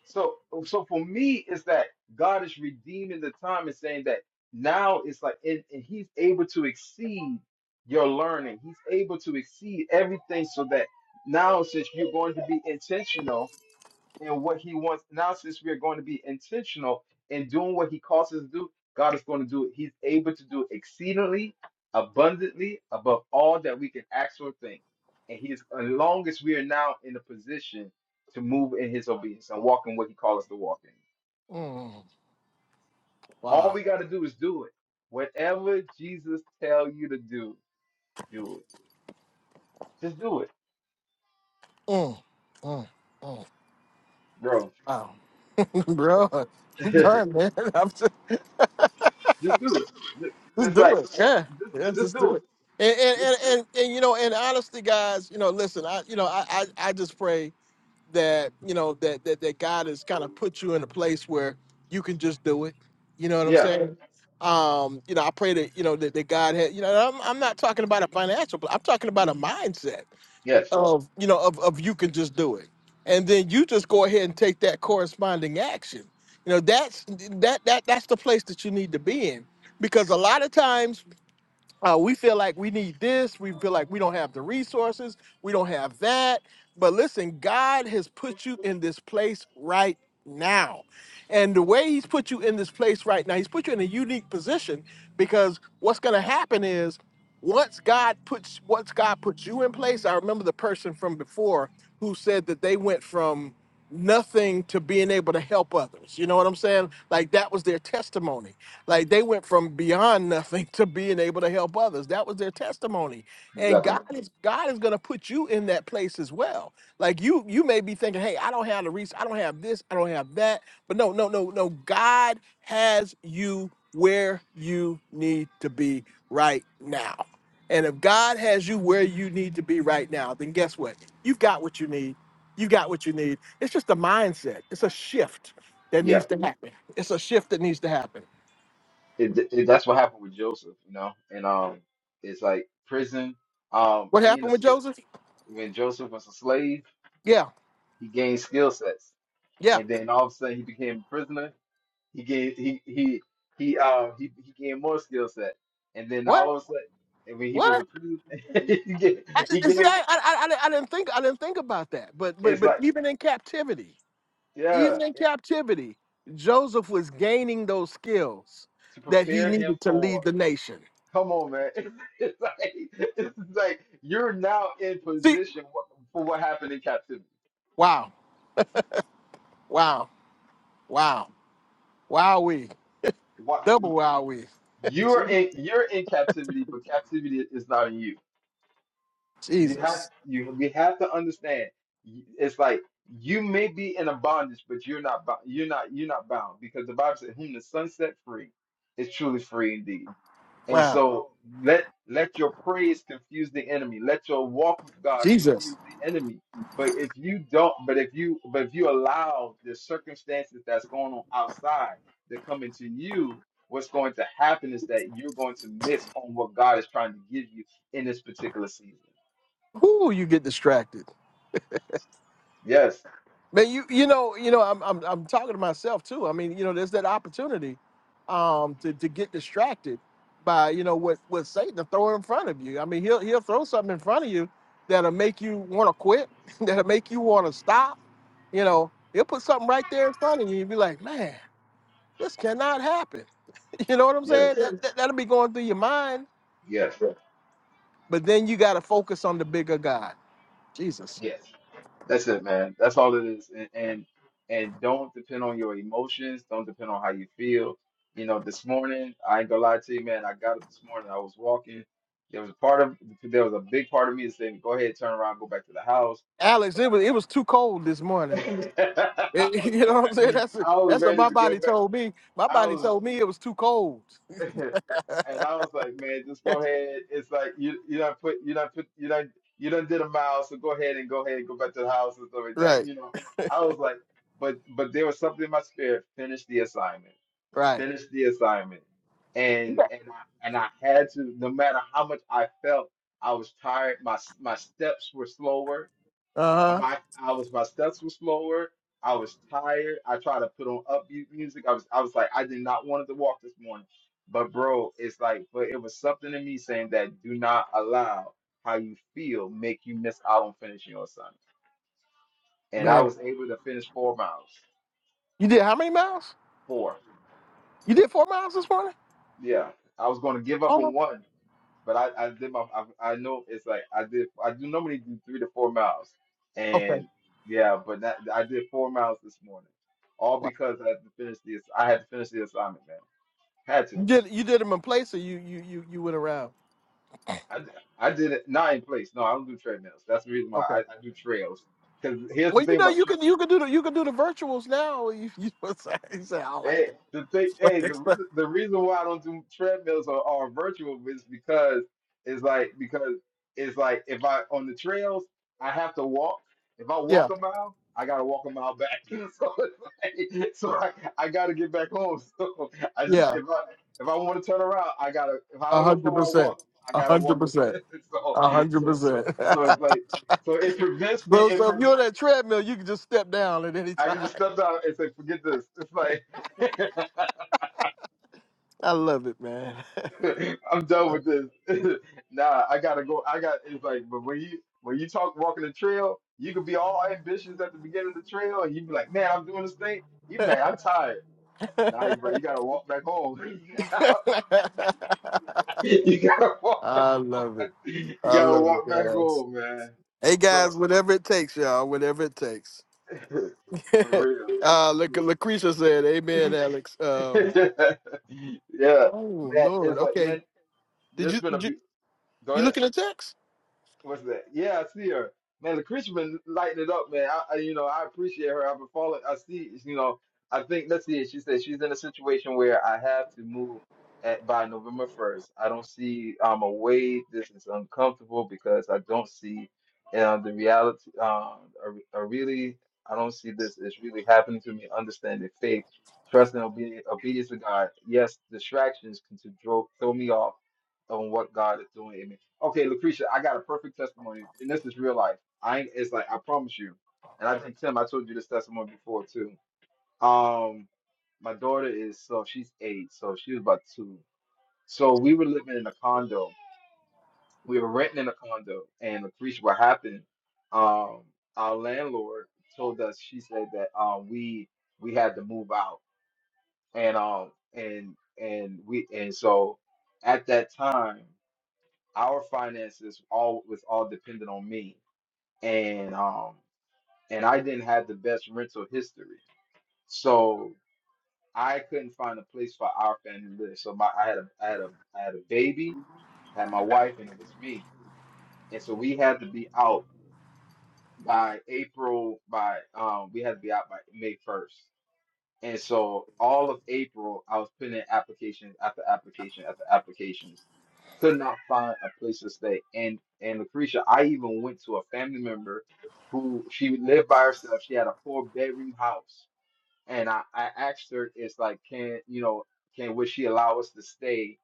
Speaker 2: So, so for me, it's that God is redeeming the time and saying that now it's like, and, and He's able to exceed your learning. He's able to exceed everything, so that now since you're going to be intentional and what he wants. Now, since we are going to be intentional in doing what he calls us to do, God is going to do it. He's able to do exceedingly, abundantly, above all that we can ask or think. And he is, as long as we are now in a position to move in his obedience and walk in what he calls us to walk in.
Speaker 1: Mm,
Speaker 2: All
Speaker 1: wow.
Speaker 2: we got to do is do it. Whatever Jesus tell you to do, do it. Just do it,
Speaker 1: Mm, mm, mm,
Speaker 2: bro.
Speaker 1: wow, bro.
Speaker 2: just do
Speaker 1: Darn man. I'm
Speaker 2: it.
Speaker 1: Just
Speaker 2: It's
Speaker 1: do
Speaker 2: like,
Speaker 1: it. Yeah.
Speaker 2: just,
Speaker 1: Yeah,
Speaker 2: just
Speaker 1: just
Speaker 2: do
Speaker 1: do it.
Speaker 2: it.
Speaker 1: And and,
Speaker 2: Just-
Speaker 1: and, and, and you know, and honestly, guys, you know, listen, I you know, I, I, I just pray that, you know, that, that that God has kind of put you in a place where you can just do it. You know what I'm
Speaker 2: yeah.
Speaker 1: saying? Um, you know, I pray that, you know, that, that God had, you know, and I'm, I'm not talking about a financial, but I'm talking about a mindset
Speaker 2: Yes.
Speaker 1: of, you know, of, of you can just do it. And then you just go ahead and take that corresponding action. You know, that's that that that's the place that you need to be in because a lot of times uh, we feel like we need this. We feel like we don't have the resources. We don't have that. But listen, God has put you in this place right now. And the way He's put you in this place right now, He's put you in a unique position because what's going to happen is once God puts once God puts you in place, I remember the person from before who said that they went from nothing to being able to help others. You know what I'm saying? Like that was their testimony like they went from beyond nothing to being able to help others. That was their testimony. And
Speaker 2: Exactly.
Speaker 1: God is God is gonna put you in that place as well. Like you you may be thinking, hey, I don't have the reach, I don't have this, I don't have that. But no, no, no, no. God has you where you need to be right now. And if God has you where you need to be right now, then guess what? You've got what you need. You got what you need. It's just a mindset. It's a shift that
Speaker 2: Yeah,
Speaker 1: needs to happen. It's a shift that needs to happen.
Speaker 2: it, it, that's what happened with Joseph, you know. And um, it's like prison. Um,
Speaker 1: What
Speaker 2: being
Speaker 1: happened
Speaker 2: a
Speaker 1: with
Speaker 2: sl-
Speaker 1: Joseph?
Speaker 2: when Joseph was a slave,
Speaker 1: Yeah,
Speaker 2: he gained skill sets,
Speaker 1: yeah.
Speaker 2: and then all of a sudden he became a prisoner. He gained he he he uh he, he gained more skill set, and then
Speaker 1: What?
Speaker 2: all of a sudden, and when he was
Speaker 1: What?
Speaker 2: a prisoner, he gained,
Speaker 1: I,
Speaker 2: he
Speaker 1: I- see,
Speaker 2: gained
Speaker 1: I, I, I, I didn't think, I didn't think about that. But, but,
Speaker 2: it's
Speaker 1: but
Speaker 2: like
Speaker 1: even in captivity,
Speaker 2: yeah
Speaker 1: even in
Speaker 2: it-
Speaker 1: captivity, Joseph was gaining those skills
Speaker 2: to
Speaker 1: that he
Speaker 2: prepare him
Speaker 1: needed to
Speaker 2: for.
Speaker 1: lead the nation.
Speaker 2: Come on, man! It's like it's like you're now in
Speaker 1: See,
Speaker 2: position for what happened in captivity
Speaker 1: wow, wow, wow, wow, we
Speaker 2: What
Speaker 1: double wow we.
Speaker 2: you're in you're in captivity, but captivity is not in you. You have
Speaker 1: Jesus,
Speaker 2: you we have to understand. It's like you may be in a bondage, but you're not bo- you're not you're not bound because the Bible says, "Whom the sun set free is truly free indeed." And
Speaker 1: wow,
Speaker 2: so let let your praise confuse the enemy. Let your walk with God
Speaker 1: Jesus.
Speaker 2: confuse the enemy. But if you don't, but if you but if you allow the circumstances that's going on outside to come into you, what's going to happen is that you're going to miss on what God is trying to give you in this particular season.
Speaker 1: Ooh, you get distracted.
Speaker 2: Yes,
Speaker 1: Man, you you know you know I'm I'm I'm talking to myself too. I mean you know there's that opportunity, um to to get distracted by you know what what Satan throwing in front of you. I mean he'll he'll throw something in front of you that'll make you want to quit, that'll make you want to stop. You know he'll put something right there in front of you. You'll be like, man, this cannot happen. You know what I'm
Speaker 2: yes,
Speaker 1: saying? That, that, that'll be going through your mind.
Speaker 2: yes,
Speaker 1: But then you got to focus on the bigger God, Jesus.
Speaker 2: yes. That's it, man. That's all it is. And, and and don't depend on your emotions. Don't depend on how you feel. You know, this morning, I ain't gonna lie to you, man. I got up this morning. I was walking. There was a part of there was a big part of me that said, "Go ahead, turn around, go back to the house."
Speaker 1: Alex,
Speaker 2: But
Speaker 1: it was it was too cold this morning.
Speaker 2: I,
Speaker 1: And you know what I'm saying? That's
Speaker 2: I was
Speaker 1: that's what
Speaker 2: ready
Speaker 1: my
Speaker 2: to go
Speaker 1: body
Speaker 2: back.
Speaker 1: told me. My
Speaker 2: I
Speaker 1: body
Speaker 2: was.
Speaker 1: told me it was too cold.
Speaker 2: and I was like, man, just go ahead. It's like you you don't put you don't put you don't you don't did a mile, so go ahead and go ahead and go back to the house and stuff like that.
Speaker 1: Right,
Speaker 2: You know, I was like, but but there was something in my spirit. Finish the assignment.
Speaker 1: right.
Speaker 2: Finish the assignment. And
Speaker 1: Uh
Speaker 2: and I, and I had to, no matter how much I felt, I was tired. My s- my steps were slower I,
Speaker 1: huh.
Speaker 2: my, I was my steps were slower. I was tired. I tried to put on upbeat music. I was I was like I did not want to walk this morning. But bro, it's like but it was something in me saying that do not allow how you feel make you miss out on finishing your assignment. And I
Speaker 1: Man,
Speaker 2: was able to finish four miles.
Speaker 1: you did how many miles?
Speaker 2: Four.
Speaker 1: You did four miles this morning?
Speaker 2: Yeah. I was going to give up
Speaker 1: Oh,
Speaker 2: on
Speaker 1: no.
Speaker 2: one. but I, I did my I, I know it's like I did I do normally do three to four miles,
Speaker 1: okay.
Speaker 2: and yeah, but that, I did four miles this morning, all
Speaker 1: Wow.
Speaker 2: because I had to finish this. I had to finish the assignment, man. Had to.
Speaker 1: You did you did them in place, or you you you you went around?
Speaker 2: I, d- I did it not in place. No, I don't do treadmills. That's the reason why
Speaker 1: Okay.
Speaker 2: I, I do trails. Because here's
Speaker 1: Well,
Speaker 2: the
Speaker 1: you
Speaker 2: thing
Speaker 1: know
Speaker 2: about
Speaker 1: you can you can do the you can do the virtuals now. You, you he said I don't like
Speaker 2: Hey, the thing, hey, the
Speaker 1: that.
Speaker 2: reason the reason why I don't do treadmills or, or virtual is because it's like because it's like if I on the trails I have to walk. If I
Speaker 1: yeah,
Speaker 2: walk a mile, I gotta walk a mile back. so it's like, so I, I gotta get back home. So I just
Speaker 1: yeah,
Speaker 2: if I if I want to turn around, I gotta if
Speaker 1: a
Speaker 2: however
Speaker 1: hundred
Speaker 2: far I walk,
Speaker 1: percent,
Speaker 2: I
Speaker 1: a
Speaker 2: gotta
Speaker 1: hundred
Speaker 2: walk. The,
Speaker 1: percent,
Speaker 2: so
Speaker 1: a hundred
Speaker 2: so
Speaker 1: percent.
Speaker 2: so it's like so it prevents me.
Speaker 1: So
Speaker 2: It
Speaker 1: so if
Speaker 2: pre-
Speaker 1: you're on that treadmill, you can just step down at any
Speaker 2: I can
Speaker 1: time.
Speaker 2: just step down and say forget this. It's like.
Speaker 1: I love it, man.
Speaker 2: I'm done with this. nah, I gotta go. I got it's like, but when you when you talk walking the trail, you could be all ambitious at the beginning of the trail, and you be like, man, I'm doing this thing. You be like, I'm tired. Nah, bro, you gotta walk back home. you gotta walk.
Speaker 1: I love it.
Speaker 2: You
Speaker 1: I
Speaker 2: gotta
Speaker 1: love it,
Speaker 2: walk back
Speaker 1: guys.
Speaker 2: home, man.
Speaker 1: Hey,
Speaker 2: So
Speaker 1: guys, whatever it takes, y'all, whatever it takes.
Speaker 2: for real.
Speaker 1: uh, look, Lucretia said, "Amen, Alex." Um,
Speaker 2: yeah,
Speaker 1: oh
Speaker 2: man.
Speaker 1: Lord,
Speaker 2: It's like,
Speaker 1: okay.
Speaker 2: man,
Speaker 1: Did
Speaker 2: this
Speaker 1: you,
Speaker 2: been a
Speaker 1: did you
Speaker 2: be-
Speaker 1: you
Speaker 2: go
Speaker 1: look in the text?
Speaker 2: What's that? Yeah, I see her. Man, Lucretia been lighting it up, man. I, I you know, I appreciate her. I've been following. I see, you know, I think let's see. She said she's in a situation where I have to move at by November first. I don't see um a way. This is uncomfortable because I don't see uh, the reality. Um, I, I really, I don't see this. It's really happening to me. Understanding faith, trust, and obedience, obedience to God. Yes, distractions can to throw, throw me off on what God is doing okay, Lucretia, I got a perfect testimony, and this is real life. I ain't, it's like I promise you, and I think Tim, I told you this testimony before too. Um, my daughter is so she's eight, so she was about two. So we were living in a condo. We were renting in a condo, and Lucretia, what happened? Um, our landlord told us she said that um we we had to move out, and um and and we and so at that time our finances all was all dependent on me and um and I didn't have the best rental history, so I couldn't find a place for our family to live. So my I had a I had a I had a baby, had my wife, and it was me, and so we had to be out by April by um we had to be out by May first. And so all of April, I was putting in applications after application after applications. Could not find a place to stay. And and Lucretia, I even went to a family member who she lived by herself. She had a four bedroom house. And I, I asked her, it's like, can you know, can would she allow us to stay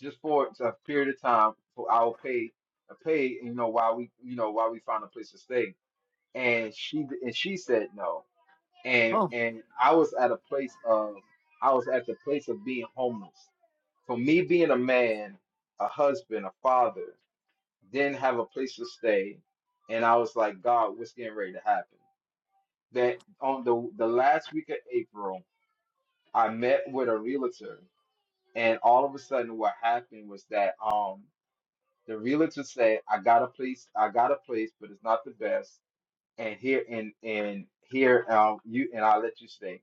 Speaker 2: just for a period of time for our pay pay, you know, while we you know, while we find a place to stay. And she and she said no and
Speaker 1: Oh
Speaker 2: and I was at a place of I was at the place of being homeless. For me being a man, a husband, a father, didn't have a place to stay, and I was like, God, what's getting ready to happen? That on the the last week of April, I met with a realtor, and all of a sudden, what happened was that um the realtor said, I got a place, I got a place, but it's not the best, and here and and here um you and I will let you stay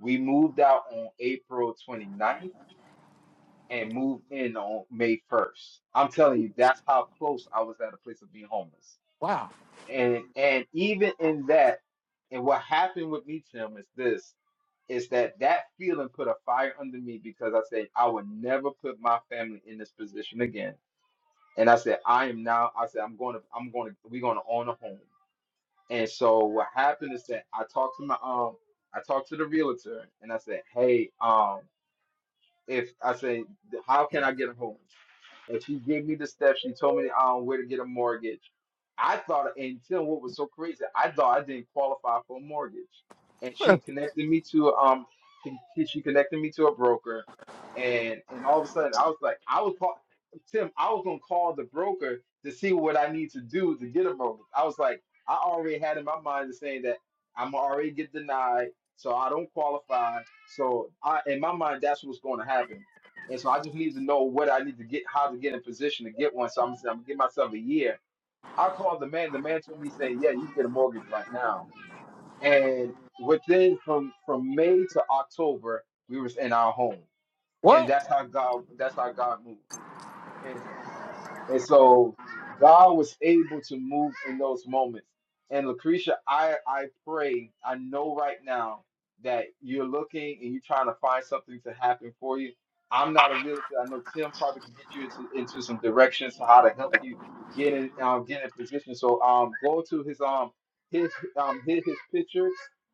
Speaker 2: We moved out on April 29th and moved in on May 1st. I'm telling you, that's how close I was at a place of being homeless.
Speaker 1: wow,
Speaker 2: And and even in that, and what happened with me, Tim, is this, is that that feeling put a fire under me because I said I would never put my family in this position again. And I said, I am now, I said, I'm going to, I'm going to, we're going to own a home. And so what happened is that I talked to my, um, I talked to the realtor and I said, hey, um, if I say, how can I get a home? and she gave me the steps. She told me um where to get a mortgage. I thought, and you know what was so crazy? I thought I didn't qualify for a mortgage, and she connected me to um she she connected me to a broker, and and all of a sudden I was like I was call, Tim I was gonna call the broker to see what I need to do to get a mortgage. I was like I already had in my mind the saying that I'm already get denied, so I don't qualify. So I in my mind that's what's going to happen. And so I just need to know what I need to get, how to get in position to get one. So I'm gonna say I'm gonna give myself a year. I called the man. The man told me saying, "Yeah, you can get a mortgage right now." And within from from May to October, we was in our home, and
Speaker 1: what?
Speaker 2: that's how God. That's how God moved. And so God was able to move in those moments. And Lucretia, I, I pray, I know right now that you're looking and you're trying to find something to happen for you. I'm not a realtor. I know Tim probably can get you into, into some directions on how to help you get in um, get in position. So um go to his um his um hit his picture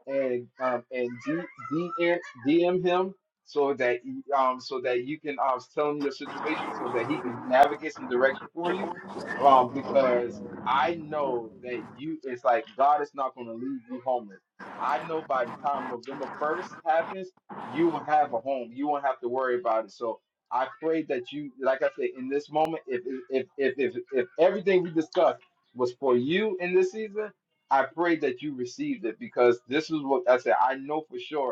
Speaker 2: and um and D, DM DM him so that you- um so that you can um tell him your situation so that he can navigate some direction for you um because I know that you it's like God is not going to leave you homeless. I know by the time November 1st happens, you will have a home. You won't have to worry about it. So I pray that you like I said in this moment if if if if, if everything we discussed was for you in this season, I pray that you received it because this is what I said. I know for sure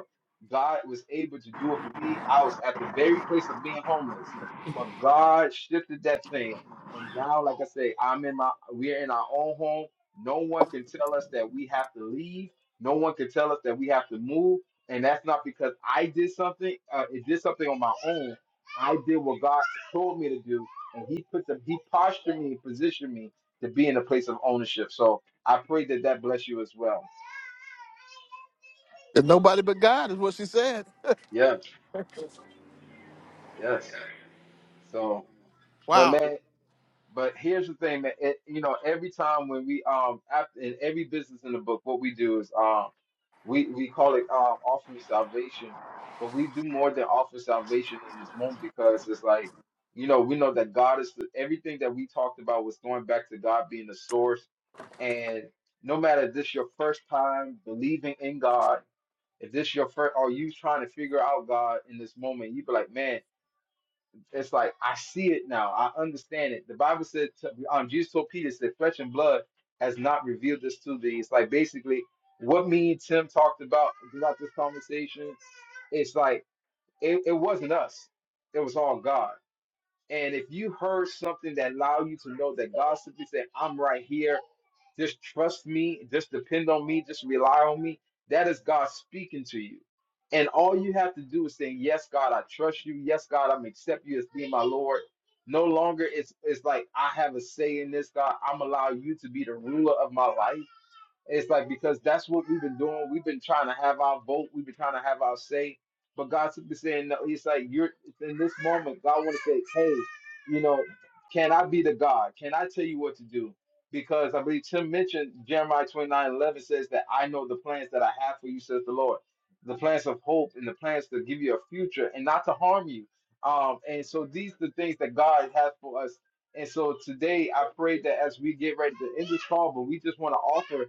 Speaker 2: God was able to do it for me. I was at the very place of being homeless, but God shifted that thing. And now, like I say, I'm in my, we're in our own home. No one can tell us that we have to leave. No one can tell us that we have to move. And that's not because I did something. Uh, it did something on my own. I did what God told me to do, and He put the He postured me, positioned me to be in a place of ownership. So I pray that that bless you as well.
Speaker 1: That nobody but God is what she said.
Speaker 2: Yes, yes. So, but
Speaker 1: Wow.
Speaker 2: man. But here's the thing that it, you know, every time when we um after, in every business in the book, what we do is um we we call it um offering salvation, but we do more than offer salvation in this moment because it's like you know we know that God is the, everything that we talked about was going back to God being the source, and no matter if this your first time believing in God, if this your first, or you trying to figure out God in this moment, you be like, man. It's like I see it now. I understand it. The Bible said, to- um, Jesus told Peter, said, "Flesh and blood has not revealed this to thee." It's like basically what me and Tim talked about throughout this conversation. It's like it, it wasn't us; it was all God. And if you heard something that allowed you to know that God simply said, "I'm right here. Just trust me, just depend on me, just rely on me. That is God speaking to you. And all you have to do is say, Yes, God, I trust you. Yes, God, I'm accept you as being my Lord. No longer it's it's like I have a say in this, God. I'm allow you to be the ruler of my life. It's like because that's what we've been doing. We've been trying to have our vote. We've been trying to have our say. But God God's simply saying no. He's like, you're in this moment. God want to say, hey, you know, can I be the God? Can I tell you what to do? Because I believe Tim mentioned Jeremiah 29 11 says that I know the plans that I have for you, says the Lord. The plans of hope and the plans to give you a future and not to harm you. Um, and so these are the things that God has for us. And so today I pray that as we get ready to end this call, but we just want to offer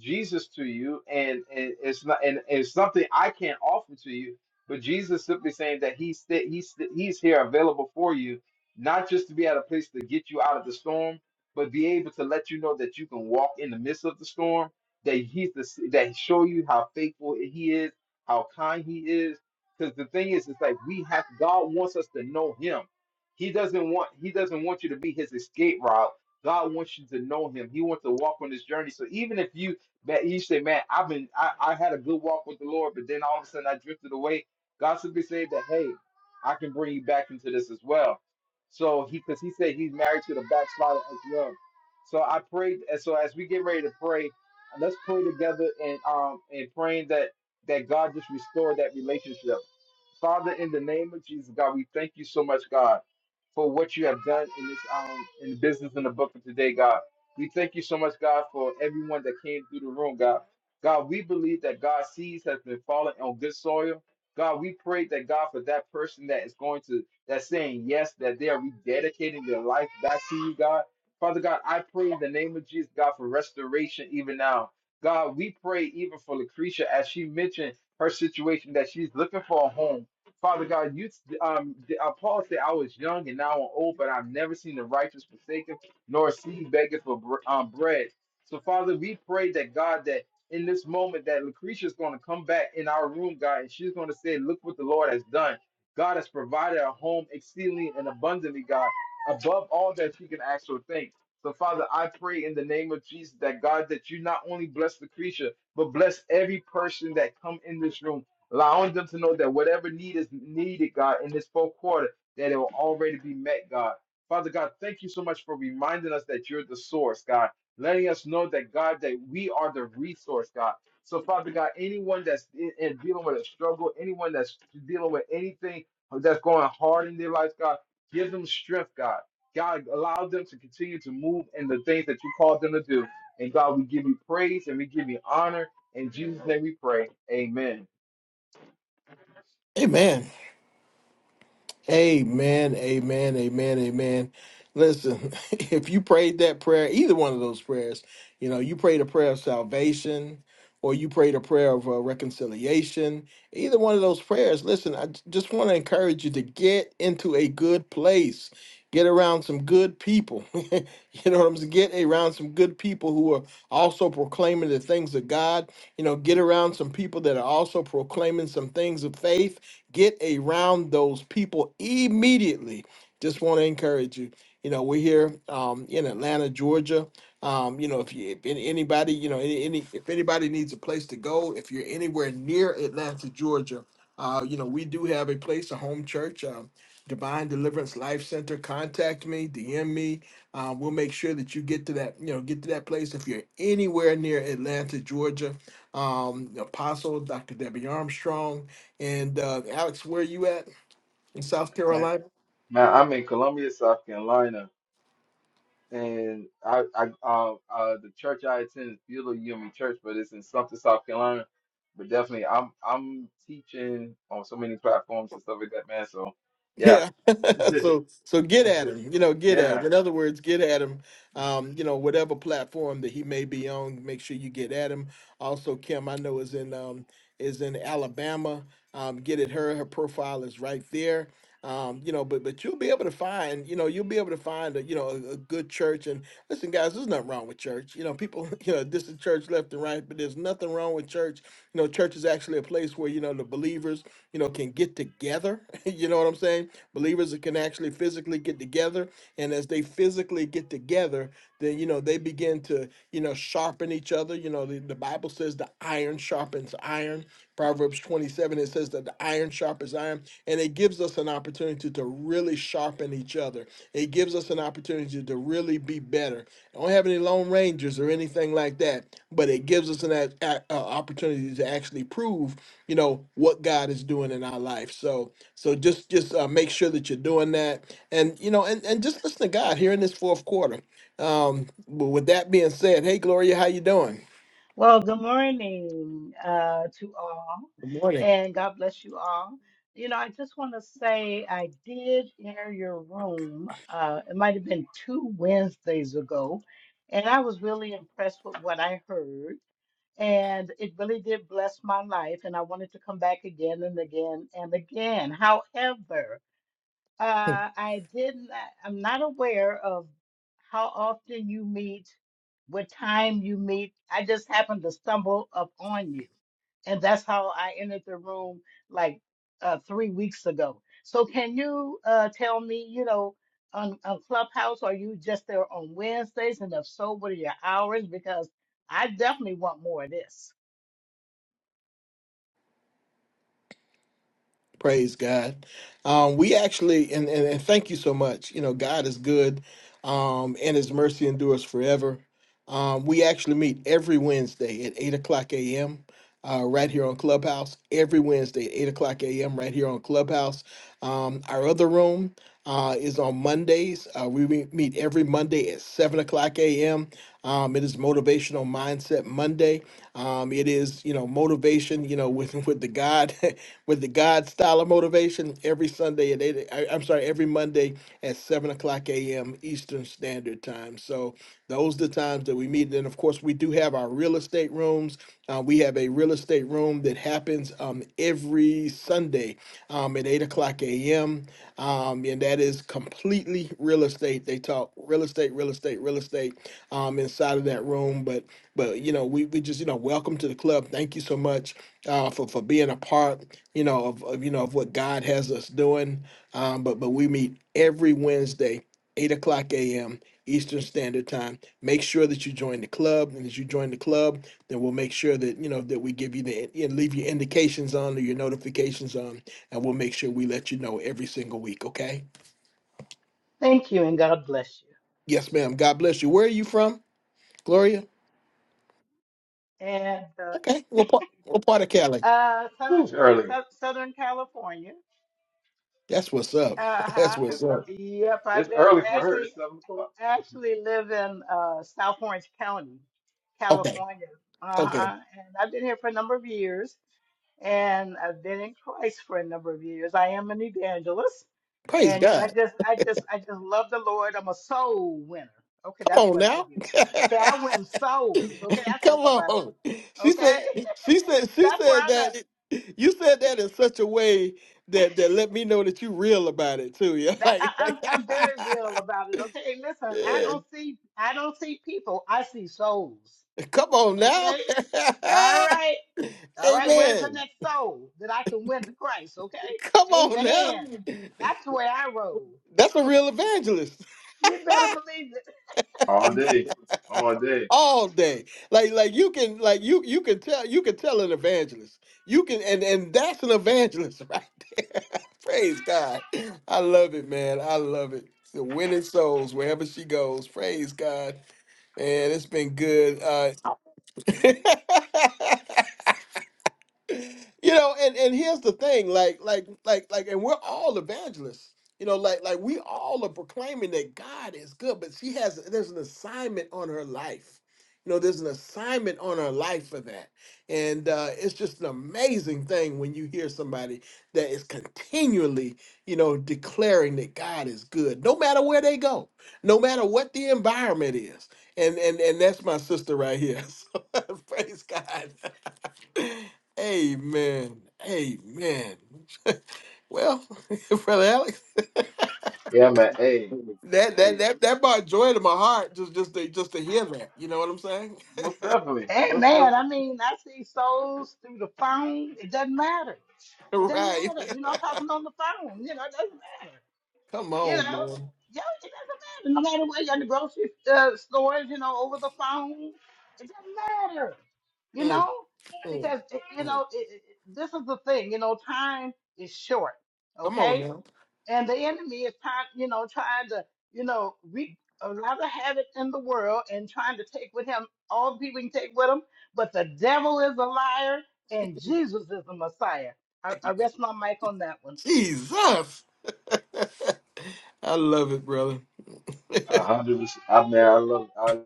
Speaker 2: Jesus to you, and, and it's not and and it's something I can't offer to you. But Jesus simply saying that he's sti- he's sti- he's here available for you, not just to be at a place to get you out of the storm, but be able to let you know that you can walk in the midst of the storm. That he's the that he show you how faithful he is, how kind he is. Because the thing is, it's like we have God wants us to know Him. He doesn't want He doesn't want you to be His escape route. God wants you to know Him. He wants to walk on this journey. So even if you that he said, man, I've been, I, I had a good walk with the Lord, but then all of a sudden I drifted away. God simply said that, hey, I can bring you back into this as well. So he, because he said he's married to the backslider as well. So I prayed, and so as we get ready to pray, let's pray together and um and praying that that God just restore that relationship. Father, in the name of Jesus, God, we thank you so much, God, for what you have done in this um in the business in the book of today, God. We thank you so much, God, for everyone that came through the room, God. God, we believe that God's seeds has been falling on good soil. God, we pray that God for that person that is going to that's saying yes, that they are rededicating their life back to you, God. Father God, I pray in the name of Jesus, God, for restoration even now. God, we pray even for Lucretia as she mentioned her situation that she's looking for a home. Father God, you um, uh, Paul said, "I was young and now I'm old, but I've never seen the righteous forsaken." nor she beggeth for br- um, bread. So, Father, we pray that God, that in this moment, that Lucretia is going to come back in our room, God, and she's going to say, "Look what the Lord has done. God has provided a home exceedingly and abundantly, God, above all that she can ask or think." So, Father, I pray in the name of Jesus that God, that you not only bless Lucretia, but bless every person that come in this room, allowing them to know that whatever need is needed, God, in this fourth quarter, that it will already be met, God. Father God, thank you so much for reminding us that you're the source, God, letting us know that, God, that we are the resource, God. So, Father God, anyone that's in, in dealing with a struggle, anyone that's dealing with anything that's going hard in their life, God, give them strength, God. God, allow them to continue to move in the things that you called them to do. And God, we give you praise and we give you honor. In Jesus' name we pray. Amen.
Speaker 1: Amen. Amen, amen, amen, amen. Listen, if you prayed that prayer, either one of those prayers, you know, you prayed a prayer of salvation or you prayed a prayer of uh, reconciliation, either one of those prayers, listen, I j- just want to encourage you to get into a good place. Get around some good people. you know what I'm saying? Get around some good people who are also proclaiming the things of God. You know, get around some people that are also proclaiming some things of faith Get around those people immediately. Just want to encourage you. You know, we're here um, in Atlanta, Georgia. Um, you know, if you if any- anybody, you know, any, any if anybody needs a place to go, if you're anywhere near Atlanta, Georgia, uh, you know, we do have a place, a home church, um, Divine Deliverance Life Center. Contact me, DM me. Um, we'll make sure that you get to that, you know, get to that place if you're anywhere near Atlanta, Georgia. Um, Apostle Dr. Debbie Armstrong. And uh, Alex, where are you at in South
Speaker 2: Man,
Speaker 1: Carolina?
Speaker 2: man, I'm in Columbia, South Carolina. and I, I uh, uh, the church I attend is Beulah Union Church, but it's in Sumter, South Carolina. But definitely, I'm I'm teaching on so many platforms and stuff like that, man. So yeah,
Speaker 1: Yeah. So so get at him, you know, get at him.
Speaker 2: yeah,
Speaker 1: In other words, get at him. Um, you know, whatever platform that he may be on, make sure you get at him. Also, Kim, I know is in um is in Alabama. Um, get at her. Her profile is right there. Um, you know, but but you'll be able to find, you know, you'll be able to find a you know a, a good church. And listen, guys, there's nothing wrong with church. You know, people, you know, this is church left and right, but there's nothing wrong with church. You know, church is actually a place where, you know, the believers, you know, can get together. you know what I'm saying? Believers that can actually physically get together. And as they physically get together, then, you know, they begin to, you know, sharpen each other. You know, the, the Bible says the iron sharpens iron. Proverbs 27, it says that the iron sharpens iron. And it gives us an opportunity to really sharpen each other. It gives us an opportunity to really be better. I don't have any Lone Rangers or anything like that, but it gives us an a, a- a opportunity to actually prove, you know, what God is doing in our life. So, so just just uh, make sure that you're doing that, and you know, and and just listen to God here in this fourth quarter. Um, but with that being said, hey Gloria, how you doing?
Speaker 7: Well, good morning uh, to all, and God bless you all. You know, I just want to say I did enter your room. Uh, it might have been two Wednesdays ago, and I was really impressed with what I heard, and it really did bless my life. And I wanted to come back again and again and again. However, uh, I did not, I'm not aware of how often you meet, what time you meet. I just happened to stumble up on you. And that's how I entered the room like uh, three weeks ago. So can you uh, tell me, you know, on, on Clubhouse, are you just there on Wednesdays? And if so, what are your hours? Because I definitely want more of this.
Speaker 1: Praise God. Um, we actually, and, and, and thank you so much. You know, God is good um, and his mercy endures forever. Um, we actually meet every Wednesday at 8 o'clock a.m. Uh, right here on Clubhouse. Every Wednesday at 8 o'clock a.m. right here on Clubhouse. Um, our other room uh, is on Mondays. Uh, we meet meet every Monday at 7 o'clock a.m. Um, it is Motivational Mindset Monday. Um, it is you know motivation. You know with with the God with the God style of motivation every Sunday at eight. I, I'm sorry, every Monday at seven o'clock a.m. Eastern Standard Time. So those are the times that we meet. And of course, we do have our real estate rooms. Uh, we have a real estate room that happens um, every Sunday um, at eight o'clock a.m. Um, and that is completely real estate. They talk real estate, real estate, real estate um, inside of that room. But but you know, we we just you know, welcome to the club. Thank you so much uh, for for being a part. You know of, of you know of what God has us doing. Um, but but we meet every Wednesday, eight o'clock a.m. Eastern Standard Time. Make sure that you join the club, and as you join the club, then we'll make sure that you know that we give you the and leave your indications on or your notifications on, and we'll make sure we let you know every single week. Okay?
Speaker 7: Thank you and God bless
Speaker 1: Yes, ma'am. God bless you. Where are you from, Gloria?
Speaker 7: you. And
Speaker 1: Okay.
Speaker 7: uh,
Speaker 1: What part, what part of Cali?
Speaker 7: uh, Southern,
Speaker 2: Whew, it's early.
Speaker 7: Southern California.
Speaker 1: That's what's up. That's
Speaker 7: Uh-huh.
Speaker 1: what's
Speaker 2: It's
Speaker 1: up.
Speaker 2: early.
Speaker 7: Yep, I
Speaker 2: It's
Speaker 7: live
Speaker 2: early for her.
Speaker 7: actually
Speaker 2: It's seven o'clock.
Speaker 7: actually live in uh South Orange County,
Speaker 1: Okay.
Speaker 7: California.
Speaker 1: Okay.
Speaker 7: Uh-huh. And I've been here for a number of years and I've been in Christ for a number of years. I am an evangelist.
Speaker 1: Praise
Speaker 7: And you know, I
Speaker 1: God.
Speaker 7: just I just I just love the Lord. I'm a soul winner. Okay,
Speaker 1: Come
Speaker 7: that's
Speaker 1: on
Speaker 7: what I
Speaker 1: now.
Speaker 7: do. Okay, I win souls. Okay, that's what
Speaker 1: Come
Speaker 7: I'm about.
Speaker 1: on. She said
Speaker 7: Okay?
Speaker 1: she said she
Speaker 7: That's where
Speaker 1: said
Speaker 7: I'm at.
Speaker 1: that you said that in such a way that that let me know that you real about it too. Yeah.
Speaker 7: That
Speaker 1: Like,
Speaker 7: I,
Speaker 1: like
Speaker 7: I'm I'm very real about it. Okay, listen, I
Speaker 1: yeah.
Speaker 7: don't see I don't see people. I see souls.
Speaker 1: Come on now.
Speaker 7: Okay, all right, all right. Where's the
Speaker 1: Amen.
Speaker 7: next soul that I can win to Christ? Okay,
Speaker 1: Come on
Speaker 7: Amen.
Speaker 1: now.
Speaker 7: That's the way I roll.
Speaker 1: That's a real evangelist.
Speaker 7: you better believe it.
Speaker 2: All day, all day.
Speaker 1: all day. Like like you can like you you can tell you can tell an evangelist. You can and and that's an evangelist right there. Praise God. I love it, man. I love it. The winning souls wherever she goes. Praise God. Man, it's been good. Uh you know and and here's the thing like like like like and we're all evangelists you know like like we all are proclaiming that god is good but she has there's an assignment on her life you know there's an assignment on her life for that and uh it's just an amazing thing when you hear somebody that is continually you know declaring that god is good no matter where they go no matter what the environment is and and and that's my sister right here so praise god Amen. Amen. Well, brother Alex,
Speaker 2: Yeah, man. Hey,
Speaker 1: that that
Speaker 2: hey.
Speaker 1: that that brought joy to my heart just just to just to hear that. You know what I'm saying?
Speaker 2: Most definitely, most
Speaker 7: Amen. I
Speaker 2: definitely.
Speaker 7: mean, I see souls through the phone. It doesn't matter. It doesn't
Speaker 1: right.
Speaker 7: matter. You know, I'm talking on the phone. You know, it doesn't matter.
Speaker 1: Come
Speaker 7: You
Speaker 1: on,
Speaker 7: know,
Speaker 1: man.
Speaker 7: yo, it doesn't matter. No matter where you're in the grocery uh, stores, you know, over the phone, it doesn't matter. You
Speaker 1: Mm,
Speaker 7: know,
Speaker 1: mm,
Speaker 7: because it, you
Speaker 1: mm.
Speaker 7: know it, it- it- this is the thing. You know, time is short.
Speaker 1: Come on
Speaker 7: Okay,
Speaker 1: now.
Speaker 7: and the enemy is trying, you know, trying to, you know, wreak a lot of havoc in the world and trying to take with him all the people he can take with him. But the devil is a liar, and Jesus is the Messiah. I, I rest my mic on that one.
Speaker 1: Jesus. I love it, brother.
Speaker 2: A hundred percent. I mean, I love.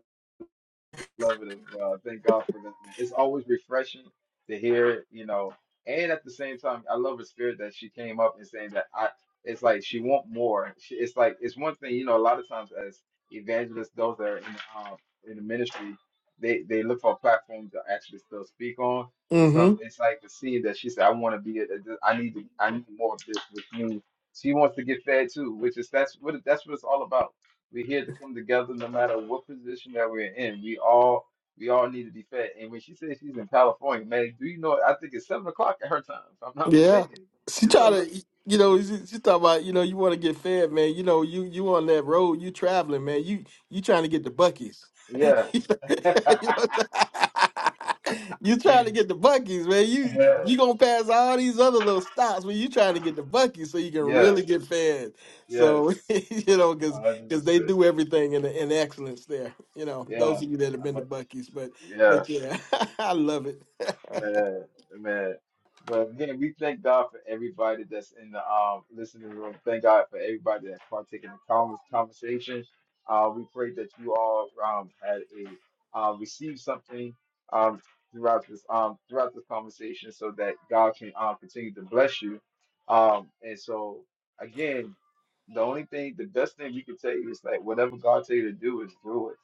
Speaker 2: Love it as well. Thank God for that, man. It's always refreshing to hear it, you know. And at the same time, I love her spirit that she came up and saying that I. It's like she want more. She, it's like it's one thing, you know. A lot of times, as evangelists, those that are in um, in the ministry, they they look for a platform to actually still speak on. But
Speaker 1: Mm-hmm.
Speaker 2: some, it's like to see that she said, "I want to be. A, I need to. I need more of this with me." She wants to get fed too, which is that's what that's what it's all about we're here to come together no matter what position that we're in. We all we all need to be fed. And when she says she's in California, man, do you know I think it's seven o'clock at her time, if I'm not
Speaker 1: Yeah,
Speaker 2: mistaken.
Speaker 1: she
Speaker 2: It's
Speaker 1: try
Speaker 2: seven
Speaker 1: to, you know, she, she talking about, you know, you want to get fed, man. You know, you you on that road, you traveling, man. You you trying to get the buckets.
Speaker 2: Yeah.
Speaker 1: you, know what I'm saying? You trying to get the buckets, man. You
Speaker 2: Yeah.
Speaker 1: you gonna pass all these other little stops when you trying to get the buckets so you can
Speaker 2: Yes.
Speaker 1: really get fed.
Speaker 2: Yes.
Speaker 1: So you know, because
Speaker 2: hundred
Speaker 1: they
Speaker 2: percent.
Speaker 1: do everything in in excellence there. You know, those
Speaker 2: Yeah.
Speaker 1: of you that have been
Speaker 2: Uh-huh.
Speaker 1: to buckies, but
Speaker 2: Yeah.
Speaker 1: but yeah, I love it.
Speaker 2: Man, man. But again, we thank God for everybody that's in the um listening room. Thank God for everybody that's partaking in the con- conversation. Uh, we pray that you all um had a uh, received something um throughout this um throughout this conversation, so that God can um continue to bless you. Um, and so again, the only thing, the best thing we can tell you is like whatever God tell you to do is do it.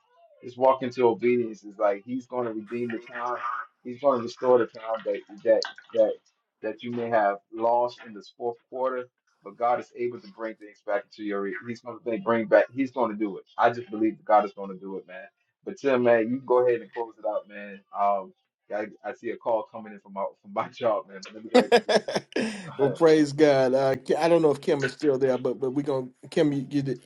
Speaker 2: Just walk into obedience. Is like He's going to redeem the time. He's going to restore the time that that that that you may have lost in this fourth quarter, but God is able to bring things back into your. re- He's going to bring back. He's going to do it. I just believe that God is going to do it, man. But Tim, man, you go ahead and close it out, man. Um, I, I see a call coming in from my from my job, man. But let me go ahead and take
Speaker 1: well,
Speaker 2: it.
Speaker 1: praise God. Uh, Ki- I don't know if Kim is still there, but but we are gonna Kim. You, you,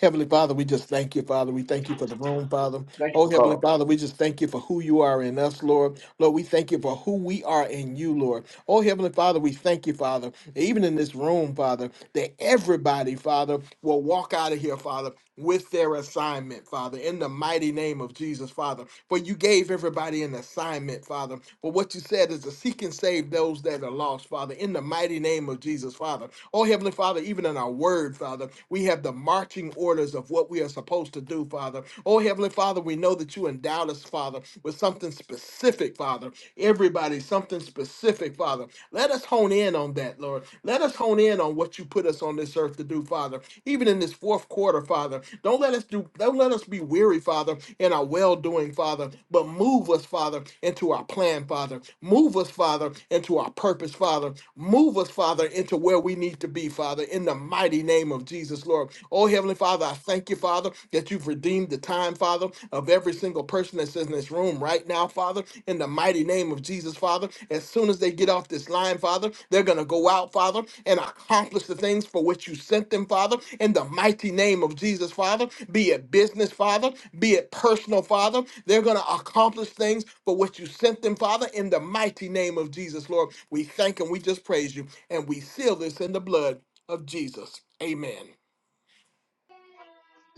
Speaker 1: Heavenly Father, we just thank you, Father. We thank you for the room, Father.
Speaker 2: Thank you
Speaker 1: Oh,
Speaker 2: for
Speaker 1: Heavenly
Speaker 2: calling.
Speaker 1: Father, we just thank you for who you are in us, Lord. Lord, we thank you for who we are in you, Lord. Oh, Heavenly Father, we thank you, Father, even in this room, Father, that everybody, Father, will walk out of here, Father, with their assignment, Father, in the mighty name of Jesus, Father. For you gave everybody an assignment, Father. For what you said is to seek and save those that are lost, Father, in the mighty name of Jesus, Father. Oh, Heavenly Father, even in our word, Father, we have the marching orders of what we are supposed to do, Father. Oh, Heavenly Father, we know that you endowed us, Father, with something specific, Father. Everybody, something specific, Father. Let us hone in on that, Lord. Let us hone in on what you put us on this earth to do, Father. Even in this fourth quarter, Father, don't let us do. Don't let us be weary, Father, in our well doing, Father. But move us, Father, into our plan, Father. Move us, Father, into our purpose, Father. Move us, Father, into into where we need to be, Father, in the mighty name of Jesus, Lord. Oh, Heavenly Father, I thank you, Father, that you've redeemed the time, Father, of every single person that's in this room right now, Father, in the mighty name of Jesus, Father. As soon as they get off this line, Father, they're going to go out, Father, and accomplish the things for which you sent them, Father, in the mighty name of Jesus, Father. Be it business, Father, be it personal, Father, they're going to accomplish things for which you sent them, Father, in the mighty name of Jesus, Lord. We thank and we just praise you. And we seal this in the blood of Jesus. Amen.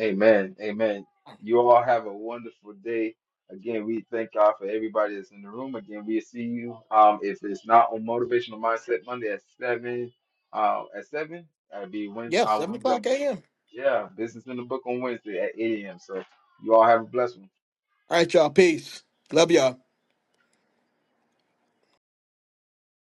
Speaker 2: Amen. Amen. You all have a wonderful day. Again, we thank God for everybody that's in the room. Again, we see you. Um, if it's not on Motivational Mindset Monday at seven, uh, at seven, that'd be Wednesday.
Speaker 1: Yes,
Speaker 2: Uh,
Speaker 1: 7 o'clock
Speaker 2: Wednesday.
Speaker 1: a.m.
Speaker 2: Yeah, business in the book on Wednesday at eight a.m. So you all have a blessed one.
Speaker 1: All right, y'all. Peace. Love y'all.